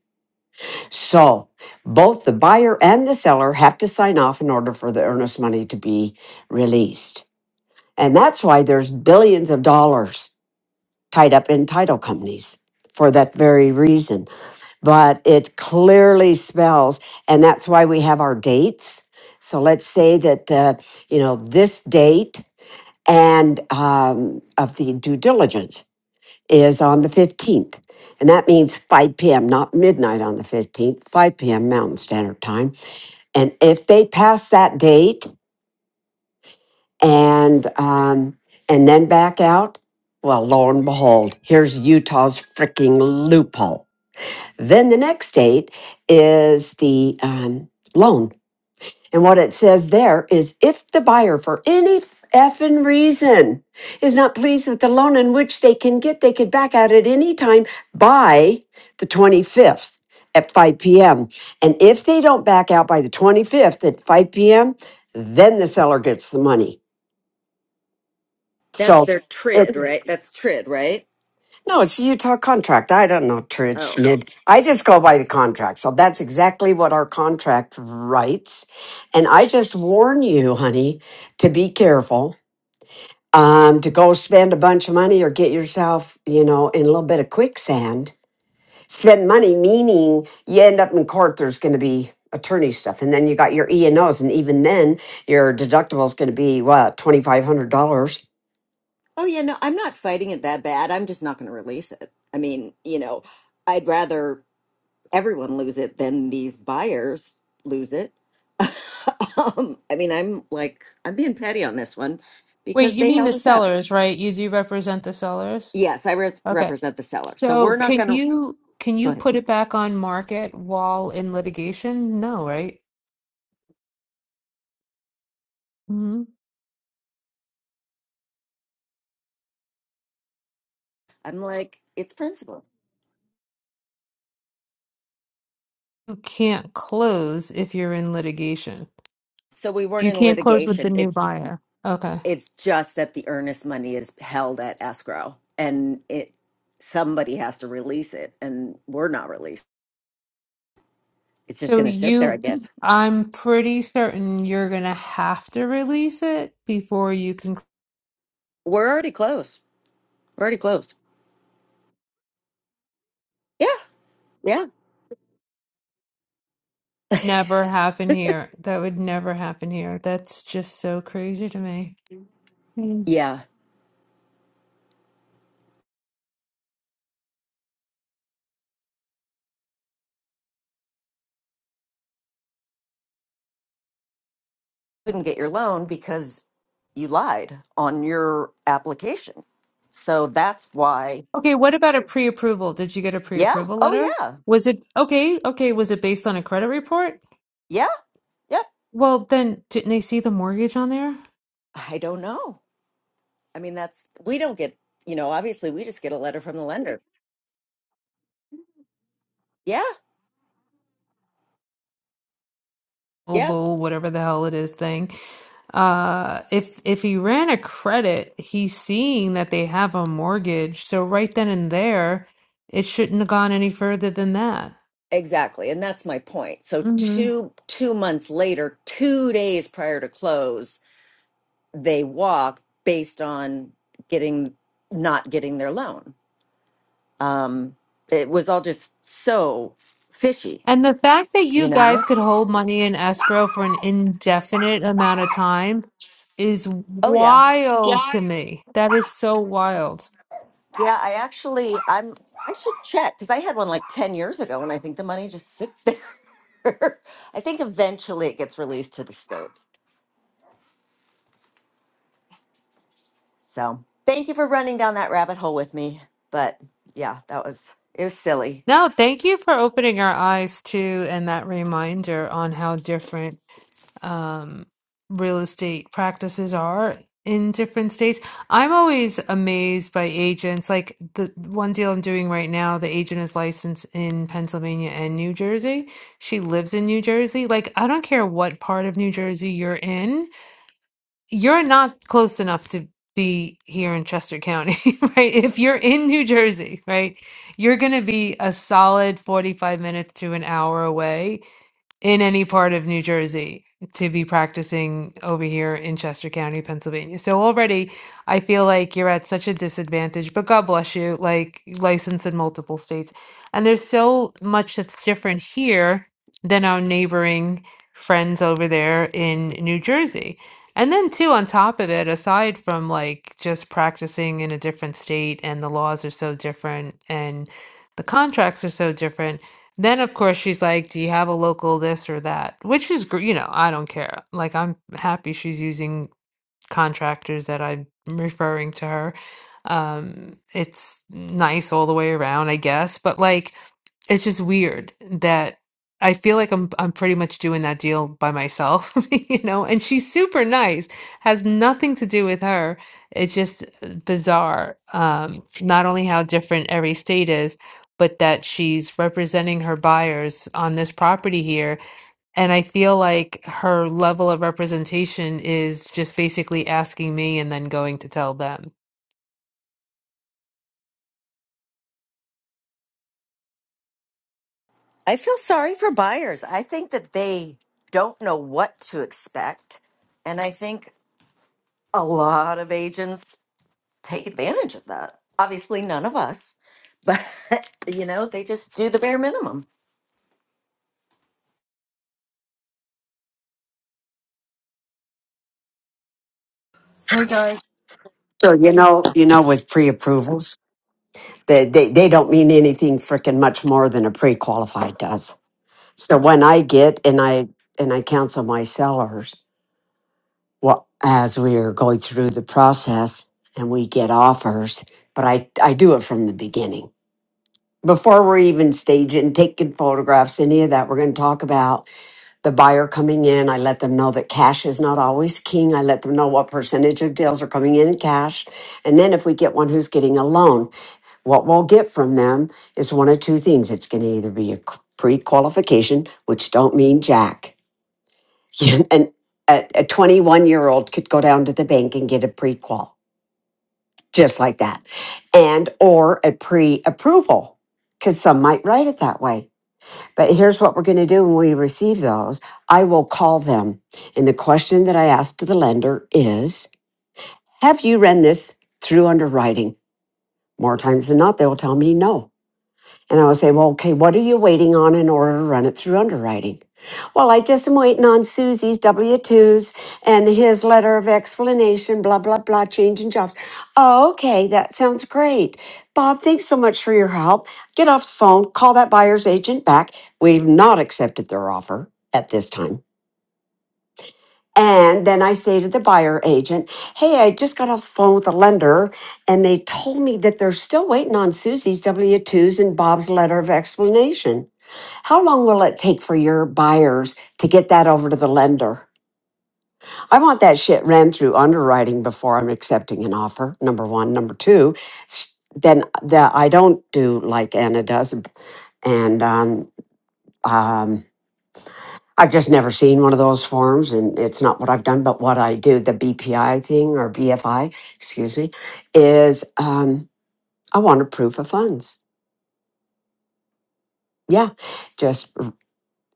so both the buyer and the seller have to sign off in order for the earnest money to be released. And that's why there's billions of dollars tied up in title companies for that very reason. But it clearly spells, and that's why we have our dates. So let's say that the, you know, this date and um, of the due diligence is on the 15th. And that means 5 p.m., not midnight on the 15th, 5 p.m. Mountain Standard Time. And if they pass that date and um, and then back out, well, lo and behold, here's Utah's freaking loophole. Then the next date is the um, loan. And what it says there is if the buyer, for any effing reason, is not pleased with the loan in which they can get, they could back out at any time by the 25th at 5 p.m. And if they don't back out by the 25th at 5 p.m., then the seller gets the money. That's So, their trid, it- right? That's trid, right? no, it's a Utah contract. I don't know, Oh. Trish. It, I just go by the contract. So that's exactly what our contract writes. And I just warn you, honey, to be careful um, to go spend a bunch of money or get yourself, you know, in a little bit of quicksand. Spend money, meaning you end up in court, there's going to be attorney stuff. And then you got your E&Os. And Os. And even then, your deductible is going to be, what, $2,500? Oh yeah, no, I'm not fighting it that bad. I'm just not going to release it. I mean, you know, I'd rather everyone lose it than these buyers lose it. um, I mean, I'm like I'm being petty on this one Wait, because you they mean held the us up. sellers, right? You do represent the sellers? Yes, I re- Okay. represent the seller. So So we're not can going to you can go you ahead. put it back on market while in litigation? No, right? hmm I'm like it's principle. You can't close if you're in litigation. So we weren't You in can't close with the litigation. new It's buyer. Okay. It's just that the earnest money is held at escrow and it somebody has to release it and we're not released. It's just So gonna sit there, I you, guess. I'm pretty certain you're gonna have to release it before you can We're already closed. We're already closed. Yeah, yeah. never happen here. That would never happen here. That's just so crazy to me. Mm. Yeah. Couldn't get your loan because you lied on your application. So that's why Okay, what about a pre-approval? Did you get a yeah. pre-approval Oh letter? yeah. Was it okay? Okay, was it based on a credit report? Yeah. Yep. Well, then didn't they see the mortgage on there? I don't know. I mean that's we don't get you know, obviously we just get a letter from the lender. Yeah. Yeah. Obo, whatever the hell it is thing. Uh, if if he ran a credit, he's seeing that they have a mortgage. So right then and there, it shouldn't have gone any further than that. Exactly, and that's my point. So two two months later, two days prior to close, they walk based on getting not getting their loan. Um, it was all just so fishy, And the fact that you you know. guys could hold money in escrow for an indefinite amount of time is Oh yeah, wild to me. That is so wild. yeah. I actually, I'm. I should check because I had one like ten years ago, and I think the money just sits there. I think eventually it gets released to the state. So thank you for running down that rabbit hole with me. But yeah, that was it was silly. No, thank you for opening our eyes to and that reminder on how different um, real estate practices are in different states. I'm always amazed by agents. Like the one deal I'm doing right now, the agent is licensed in Pennsylvania and New Jersey. She lives in New Jersey. Like, I don't care what part of New Jersey you're in, you're not close enough to be here in Chester County, right? If you're in New Jersey, right, you're going to be a solid 45 minutes to an hour away in any part of New Jersey to be practicing over here in Chester County, Pennsylvania. So already I feel like you're at such a disadvantage, but God bless you, like licensed in multiple states. And there's so much that's different here than our neighboring friends over there in New Jersey. And then too, on top of it, aside from like just practicing in a different state and the laws are so different and the contracts are so different then, of course, she's like, Do you have a local this or that? Which is, gr- you know, I don't care. Like, I'm happy she's using contractors that I'm referring to her. Um, it's nice all the way around, I guess. But, like, it's just weird that I feel like I'm I'm pretty much doing that deal by myself, you know, and she's super nice, has nothing to do with her. It's just uh, bizarre. Um, not only how different every state is, but that she's representing her buyers on this property here. And I feel like her level of representation is just basically asking me and then going to tell them. I feel sorry for buyers. I think that they don't know what to expect. And I think a lot of agents take advantage of that. Obviously none of us. But you know, they just do the bare minimum. Hey guys. So, you know, you know, with pre-approvals, they, they, they don't mean anything freaking much more than a pre-qualified does. So when I get and I and I counsel my sellers, well, as we are going through the process and we get offers, but I, I do it from the beginning. Before we're even staging, taking photographs, any of that, we're going to talk about the buyer coming in. I let them know that cash is not always king. I let them know what percentage of deals are coming in in cash. And then if we get one who's getting a loan, what we'll get from them is one of two things. It's going to either be a pre qualification, which don't mean jack and a, a 21 year old could go down to the bank and get a pre-qual just like that and or a pre-approval because some might write it that way but here's what we're going to do when we receive those i will call them and the question that i ask to the lender is have you run this through underwriting more times than not they will tell me no And I would say, well, okay, what are you waiting on in order to run it through underwriting? Well, I just am waiting on Susie's W 2s and his letter of explanation, blah, blah, blah, change in jobs. Oh, okay, that sounds great. Bob, thanks so much for your help. Get off the phone, call that buyer's agent back. We've not accepted their offer at this time. And then I say to the buyer agent, Hey, I just got off the phone with the lender, and they told me that they're still waiting on Susie's W 2s and Bob's letter of explanation. How long will it take for your buyers to get that over to the lender? I want that shit ran through underwriting before I'm accepting an offer, number one. Number two, s- then the, I don't do like Anna does and um, um, I've just never seen one of those forms, and it's not what I've done, but what I do, the BPI thing or BFI, excuse me, is um, I want a proof of funds. Yeah, just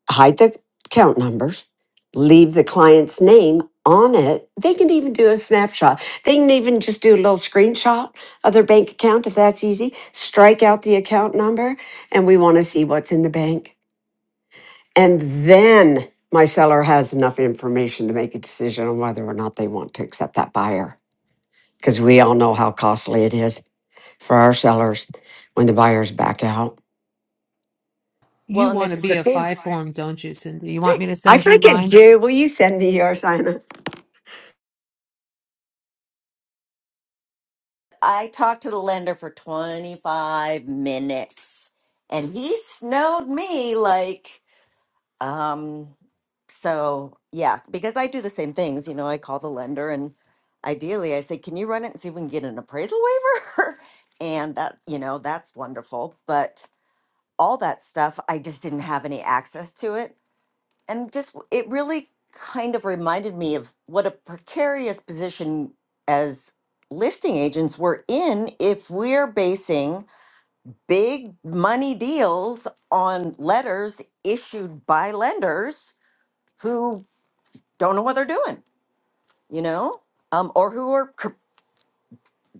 hide the account numbers, leave the client's name on it. They can even do a snapshot. They can even just do a little screenshot of their bank account if that's easy. Strike out the account number, and we want to see what's in the bank. And then my seller has enough information to make a decision on whether or not they want to accept that buyer. Because we all know how costly it is for our sellers when the buyers back out. Well, You and want to this is the be a thing. five form, don't you, Cindy? You want me to I send you freaking mine? do. Will you send me yours, Anna? I talked to the lender for 25 minutes and he snowed me like Um, so yeah, because I do the same things, you know, I call the lender and ideally I say, can you run it and see if we can get an appraisal waiver? and that, you know, that's wonderful. But all that stuff, I just didn't have any access to it. And just, it really kind of reminded me of what a precarious position as listing agents we're in if we're basing big money deals on letters issued by lenders who don't know what they're doing, you know, um, or who are cr-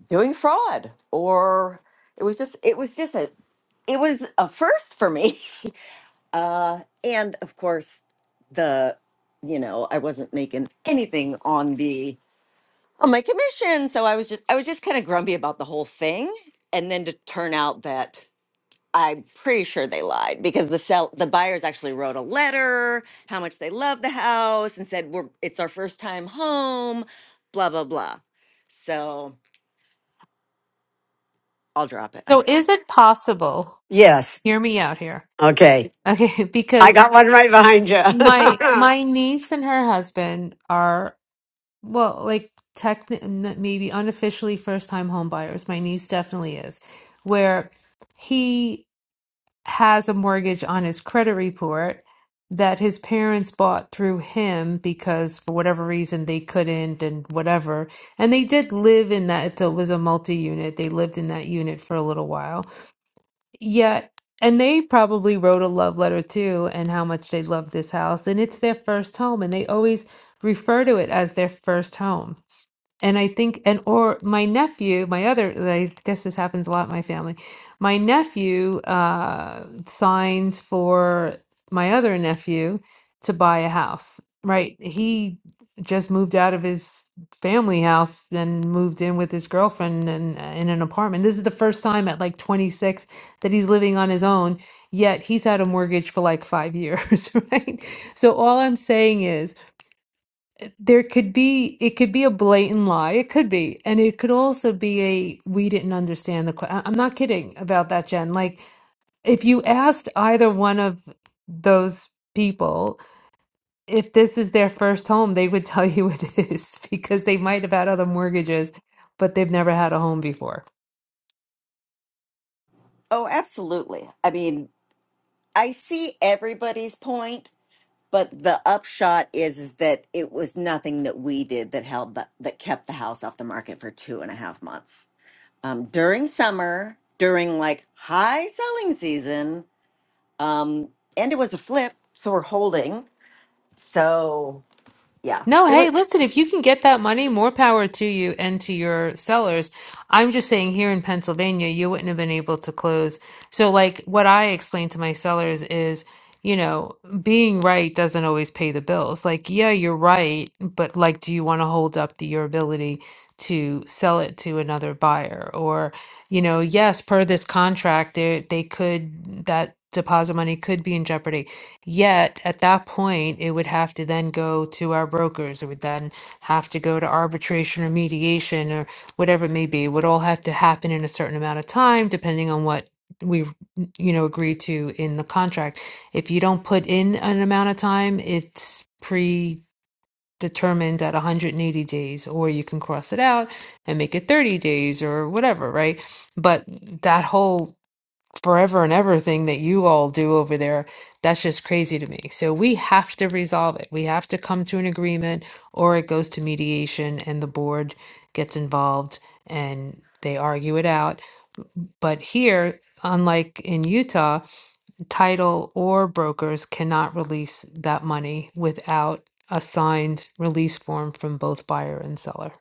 doing fraud, or it was just it was just a it was a first for me. Uh, and of course, the you know I wasn't making anything on the on my commission, so I was just I was just kind of grumpy about the whole thing, and then to turn out that I'm pretty sure they lied because the sell the buyers actually wrote a letter how much they love the house and said we're it's our first time home, blah blah blah. So I'll drop it. I So So is it is it possible? Yes. Hear me out here. Okay. Okay, I because got one right behind you. my my niece and her husband are well, like tech maybe unofficially first-time home buyers. My niece definitely is, where he has a mortgage on his credit report that his parents bought through him because for whatever reason they couldn't and whatever. And they did live in that, it was a multi-unit. They lived in that unit for a little while Yeah, and they probably wrote a love letter too, and how much they love this house. And it's their first home, and they always refer to it as their first home and I think, and or my nephew, my other, I guess this happens a lot in my family. My nephew uh, signs for my other nephew to buy a house, right? He just moved out of his family house and moved in with his girlfriend and uh, in an apartment. This is the first time at like 26 that he's living on his own, yet he's had a mortgage for like five years, right? So all I'm saying is, there could be, it could be a blatant lie. It could be. And it could also be a, we didn't understand the question. I'm not kidding about that, Jen. Like, if you asked either one of those people if this is their first home, they would tell you it is because they might have had other mortgages, but they've never had a home before. Oh, absolutely. I mean, I see everybody's point, but the upshot is, is that it was nothing that we did that held the, that kept the house off the market for two and a half months. Um, during summer, during like high selling season, Um, and it was a flip, so we're holding. So yeah, No, it was. hey, listen, if you can get that money, more power to you and to your sellers. I'm just saying here in Pennsylvania, you wouldn't have been able to close. So, like, what I explain to my sellers is, you know, being right doesn't always pay the bills. Like, yeah, you're right, but like, do you want to hold up the, your ability to sell it to another buyer? Or, you know, yes, per this contract, they they could that deposit money could be in jeopardy. Yet at that point, it would have to then go to our brokers. It would then have to go to arbitration or mediation or whatever it may be. It would all have to happen in a certain amount of time, depending on what we, you know, agree to in the contract. If you don't put in an amount of time, it's predetermined at 180 days, or you can cross it out and make it 30 days or whatever, right? But that whole forever and ever thing that you all do over there, that's just crazy to me. So we have to resolve it. We have to come to an agreement or it goes to mediation and the board gets involved and they argue it out. But here, unlike in Utah, title or brokers cannot release that money without a signed release form from both buyer and seller.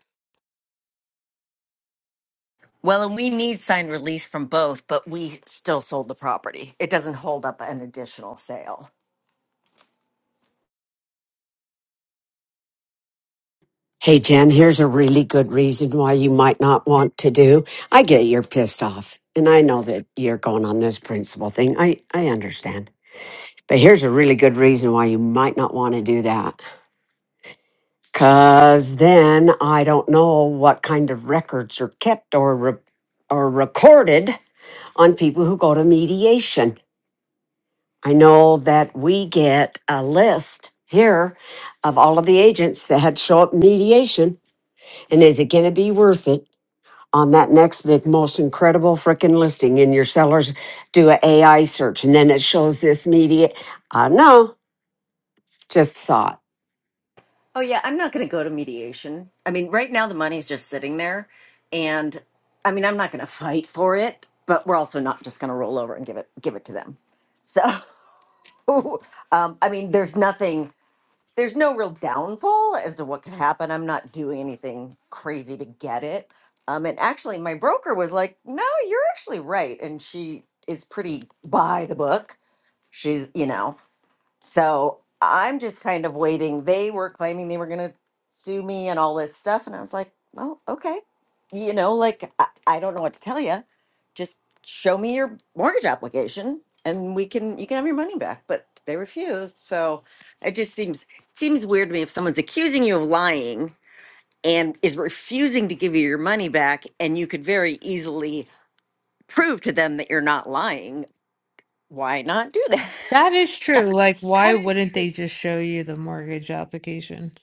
Well, and we need signed release from both, but we still sold the property. It doesn't hold up an additional sale. hey, Jen, here's a really good reason why you might not want to do. I get you're pissed off. And I know that you're going on this principle thing. I, I understand. But here's a really good reason why you might not want to do that. Cause then I don't know what kind of records are kept or re- or recorded on people who go to mediation. I know that we get a list here of all of the agents that had show up in mediation, and is it going to be worth it on that next big, most incredible freaking listing? And your sellers do a AI search, and then it shows this media. I don't know, just thought. Oh yeah, I'm not going to go to mediation. I mean, right now the money's just sitting there, and I mean, I'm not going to fight for it, but we're also not just going to roll over and give it give it to them. So, um, I mean, there's nothing. there's no real downfall as to what could happen. I'm not doing anything crazy to get it. Um, and actually, my broker was like, "No, you're actually right," and she is pretty by the book. She's, you know. So I'm just kind of waiting. They were claiming they were going to sue me and all this stuff. And I was like, well, okay. You know, like, I, I don't know what to tell you. Just show me your mortgage application and we can, you can have your money back. But they refused. So it just seems, seems weird to me if someone's accusing you of lying and is refusing to give you your money back and you could very easily prove to them that you're not lying. Why not do that? That is true. Like, why wouldn't they just show you the mortgage application?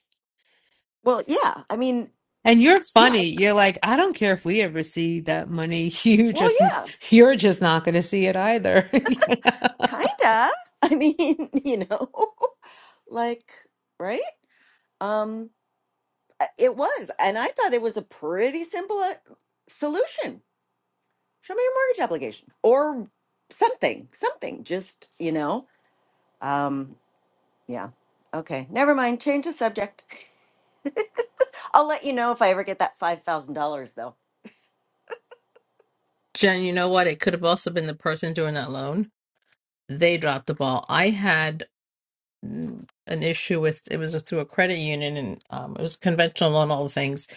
Well, yeah. I mean, And you're yeah. funny. You're like, I don't care if we ever see that money. You Well, just, yeah, you're just not going to see it either. kinda. I mean, you know, like, right? Um, I- it was, and I thought it was a pretty simple uh, solution. Show me your mortgage application or something, something. Just, you know, um, yeah. Okay, never mind. Change the subject. I'll let you know if I ever get that five thousand dollars, though. Jen, you know what? It could have also been the person doing that loan. They dropped the ball. I had mm, an issue with it was through a credit union, and um, it was conventional loan, all the things.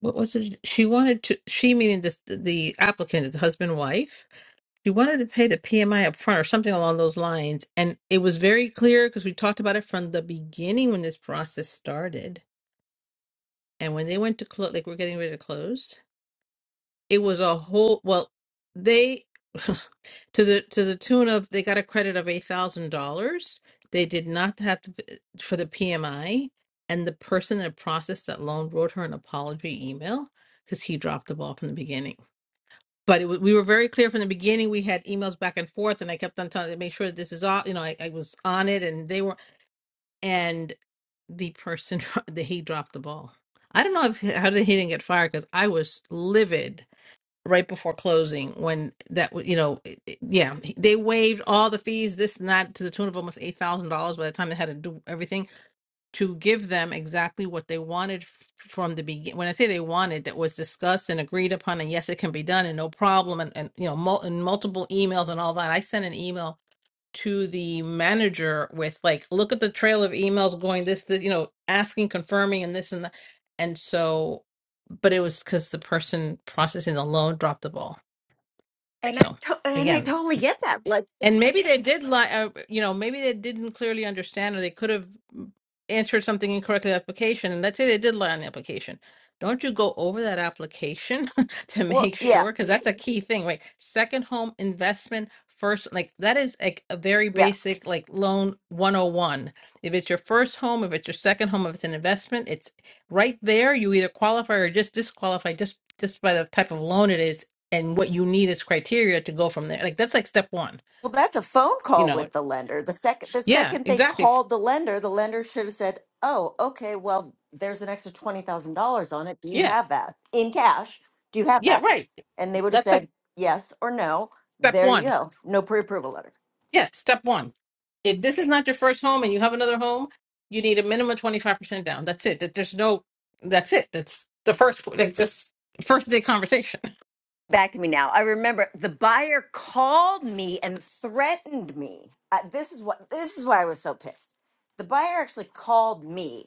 What was it? She wanted to. She meaning the the applicant, the husband wife. She wanted to pay the PMI up front or something along those lines. And it was very clear because we talked about it from the beginning when this process started. And when they went to close, like we're getting ready to close, it was a whole, well, they, to the to the tune of they got a credit of eight thousand dollars. They did not have to for the PMI, and the person that processed that loan wrote her an apology email because he dropped the ball from the beginning but it, wa- we were very clear from the beginning. We had emails back and forth, and I kept on telling to make sure that this is all. You know, I, I was on it, and they were. And the person dro- that he dropped the ball. I don't know if how did he didn't get fired because I was livid right before closing when that wa- you know it- it- yeah he- they waived all the fees this and that to the tune of almost eight thousand dollars by the time they had to do everything to give them exactly what they wanted f- from the beginning. When I say they wanted, that was discussed and agreed upon, and yes, it can be done, and no problem, and, and you know, mul- and multiple emails and all that. I sent an email to the manager with like, look at the trail of emails going this, this you know, asking, confirming, and this and that. And so, but it was because the person processing the loan dropped the ball. And I So to- and I again, totally get that. Like, and maybe they did lie, uh, you know, maybe they didn't clearly understand or they could have answered something incorrectly in the application. And let's say they did lie on the application. Don't you go over that application to well, make yeah, sure? Because that's a key thing, right? Second home investment, first, like that is like a very yes. basic, like loan 101. If it's your first home, if it's your second home, if it's an investment, it's right there. You either qualify or just disqualify just, just by the type of loan it is. And what you need is criteria to go from there. Like that's like step one Well, that's a phone you call know with the lender. The second the yeah second they exactly called the lender, the lender should have said, "Oh, okay, well, there's an extra $20,000 on it. Do you yeah have that in cash? Do you have yeah that?" right And they would have that's like said yes or no. step There you one go. No pre-approval letter. yeah step one if this is not your first home and you have another home you need a minimum 25% down that's it that there's no that's it that's the first like this first day conversation Back to me now. I remember the buyer called me and threatened me. Uh, this is what this is why I was so pissed. The buyer actually called me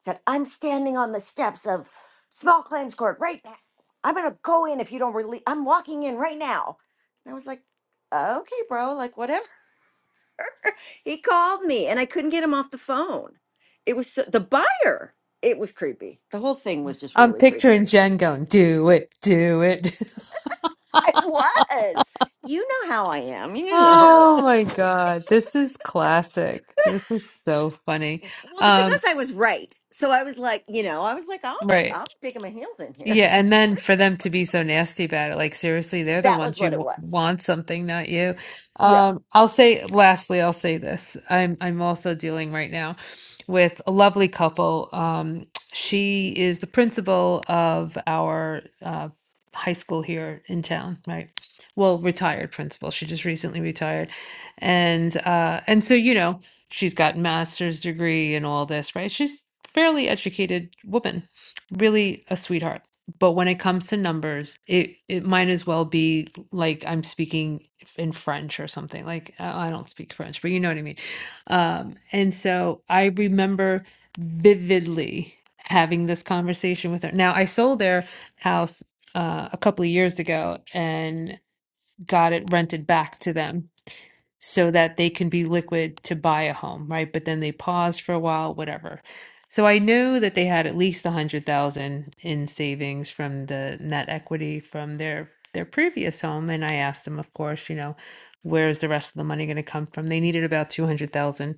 said, I'm standing on the steps of small claims court right now. I'm going to go in if you don't release. I'm walking in right now. And I was like, okay, bro, like whatever. He called me and I couldn't get him off the phone. It was so, the buyer. It was creepy. The whole thing was just I'm really picturing creepy. Jen going, do it, do it. It was. You know how I am. You know. Oh how my I am. God. This is classic. This is so funny. Well, the thing was, Um, I was right. So I was like, you know, I was like, I'll, right. I'm digging my heels in here. Yeah, and then for them to be so nasty about it, like seriously, they're the That was ones who what it w was. want something, not you. Yeah. Um, I'll say, lastly, I'll say this. I'm I'm also dealing right now with a lovely couple. Um, she is the principal of our uh, high school here in town, right? Well, retired principal. She just recently retired, and uh, and so you know, she's got master's degree and all this, right? She's fairly educated woman, really a sweetheart but when it comes to numbers, it it might as well be like I'm speaking in French or something. Like I I don't speak French, but you know what I mean. Um, and so I remember vividly having this conversation with her. Now I sold their house uh, a couple of years ago and got it rented back to them so that they can be liquid to buy a home, right? But then they pause for a while, whatever. So I knew that they had at least a hundred thousand in savings from the net equity from their their previous home, and I asked them, of course, you know, where's the rest of the money going to come from? They needed about two hundred thousand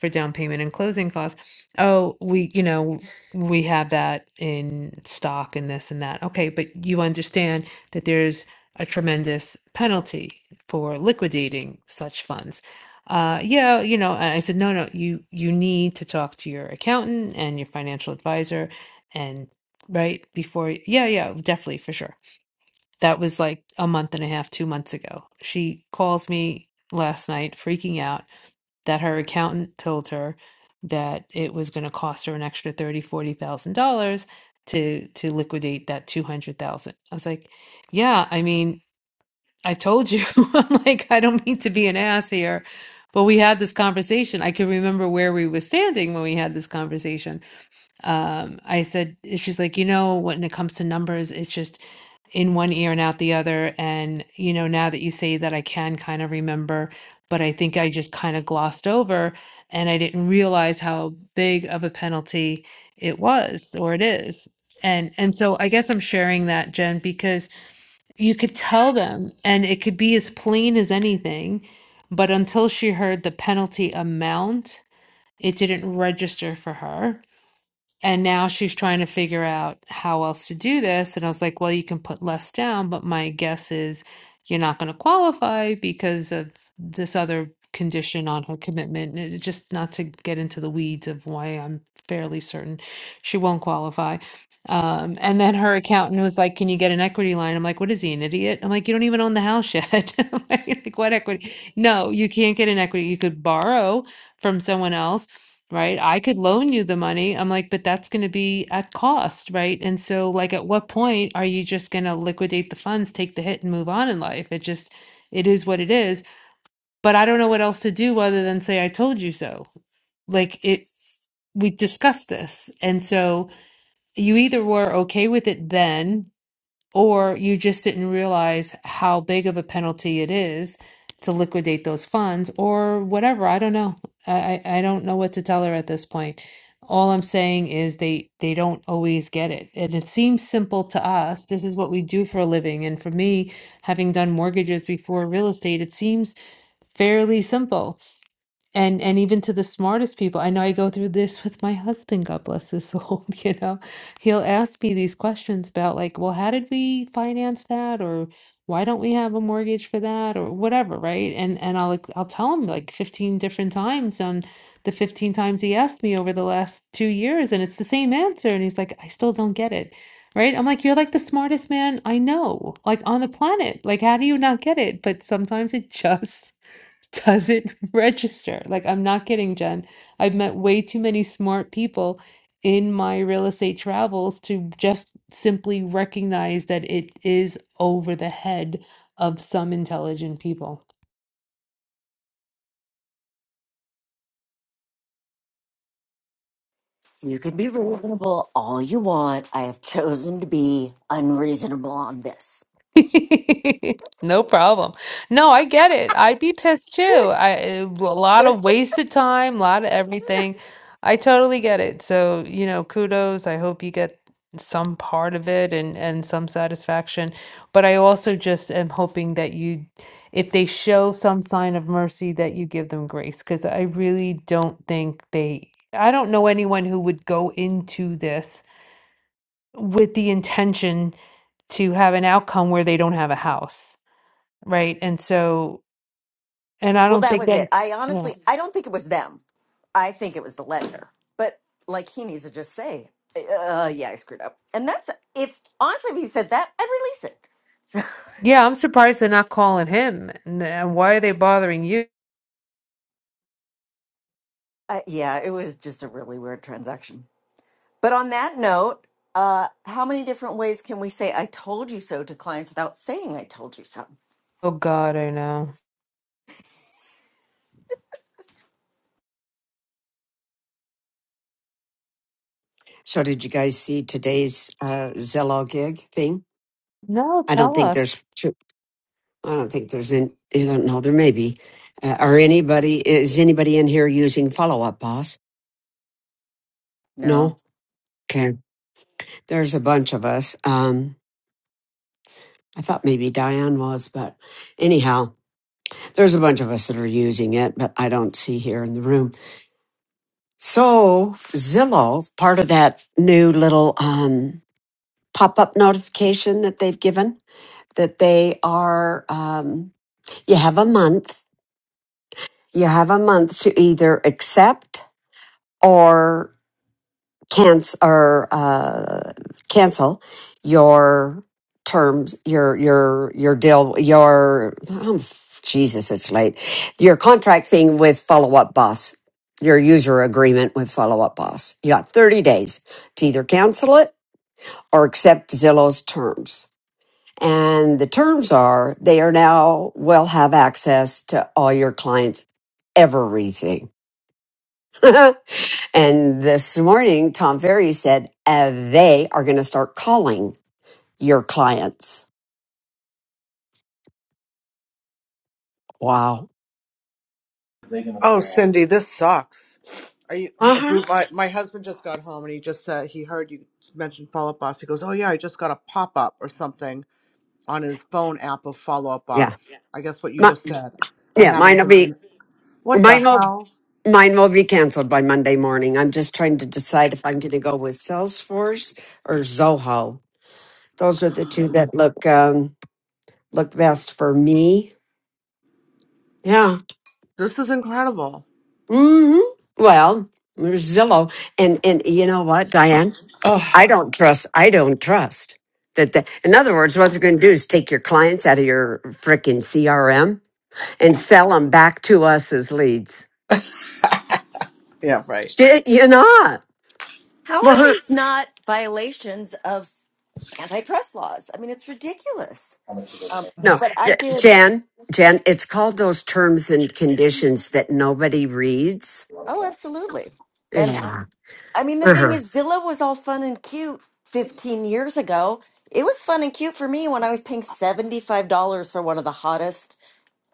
for down payment and closing costs. Oh, we, you know, we have that in stock and this and that. Okay, but you understand that there's a tremendous penalty for liquidating such funds. Uh, yeah, you know, and I said, no, no, you you need to talk to your accountant and your financial advisor, and right before, yeah, yeah, definitely for sure. That was like a month and a half, two months ago. She calls me last night, freaking out that her accountant told her that it was going to cost her an extra thirty, forty thousand dollars to to liquidate that two hundred thousand. I was like, yeah, I mean. I told you, I'm like, I don't mean to be an ass here, but we had this conversation. I can remember where we were standing when we had this conversation. Um, I said, she's like, you know, when it comes to numbers, it's just in one ear and out the other. And, you know, now that you say that, I can kind of remember, but I think I just kind of glossed over and I didn't realize how big of a penalty it was or it is. And and so I guess I'm sharing that, Jen, because you could tell them, and it could be as plain as anything, but until she heard the penalty amount, it didn't register for her. And now she's trying to figure out how else to do this. And I was like, well, you can put less down, but my guess is you're not going to qualify because of this other condition on her commitment. And it's just not to get into the weeds of why I'm fairly certain she won't qualify. Um, and then her accountant was like, can you get an equity line? I'm like, what is he, an idiot? I'm like, you don't even own the house yet. like, what equity? No, you can't get an equity. You could borrow from someone else right? I could loan you the money. I'm like, but that's going to be at cost, right? And so, like, at what point are you just going to liquidate the funds, take the hit, and move on in life? It just, it is what it is. But I don't know what else to do other than say, I told you so. Like, it, we discussed this. And so you either were okay with it then or you just didn't realize how big of a penalty it is to liquidate those funds or whatever. I don't know. I, I I don't know what to tell her at this point. All I'm saying is they they don't always get it. And it seems simple to us. This is what we do for a living. And for me, having done mortgages before real estate, it seems fairly simple and and even to the smartest people i know i go through this with my husband god bless his soul you know he'll ask me these questions about like well how did we finance that or why don't we have a mortgage for that or whatever right and and i'll ex- i'll tell him like 15 different times on the 15 times he asked me over the last two years and it's the same answer and he's like i still don't get it right i'm like you're like the smartest man i know like on the planet like how do you not get it but sometimes it just doesn't register. Like, I'm not kidding, Jen. I've met way too many smart people in my real estate travels to just simply recognize that it is over the head of some intelligent people. You can be reasonable all you want. I have chosen to be unreasonable on this. No problem. No, I get it. I'd be pissed too. I a lot of wasted time, a lot of everything. I totally get it. So, you know, kudos. I hope you get some part of it and and some satisfaction. But I also just am hoping that you, if they show some sign of mercy, that you give them grace, because I really don't think they, I don't know anyone who would go into this with the intention to have an outcome where they don't have a house, right? And so, and I well, don't that think was that, it. I yeah, honestly, I don't think it was them. I think it was the lender. But like he needs to just say, uh, yeah, I screwed up. And that's, if honestly, if he said that, I'd release it. So, yeah, I'm surprised they're not calling him. And and why are they bothering you? uh, yeah, it was just a really weird transaction. But on that note, uh, how many different ways can we say I told you so to clients without saying I told you so? Oh God, I know. So, did you guys see today's uh, Zillow gig thing? No, I don't tell think us. there's. too- I don't think there's in. I don't know. There may be. Uh, are anybody? Is anybody in here using follow up, boss? No, No. Okay. There's a bunch of us. Um, I thought maybe Diane was, but anyhow, there's a bunch of us that are using it, but I don't see here in the room. So Zillow, part of that new little um, pop up notification that they've given, that they are. Um, You have a month. You have a month to either accept or cancel or uh, cancel your terms, your your your deal, your oh, Jesus, it's late. Your contract thing with Follow Up Boss, your user agreement with Follow Up Boss. You got thirty days to either cancel it or accept Zillow's terms. And the terms are they are now will have access to all your clients' everything. and this morning, Tom Ferry said uh, they are going to start calling your clients. Wow. Oh, Cindy, this sucks. Are you, Uh uh, huh. Bru- my, my husband just got home and he just said he heard you mentioned Follow Up Boss. He goes, Oh, yeah, I just got a pop up or something on his phone app of Follow Up Yeah. Boss. Yeah. I guess what you Mi- just said. I yeah. Mine haven't will been in. be What the mine will hell? mine will be canceled by Monday morning. I'm just trying to decide if I'm going to go with Salesforce or Zoho. Those are the two that look um, look best for me. Yeah. This is incredible. hmm Well, there's Zillow, and and you know what, Diane, I Oh, don't trust. I don't trust that. The, in other words, what they're going to do is take your clients out of your freaking CRM and sell them back to us as leads. yeah, right. Shit, you're not. How Well, are huh, these not violations of antitrust laws? I mean, it's ridiculous. Um, no, but I yeah, did. Jan, Jan, it's called those terms and conditions that nobody reads. Oh, absolutely. And Yeah. I mean, the thing Uh-huh. is, Zillow was all fun and cute 15 years ago. It was fun and cute for me when I was paying $75 for one of the hottest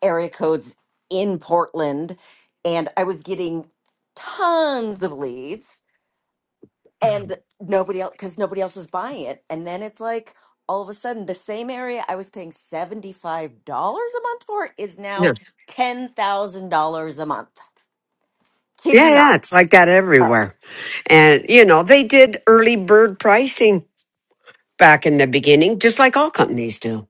area codes in Portland. And I was getting tons of leads. and nobody else because nobody else was buying it and then it's like all of a sudden the same area i was paying $75 a month for is No. now $10000 a month kid yeah, you yeah, not it's like that everywhere. And, you know, they did early bird pricing back in the beginning, just like all companies do.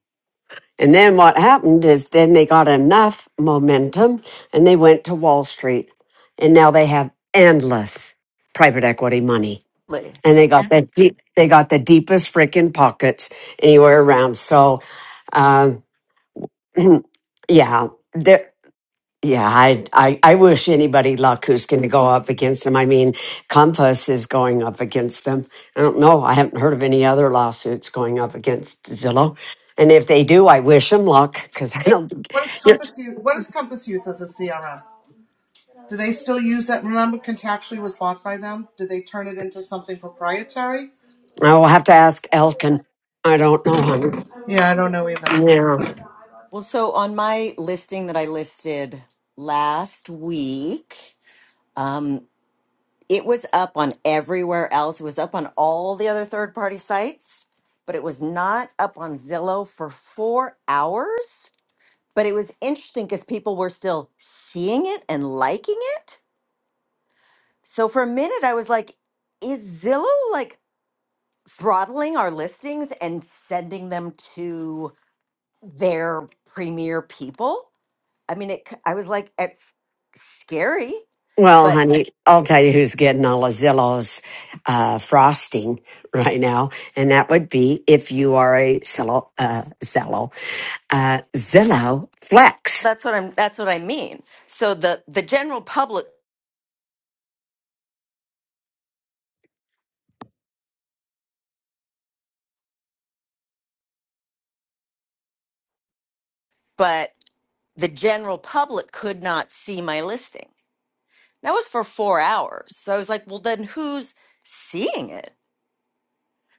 And then what happened is then they got enough momentum and they went to Wall Street. And now they have endless private equity money. literally And they got the deep, they got the deepest freaking pockets anywhere around. So um, yeah, there. Yeah, I, I I wish anybody luck who's going to go up against them. I mean, Compass is going up against them. I don't know. I haven't heard of any other lawsuits going up against Zillow. And if they do, I wish them luck because I don't. think- What does Yeah. Compass use? What does Compass use as a CRM? Do they still use that? Remember, Contactually was bought by them. Did they turn it into something proprietary? I will have to ask Elkin. I don't know, honey. Yeah, I don't know either. Yeah. well so on my listing that i listed last week um it was up on everywhere else it was up on all the other third party sites but it was not up on zillow for four hours But it was interesting because people were still seeing it and liking it. So for a minute, I was like, is Zillow like throttling our listings and sending them to their premier people? I mean, it, c- I was like, it's scary, Well, but honey, I'll tell you who's getting all of Zillow's uh, frosting right now, and that would be if you are a Zillow, uh, Zillow, uh, Zillow Flex. that's what I'm, that's what I mean. So the, the general public, but the general public could not see my listing. That was for four hours. So I was like, well, then who's seeing it?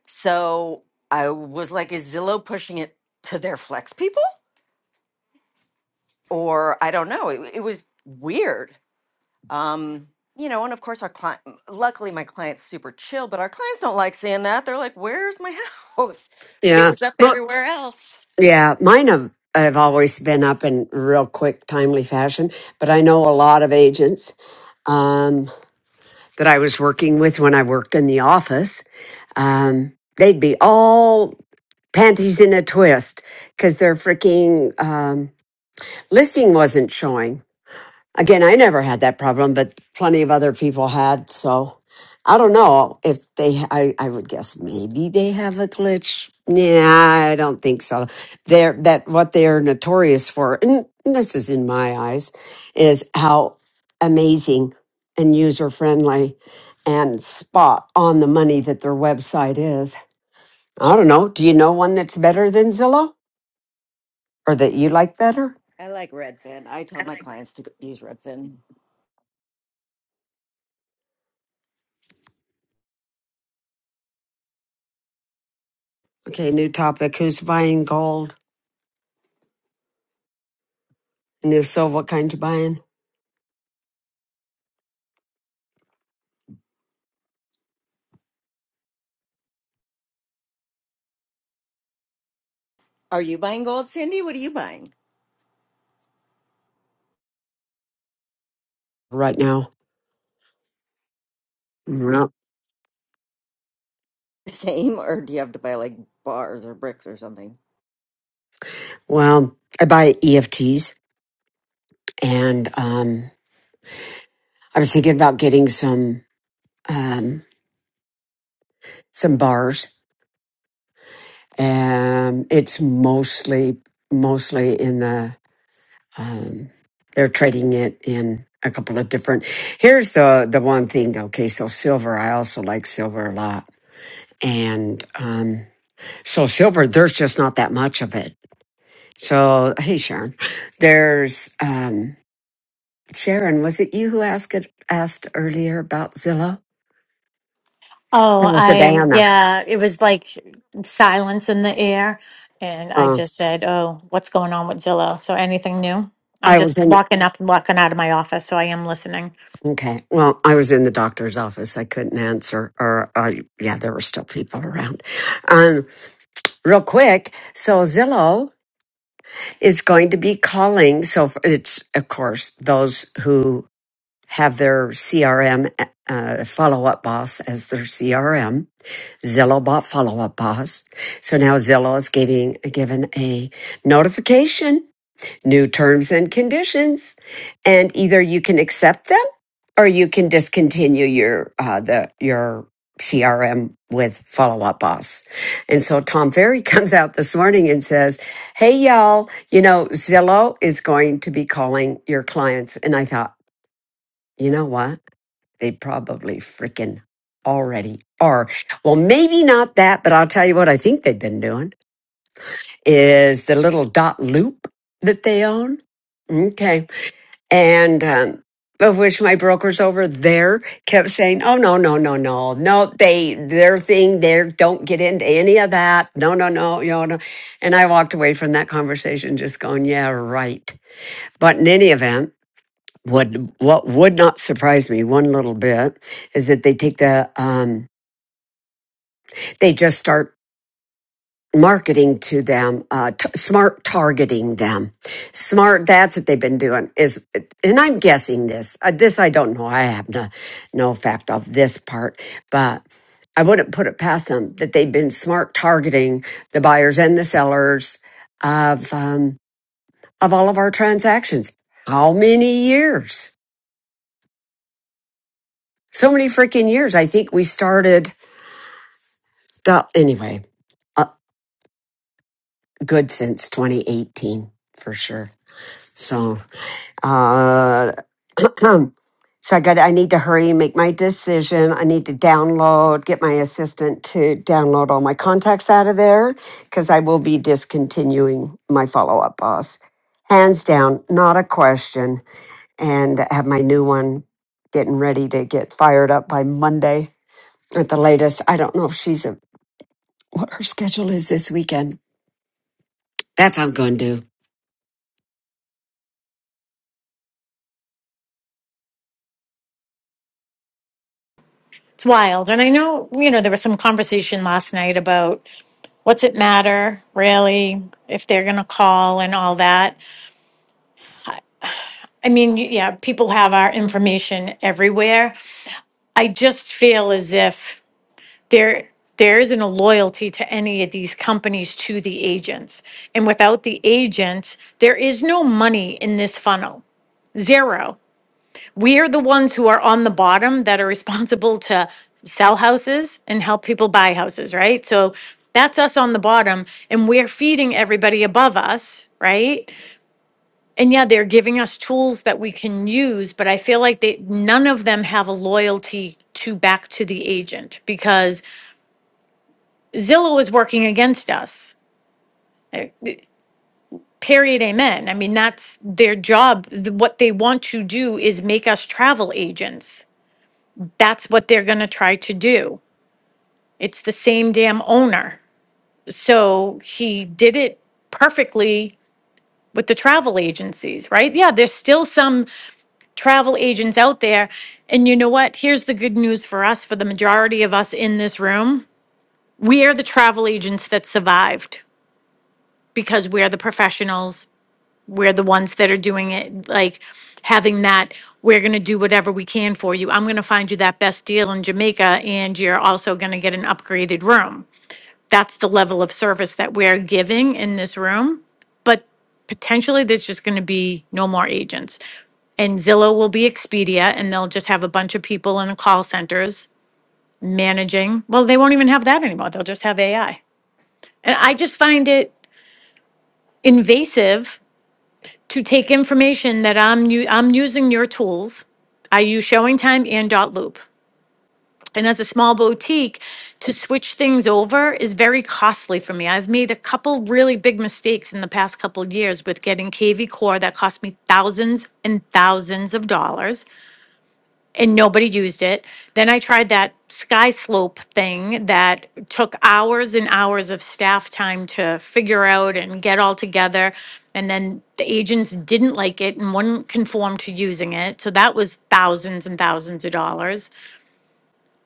So I was like, is Zillow pushing it to their flex people? Or I don't know. It, it was weird. Um, you know, and of course, our client, luckily, my client's super chill, but our clients don't like seeing that. They're like, where's my house? But it Yeah. was up Well, everywhere else. yeah, mine have, have always been up in real quick, timely fashion, but I know a lot of agents um, that I was working with when I worked in the office. Um, they'd be all panties in a twist because their freaking um, listing wasn't showing. Again, I never had that problem, but plenty of other people had. So I don't know if they, I, I would guess maybe they have a glitch. Nah, I don't think so. They're, that what they're notorious for, and this is in my eyes, is how amazing and user friendly and spot on the money that their website is. I don't know. Do you know one that's better than Zillow or that you like better? I like Redfin. I tell my clients to go- use Redfin. Okay, new topic. Who's buying gold? And if so, what kind you buying? Are you buying gold, Cindy? What are you buying? Right now. Yeah. Same, or do you have to buy like bars or bricks or something? Well, I buy EFTs and um I was thinking about getting some um some bars. Um it's mostly mostly in the um, they're trading it in a couple of different. Here's the the one thing. Okay, so silver. I also like silver a lot, and um, so silver. There's just not that much of it. So hey, Sharon. There's um, Sharon. Was it you who asked it, asked earlier about Zillow? Oh, It was I, Diana? yeah, it was like silence in the air. And I Uh, just said, Oh, what's going on with Zillow? So anything new? I'm I just was in. walking up and walking out of my office. So I am listening. Okay. Well, I was in the doctor's office. I couldn't answer, or uh, yeah, there were still people around. Um, real quick. So Zillow. is going to be calling. So it's, of course, those who have their CRM uh, follow up boss as their CRM. Zillow bought follow up boss. So now Zillow is giving, given a notification new terms and conditions and either you can accept them or you can discontinue your uh the your CRM with follow up boss. And so Tom Ferry comes out this morning and says, Hey y'all, you know, Zillow is going to be calling your clients. And I thought, you know what? They probably freaking already are. Well, maybe not that, but I'll tell you what I think they've been doing is the little dot loop that they own. Okay and um, of which my brokers over there kept saying, "Oh no, no, no, no, no! They their thing. They don't get into any of that. No, no, no, no, no." And I walked away from that conversation just going, "Yeah, right." But in any event, would what would not surprise me one little bit is that they take the um, they just start marketing to them, uh, t- smart targeting them. Smart, that's what they've been doing is, and I'm guessing this, uh, this I don't know. I have no, no fact of this part, but I wouldn't put it past them that they've been smart targeting the buyers and the sellers of, um, of all of our transactions. How many years? So many freaking years. I think we started, the- anyway, uh, good since 2018 for sure. So, uh, Um, so I got I need to hurry and make my decision. I need to download, get my assistant to download all my contacts out of there because I will be discontinuing my follow-up boss. Hands down, not a question. And have my new one getting ready to get fired up by Monday at the latest. I don't know if she's a, what her schedule is this weekend. That's what I'm going to do. It's wild. And I know, you know, there was some conversation last night about what's it matter, really, if they're going to call and all that. I mean, y- yeah, people have our information everywhere. I just feel as if there there isn't a loyalty to any of these companies to the agents. And without the agents, there is no money in this funnel. Zero. we are the ones who are on the bottom that are responsible to sell houses and help people buy houses, right? So that's us on the bottom and we're feeding everybody above us, right? And yeah, they're giving us tools that we can use, but I feel like they none of them have a loyalty to back to the agent because Zillow is working against us. Period. Amen. I mean, that's their job. Th- What they want to do is make us travel agents. That's what they're going to try to do. It's the same damn owner. So he did it perfectly with the travel agencies, right? Yeah, there's still some travel agents out there. And you know what? Here's the good news for us, for the majority of us in this room. We are the travel agents that survived because we're the professionals. We're the ones that are doing it, like having that, we're going to do whatever we can for you. I'm going to find you that best deal in Jamaica, and you're also going to get an upgraded room that's the level of service that we're giving in this room. But potentially, there's just going to be no more agents. And Zillow will be Expedia, and they'll just have a bunch of people in the call centers managing. Well, they won't even have that anymore. They'll just have AI. And I just find it invasive to take information that I'm u- I'm using your tools. I use Showing Time and Dot Loop. And as a small boutique, to switch things over is very costly for me. I've made a couple really big mistakes in the past couple of years with getting KV Core that cost me thousands and thousands of dollars and nobody used it. Then I tried that sky slope thing that took hours and hours of staff time to figure out and get all together. And then the agents didn't like it and wouldn't conform to using it. So that was thousands and thousands of dollars.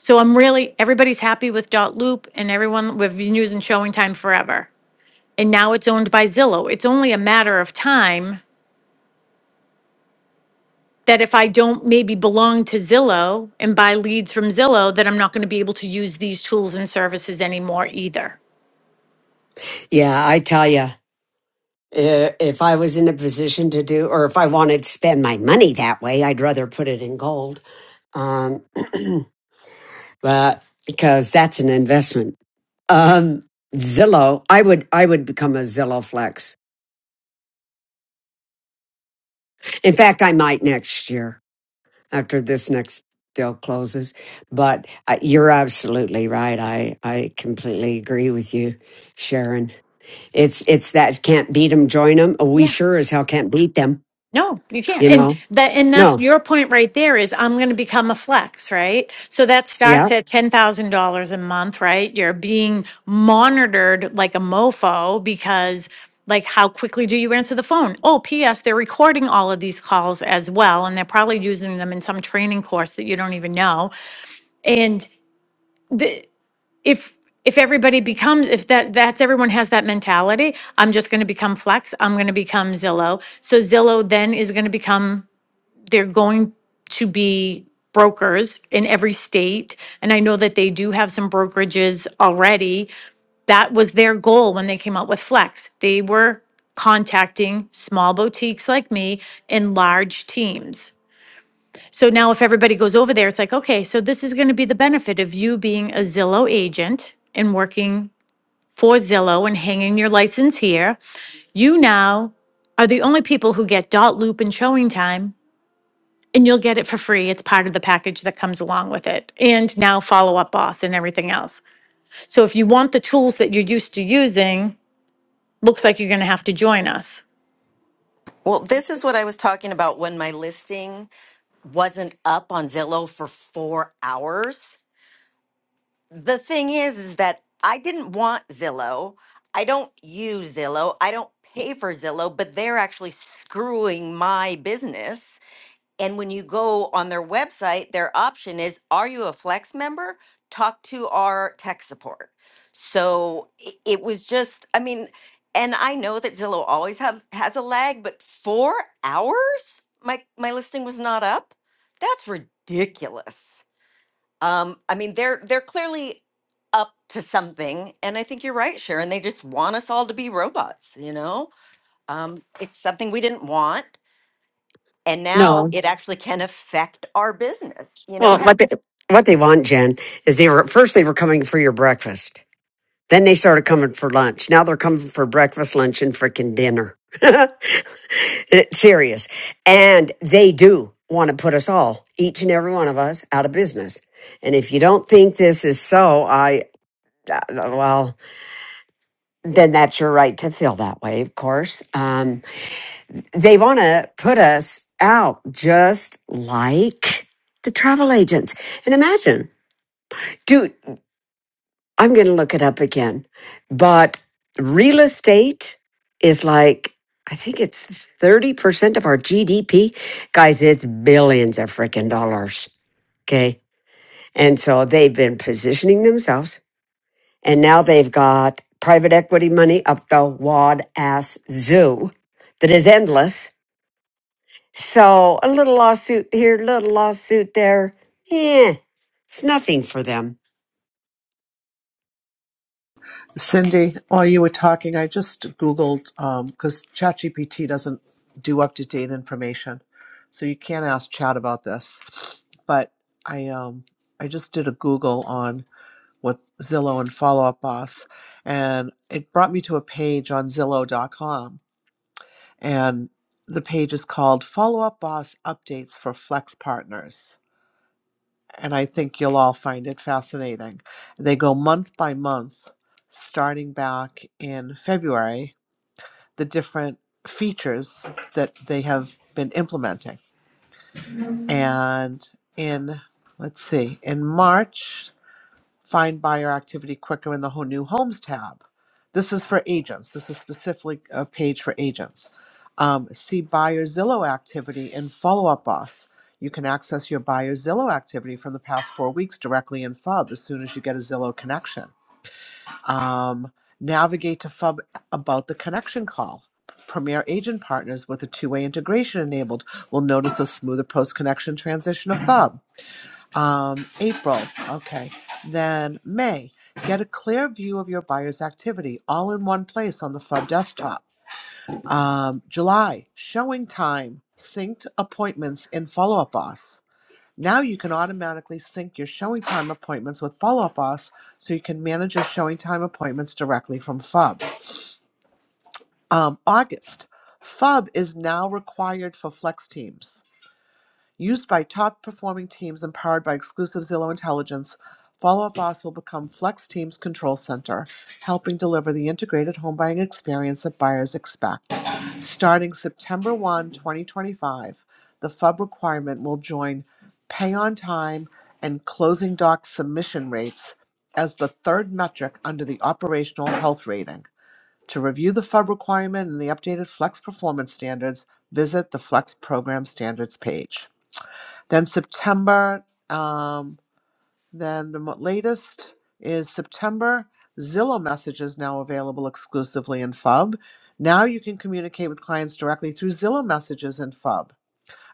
So I'm really, everybody's happy with Dot Loop and everyone, we've been using Showing Time forever. And now it's owned by Zillow. It's only a matter of time that if I don't maybe belong to Zillow and buy leads from Zillow, that I'm not going to be able to use these tools and services anymore either. Yeah, I tell you. Uh, If I was in a position to do, or if I wanted to spend my money that way, I'd rather put it in gold. Um, but because that's an investment. Um, Zillow, I would, I would become a Zillow flex. In fact, I might next year after this next deal closes. But uh, you're absolutely right. I, I completely agree with you, Sharon. It's, it's that can't beat them, join them. We Yeah. sure as hell can't beat them. No, you can't. You And know? that and that's No. your point right there is I'm going to become a flex, right? So that Yeah. starts at $10,000 a month, right? You're being monitored like a mofo because like how quickly do you answer the phone? Oh, PS, they're recording all of these calls as well and they're probably using them in some training course that you don't even know. And the, if if everybody becomes if that that's everyone has that mentality i'm just going to become flex i'm going to become zillow so zillow then is going to become they're going to be brokers in every state. And I know that they do have some brokerages already that was their goal when they came out with Flex. They were contacting small boutiques like me in large teams. So now, if everybody goes over there, it's like, okay, so this is going to be the benefit of you being a Zillow agent and working for Zillow and hanging your license here. You now are the only people who get dot loop and showing time and you'll get it for free. It's part of the package that comes along with it. And now follow up boss and everything else. So if you want the tools that you're used to using, looks like you're going to have to join us. Well, this is what I was talking about when my listing wasn't up on Zillow for four hours. The thing is, is that I didn't want Zillow. I don't use Zillow. I don't pay for Zillow, but they're actually screwing my business and when you go on their website, their option is Are you a Flex member? Talk to our tech support. So i- it was just, I mean, and I know that Zillow always have, has a lag, but four hours? My, my listing was not up? That's ridiculous. Um, I mean, they're, they're clearly up to something. And I think you're right, Sharon. They just want us all to be robots, you know? Um, it's something we didn't want and No. now it actually can affect our business you know Well, heck what they, what they want, Jen, is they were at first they were coming for your breakfast. Then they started coming for lunch. Now they're coming for breakfast, lunch, and freaking dinner. It's serious. And they do want to put us all, each and every one of us, out of business. And if you don't think this is so, I, uh, well, then that's your right to feel that way, of course. Um, they want to put us out just like the travel agents. And imagine, dude. I'm going to look it up again. But real estate is like, I think it's 30% of our GDP. Guys, it's billions of freaking dollars. Okay. And so they've been positioning themselves and now they've got private equity money up the wad ass zoo that is endless. So a little lawsuit here, little lawsuit there. Yeah, it's nothing for them. Cindy, while you were talking, I just Googled because ChatGPT doesn't do up to date information, so you can't ask Chat about this. But I um I just did a Google on with Zillow and Follow Up Boss, and it brought me to a page on Zillow.com, and the page is called Follow Up Boss Updates for Flex Partners and I think you'll all find it fascinating. They go month by month, starting back in February, the different features that they have been implementing. And in, let's see, in March, find buyer activity quicker in the whole new homes tab. This is for agents. This is specifically a page for agents. Um, see buyer Zillow activity in Follow Up Boss. You can access your buyer Zillow activity from the past four weeks directly in FUB as soon as you get a Zillow connection. Um, navigate to FUB about the connection call. Premier agent partners with a two way integration enabled will notice a smoother post connection transition of FUB um, April, okay. Then May, get a clear view of your buyer's activity all in one place on the FUB desktop. Um, July, showing time, synced appointments in Follow Up Boss. Now you can automatically sync your showing time appointments with Follow Up Boss so you can manage your showing time appointments directly from FUB. Um, August, FUB is now required for Flex Teams. Used by top performing teams and powered by exclusive Zillow intelligence, Follow Up Boss will become Flex Team's control center, helping deliver the integrated home buying experience that buyers expect. Starting September 1, 2025, the FUB requirement will join pay on time and closing doc submission rates as the third metric under the operational health rating. To review the FUB requirement and the updated Flex performance standards, visit the Flex program standards page. Then September, um, then the mo- latest is September. Zillow Message is now available exclusively in FUB. Now you can communicate with clients directly through Zillow Messages in FUB,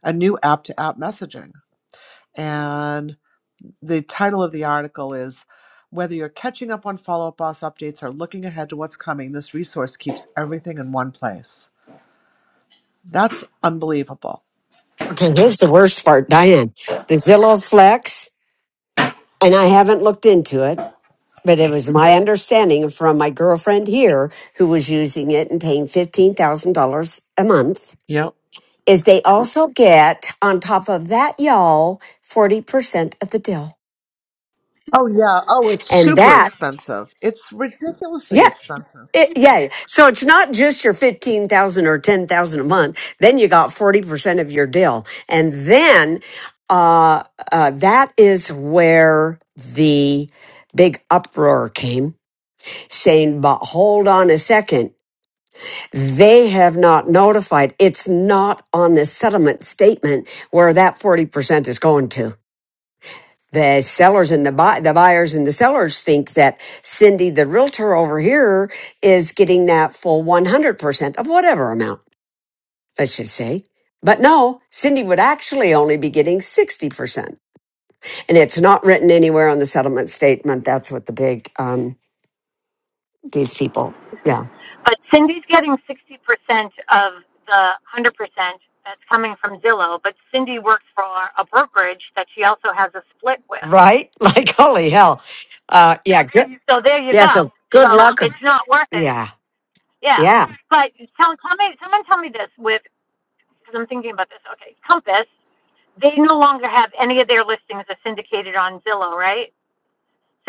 a new app to app messaging. And the title of the article is Whether You're Catching Up on Follow Up Boss Updates or Looking Ahead to What's Coming, this resource keeps everything in one place. That's unbelievable. Okay, here's the worst part, Diane. The Zillow Flex and I haven't looked into it, but it was my understanding from my girlfriend here who was using it and paying $15,000 a month Yep. is they also get on top of that y'all 40% of the deal. Oh yeah. Oh, it's And super that expensive. It's ridiculously yeah, expensive. it, yeah. So it's not just your 15,000 or 10,000 a month. Then you got 40% of your deal. And then uh, uh that is where the big uproar came saying, but hold on a second. They have not notified. It's not on the settlement statement where that 40% is going to. The sellers and the buy, the buyers and the sellers think that Cindy, the realtor over here is getting that full 100% of whatever amount, let's just say. But no, Cindy would actually only be getting 60%. And it's not written anywhere on the settlement statement. That's what the big, um, these people. Yeah. But Cindy's getting 60% of the 100% that's coming from Zillow, but Cindy works for a brokerage that she also has a split with. right? Like holy hell. Uh yeah, good. So there you Yeah, so go. good So luck. it's not worth it. Yeah. Yeah. Yeah. But tell, tell me, someone tell me this with, because I'm thinking about this. Okay, Compass. they no longer have any of their listings are syndicated on Zillow, right?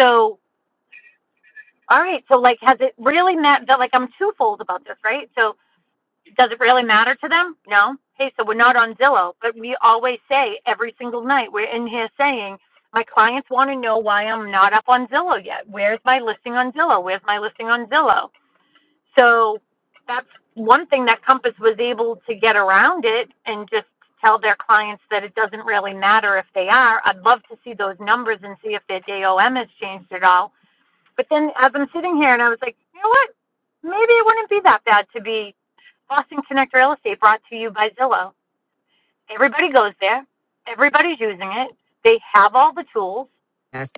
So, all right, so like, has it really meant that like I'm twofold about this, right? So, does it really matter to them? No. Hey, so we're not on Zillow, but we always say every single night we're in here saying my clients want to know why I'm not up on Zillow yet. Where's my listing on Zillow? Where's my listing on Zillow? So that's one thing that Compass was able to get around it and just tell their clients that it doesn't really matter if they are. I'd love to see those numbers and see if their DOM has changed at all. But then as I'm sitting here and I was like, you know what? Maybe it wouldn't be that bad to be Boston Connect Real Estate brought to you by Zillow. Everybody goes there. Everybody's using it. They have all the tools. That's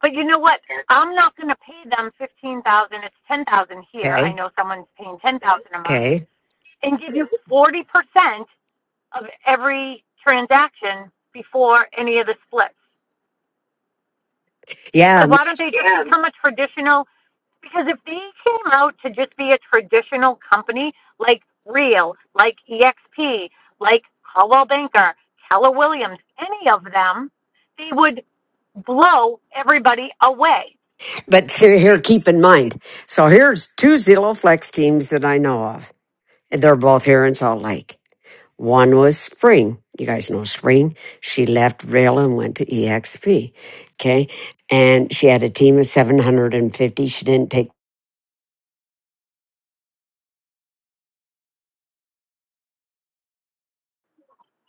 But you know what? I'm not going to pay them fifteen thousand. It's ten thousand here. I okay. know someone's paying ten thousand a month Okay. and give you 40% of every transaction before any of the splits. Yeah, Like, why don't they just Yeah. become a traditional? Because if they came out to just be a traditional company like Real, like EXP, like Coldwell Banker, Keller Williams, any of them, they would blow everybody away. but see, here keep in mind. So here's two Zillow Flex teams that I know of. And they're both here in Salt Lake. One was Spring. You guys know Spring. She left Rail and went to EXP. Okay. And she had a team of 750. She didn't take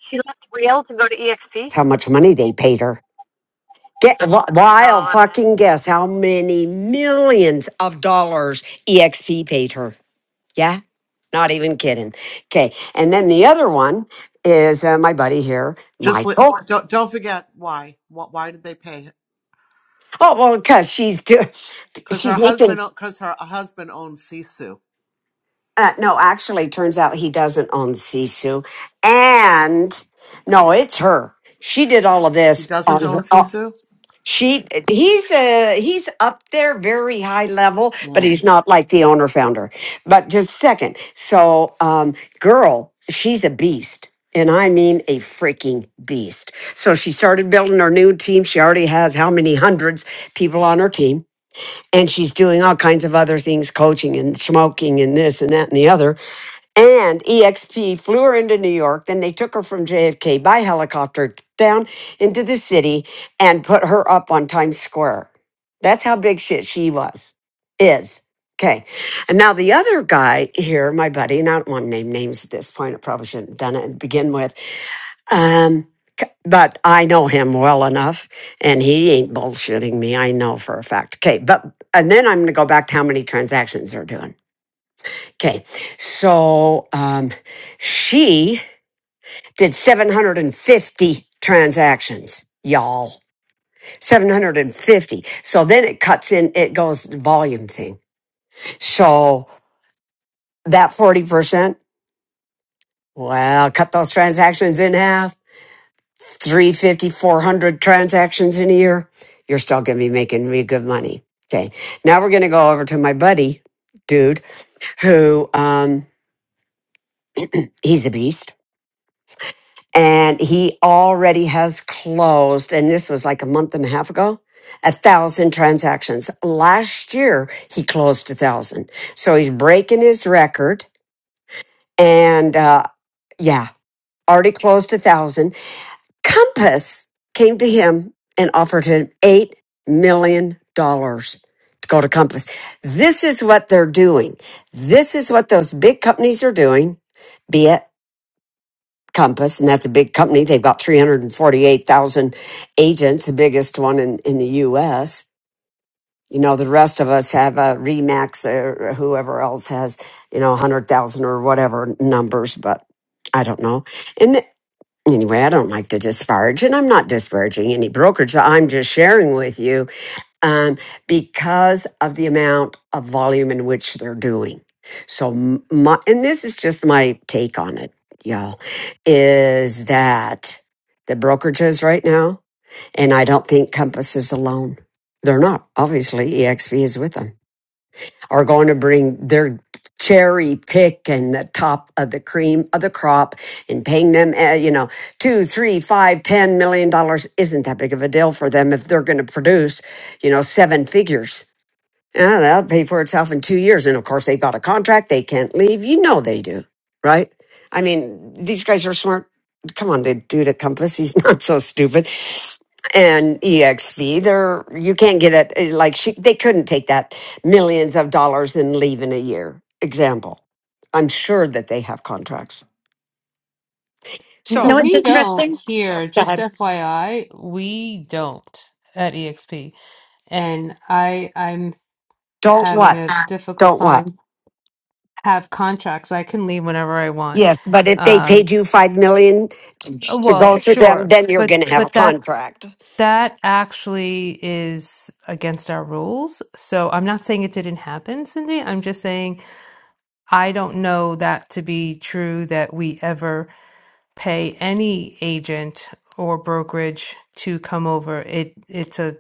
She left Real to go to EXP. how much money they paid her Get No, wild I bet. fucking guess how many millions of dollars EXP paid her. Yeah, not even kidding. Okay, and then the other one is uh, my buddy here, Just li- Michael. don't don't forget why. What? Why did they pay? Oh well, because she's do- Because her she's making. husband because her husband owns Sisu. Uh, no, actually, turns out he doesn't own Sisu, and no, it's her. She did all of He this doesn't on own her. uh, Sisu. She he's uh he's up there very high level, but he's not like the owner founder. But just second. So um girl, she's a beast. And I mean a freaking beast. So she started building her new team. She already has how many hundreds people on her team. And she's doing all kinds of other things, coaching and smoking and this and that and the other. And EXP flew her into New York. Then they took her from JFK by helicopter down into the city and put her up on Times Square. That's how big shit she was, is. Okay. And now the other guy here, my buddy, and I don't want to name names at this point. I probably shouldn't have done it to begin with. Um, c- but I know him well enough and he ain't bullshitting me. I know for a fact. Okay. But, and then I'm going to go back to how many transactions they're doing. Okay. So um, she did 750 transactions, y'all. 750. So then it cuts in, it goes volume thing. So that 40%, well, cut those transactions in half, three hundred fifty, four hundred transactions in a year. You're still going to be making me good money. Okay. Now we're going to go over to my buddy, dude, who, um, he's a beast and he already has closed and this was like a month and a half ago a thousand transactions last year he closed a thousand so he's breaking his record and uh yeah already closed a thousand compass came to him and offered him eight million dollars to go to compass this is what they're doing this is what those big companies are doing Be it. Compass, and that's a big company. They've got 348,000 agents, the biggest one in, in the US. You know, the rest of us have a Remax or whoever else has, you know, 100,000 or whatever numbers, but I don't know. And anyway, I don't like to disparage, and I'm not disparaging any brokerage. I'm just sharing with you um, because of the amount of volume in which they're doing. So, my, and this is just my take on it, y'all, is that the brokerages right now, and I don't think Compass is alone. They're not. Obviously, EXP is with them are going to bring their cherry pick and the top of the cream of the crop and paying them, uh, you know, two, three, five, ten million dollars isn't that big of a deal for them if they're going to produce, you know, seven figures. Yeah, that'll pay for itself in two years. And of course, they got a contract. They can't leave. You know they do, right? I mean, these guys are smart. Come on, the dude at Compass, he's not so stupid. And EXV, they're you can't get it. eh, Like she, they couldn't take that millions of dollars and leave in a year. Example, I'm sure that they have contracts. So So No, it's we don't interesting. here, just God. FYI, we don't at EXP. And I, I'm don't having what, a difficult don't what. time have contracts. I can leave whenever I want. Yes, but if they Um, paid you five million oh, to well, go to them, sure, then you're but going to have a but that's contract. That actually is against our rules. So I'm not saying it didn't happen, Cindy. I'm just saying I don't know that to be true that we ever pay any agent or brokerage to come over. It it's a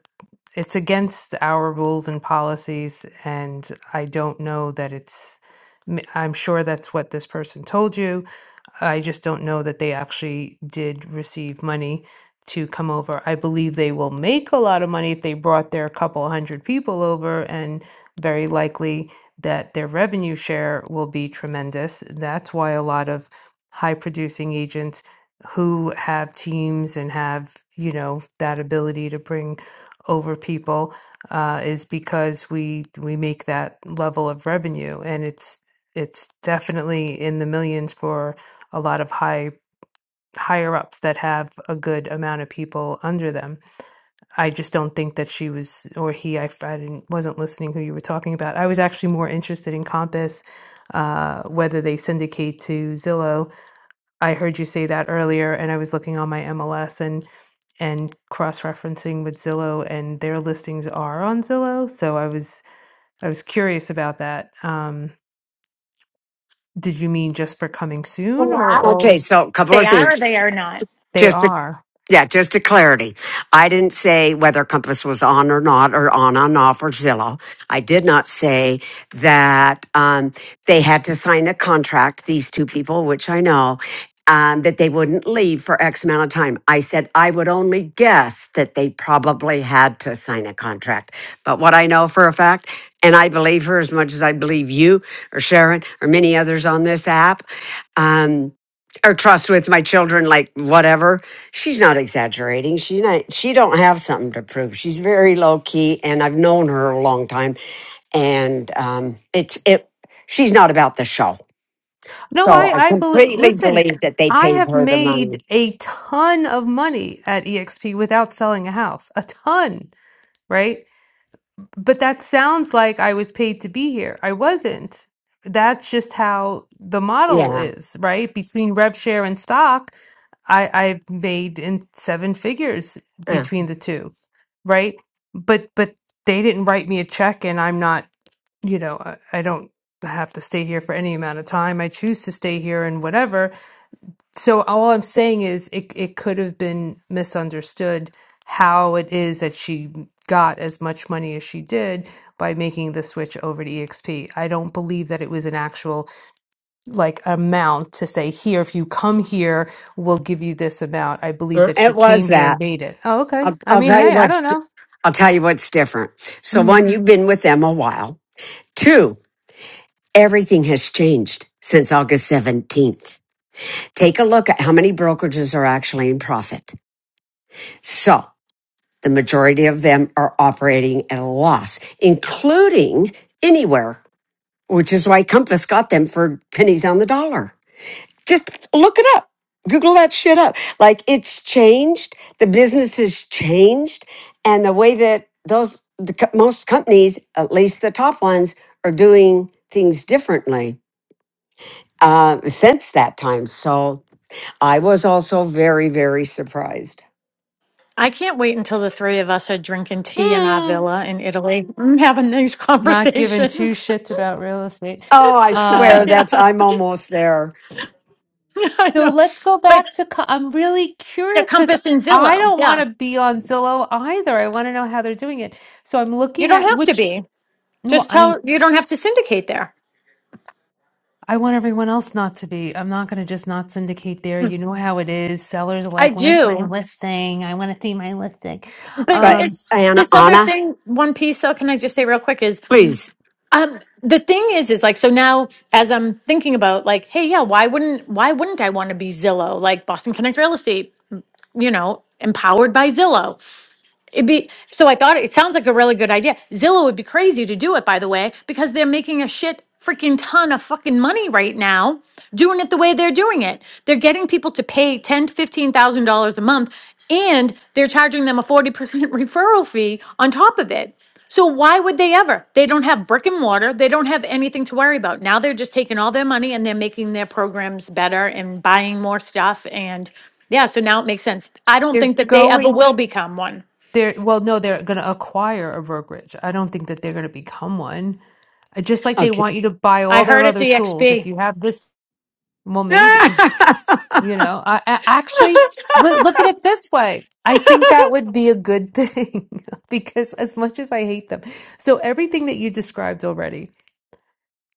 it's against our rules and policies, and I don't know that it's. I'm sure that's what this person told you I just don't know that they actually did receive money to come over. I believe they will make a lot of money if they brought their couple hundred people over, and very likely that their revenue share will be tremendous. That's why a lot of high producing agents who have teams and have, you know, that ability to bring over people uh, is because we we make that level of revenue and it's it's definitely in the millions for a lot of high higher ups that have a good amount of people under them. I just don't think that she was or he. I, I didn't wasn't listening who you were talking about. I was actually more interested in Compass, uh, whether they syndicate to Zillow. I heard you say that earlier, and I was looking on my MLS and and cross referencing with Zillow, and their listings are on Zillow. So I was I was curious about that. Um, did you mean just for coming They soon or all? Okay, so a couple of are or things. they are not. They Just to, are. yeah, just to clarity. I didn't say whether Compass was on or not, or on on off, or Zillow. I did not say that um, they had to sign a contract. These two people, which I know. Um, that they wouldn't leave for X amount of time. I said I would only guess that they probably had to sign a contract. But what I know for a fact, and I believe her as much as I believe you or Sharon or many others on this app, um, or trust with my children like whatever she's not exaggerating she not she don't have something to prove she's very low key and i've known her a long time and um it's it she's not about the show No, so I, i I believe, completely listen, believe that they I paid have her the money made a ton of money at EXP without selling a house, a ton, right? But that sounds like I was paid to be here. I wasn't. That's just how the model yeah is, right? Between rev share and stock, I I made in seven figures yeah. between the two, right? But but they didn't write me a check, and I'm not, you know, I, I don't have to stay here for any amount of time. I choose to stay here and whatever so all I'm saying is it it could have been misunderstood how it is that she got as much money as she did by making the switch over to EXP. I don't believe that it was an actual like amount to say here if you come here we'll give you this amount. I believe Uh, that she it was came here and that made it. Oh okay. I'll, I I'll mean, tell you hey, I don't what's di- know. i'll tell you what's different so one Mhm. you've been with them a while two everything has changed since august 17th Take a look at how many brokerages are actually in profit. So the majority of them are operating at a loss, including anywhere, which is why Compass got them for pennies on the dollar. Just look it up. Google that shit up. Like it's changed. The business has changed. And the way that those, the, most companies, at least the top ones, are doing things differently uh, since that time. So I was also very, very surprised. I can't wait until the three of us are drinking tea in our Mm, villa in Italy, mm, having these Not giving two conversations. shits about real estate. Oh, I swear Uh, yeah, that's I'm almost there. I So know. let's go But back to. co- I'm really the curious because Compass and I Zillow, don't want yeah, to be on Zillow either. I want to know how they're doing it. So I'm you looking don't at have to which. be. Well, Just I tell you don't have to syndicate there. I want everyone else not to be. I'm not going to just not syndicate there. You Mm, know how it is. Sellers are I like, where's my do, listing? I want to see my listing. but in But Um, this Anna, this other Anna, thing, one piece. So can I just say real quick is please. um the thing is is like so now as I'm thinking about like hey yeah why wouldn't why wouldn't I want to be Zillow like Boston Connect Real Estate you know empowered by Zillow It'd be so I thought it sounds like a really good idea. Zillow would be crazy to do it, by the way, because they're making a shit freaking ton of fucking money right now doing it the way they're doing it. They're getting people to pay ten to fifteen thousand dollars a month and they're charging them a forty percent referral fee on top of it. So why would they ever? They don't have brick and mortar. They don't have anything to worry about. Now they're just taking all their money and they're making their programs better and buying more stuff and yeah, so now it makes sense. I don't they're think that they ever going. will become one. They're well, no, they're going to acquire a brokerage. I don't think that they're going to become one. Uh, Just like they Okay. want you to buy I all their heard it's other tools. If EXP. you have this, well, maybe. You know, I, I actually look, look at it this way. I think that would be a good thing because as much as I hate them. So everything that you described already.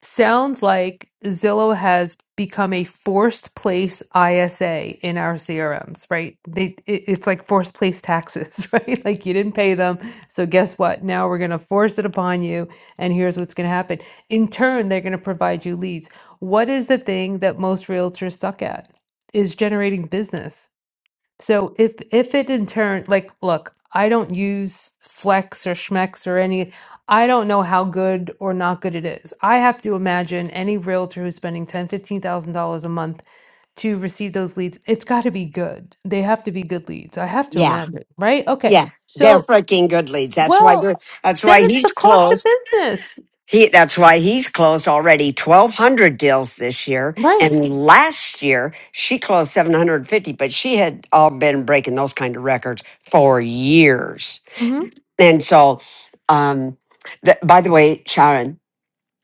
Sounds like Zillow has become a forced place ISA in our CRMs, right? They it, it's like forced place taxes, right? Like you didn't pay them, so guess what? Now we're going to force it upon you, and here's what's going to happen. In turn, they're going to provide you leads. What is the thing that most realtors suck at? Is generating business. So if if it in turn like look, I don't use Flex or Schmex or any I don't know how good or not good it is. I have to imagine any realtor who's spending ten, fifteen thousand dollars a month to receive those leads, it's gotta be good. They have to be good leads. I have to yeah, imagine, right? Okay. yeah. They're So freaking good leads. That's why well, they're that's then why it's the he's cost of closed. business. He that's why he's closed already twelve hundred deals this year. Right. And last year she closed seven hundred and fifty, but she had all been breaking those kind of records for years. hmm And so um th- by the way, Sharon,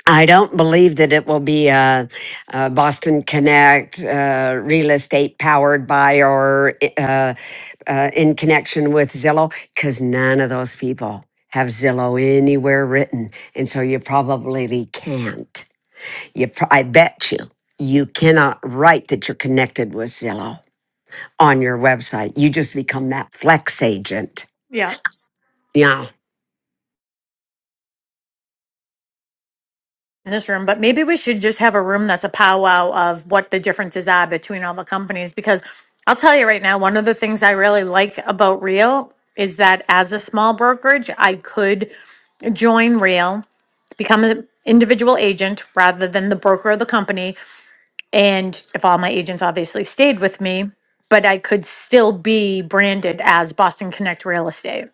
I don't believe that it will be a, a Boston Connect uh, real estate powered by or uh, uh, in connection with Zillow because none of those people have Zillow anywhere written, and so you probably can't. You, pro- I bet you, you cannot write that you're connected with Zillow on your website. You just become that flex agent. Yeah. Yeah. In this room, but maybe we should just have a room that's a powwow of what the differences are between all the companies. Because I'll tell you right now, one of the things I really like about Real is that as a small brokerage, I could join Real, become an individual agent rather than the broker of the company. And if all my agents obviously stayed with me, but I could still be branded as Boston Connect Real Estate.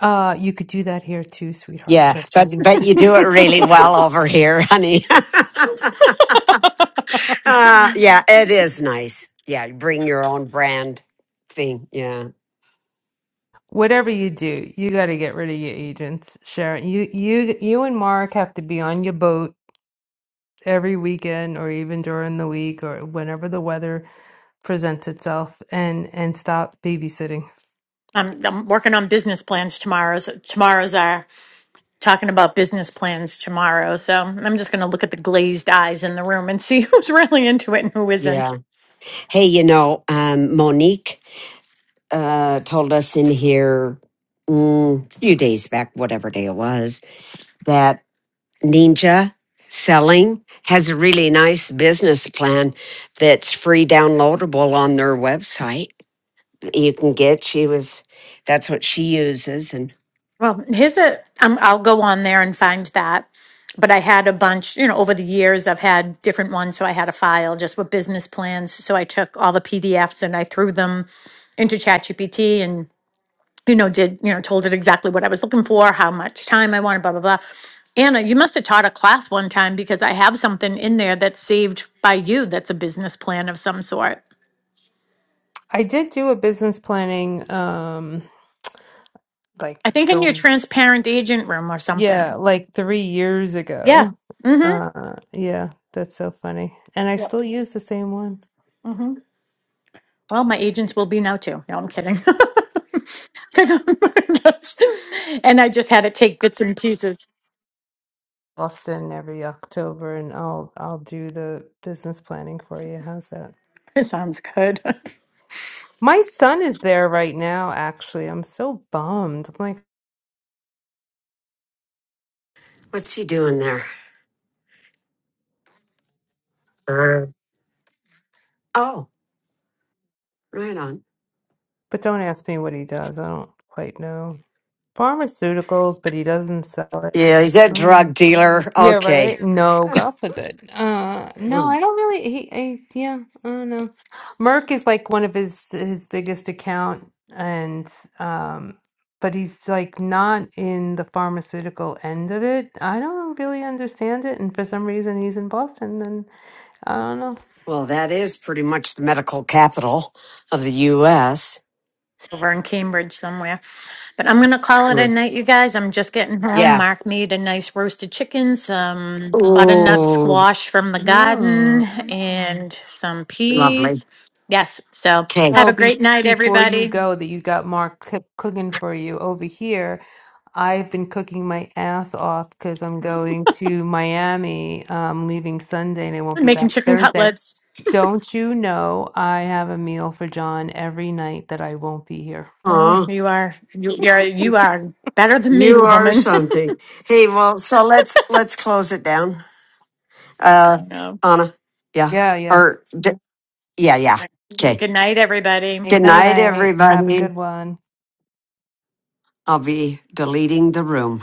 Uh you could do that here too, sweetheart, Yeah, just but, saying. but you do it really well over here, honey. Uh yeah, it is nice. Yeah, you bring your own brand thing. Yeah. whatever you do, you got to get rid of your agents, Sharon. You you you and Mark have to be on your boat every weekend or even during the week or whenever the weather presents itself and and stop babysitting. I'm, I'm working on business plans tomorrow's tomorrow's uh, talking about business plans tomorrow. So I'm just going to look at the glazed eyes in the room and see who's really into it and who isn't. Yeah. Hey, you know, um Monique uh told us in here mm, a few days back, whatever day it was, that Ninja Selling has a really nice business plan that's free downloadable on their website. You can get she was that's what she uses and Well, here's a, um, I'll go on there and find that. But I had a bunch, you know, over the years, I've had different ones. So I had a file just with business plans. So I took all the PDFs and I threw them into ChatGPT and you know, did, you know, told it exactly what I was looking for, how much time I wanted, blah, blah, blah. Anna, you must have taught a class one time because I have something in there that's saved by you that's a business plan of some sort. I did do a business planning um I like think in your th- transparent agent room or yeah, something. like 3 years Yeah. ago. Mm-hmm. Uh yeah, that's so funny. And I still use the same one. Mm-hmm. Well, my agents will be now too. No, I'm kidding. 'Cause I'm- that's- and I just had to take bits and pieces. Boston every October and I'll I'll do the business planning for you. How's that? It sounds good. My son is there right now, actually. I'm so bummed. I'm like, what's he doing there? Uh, oh, right on. but don't ask me what he does. I don't quite know. Pharmaceuticals, but he doesn't sell it. Yeah, he's a Oh. drug dealer. You're Okay. right. No, God forbid. Uh, no, I Well, don't really. He, I, yeah, I don't know. Merck is like one of his his biggest account, and um, but he's like not in the pharmaceutical end of it. I don't really understand it, and for some reason he's in Boston, and I don't know. that is pretty much the medical capital of the U.S. over in Cambridge somewhere. But I'm gonna call it a Mm. night, you guys. I'm just getting home. Yeah. Mark made a nice roasted chicken, some butternut Ooh, squash from the garden, Mm. and some lovely. peas. Yes. So Okay. have Oh, a be, great night, before you everybody. go, that you got Mark cook cooking for you over here. I've been cooking my ass off because I'm going to Miami, um, leaving Sunday, and I won't I'm be making back chicken Thursday. cutlets. Don't you know I have a meal for John every night that I won't be here? Oh, Aw, you are you, you're you are better than me, you are woman. something. Hey, well, so let's let's close it down. Uh, Oh, Anna. Yeah. Yeah, yeah. Or d- yeah, yeah. right. Okay. Good night, everybody. Good Good night, night. Have a everybody. good one. I'll be deleting the room.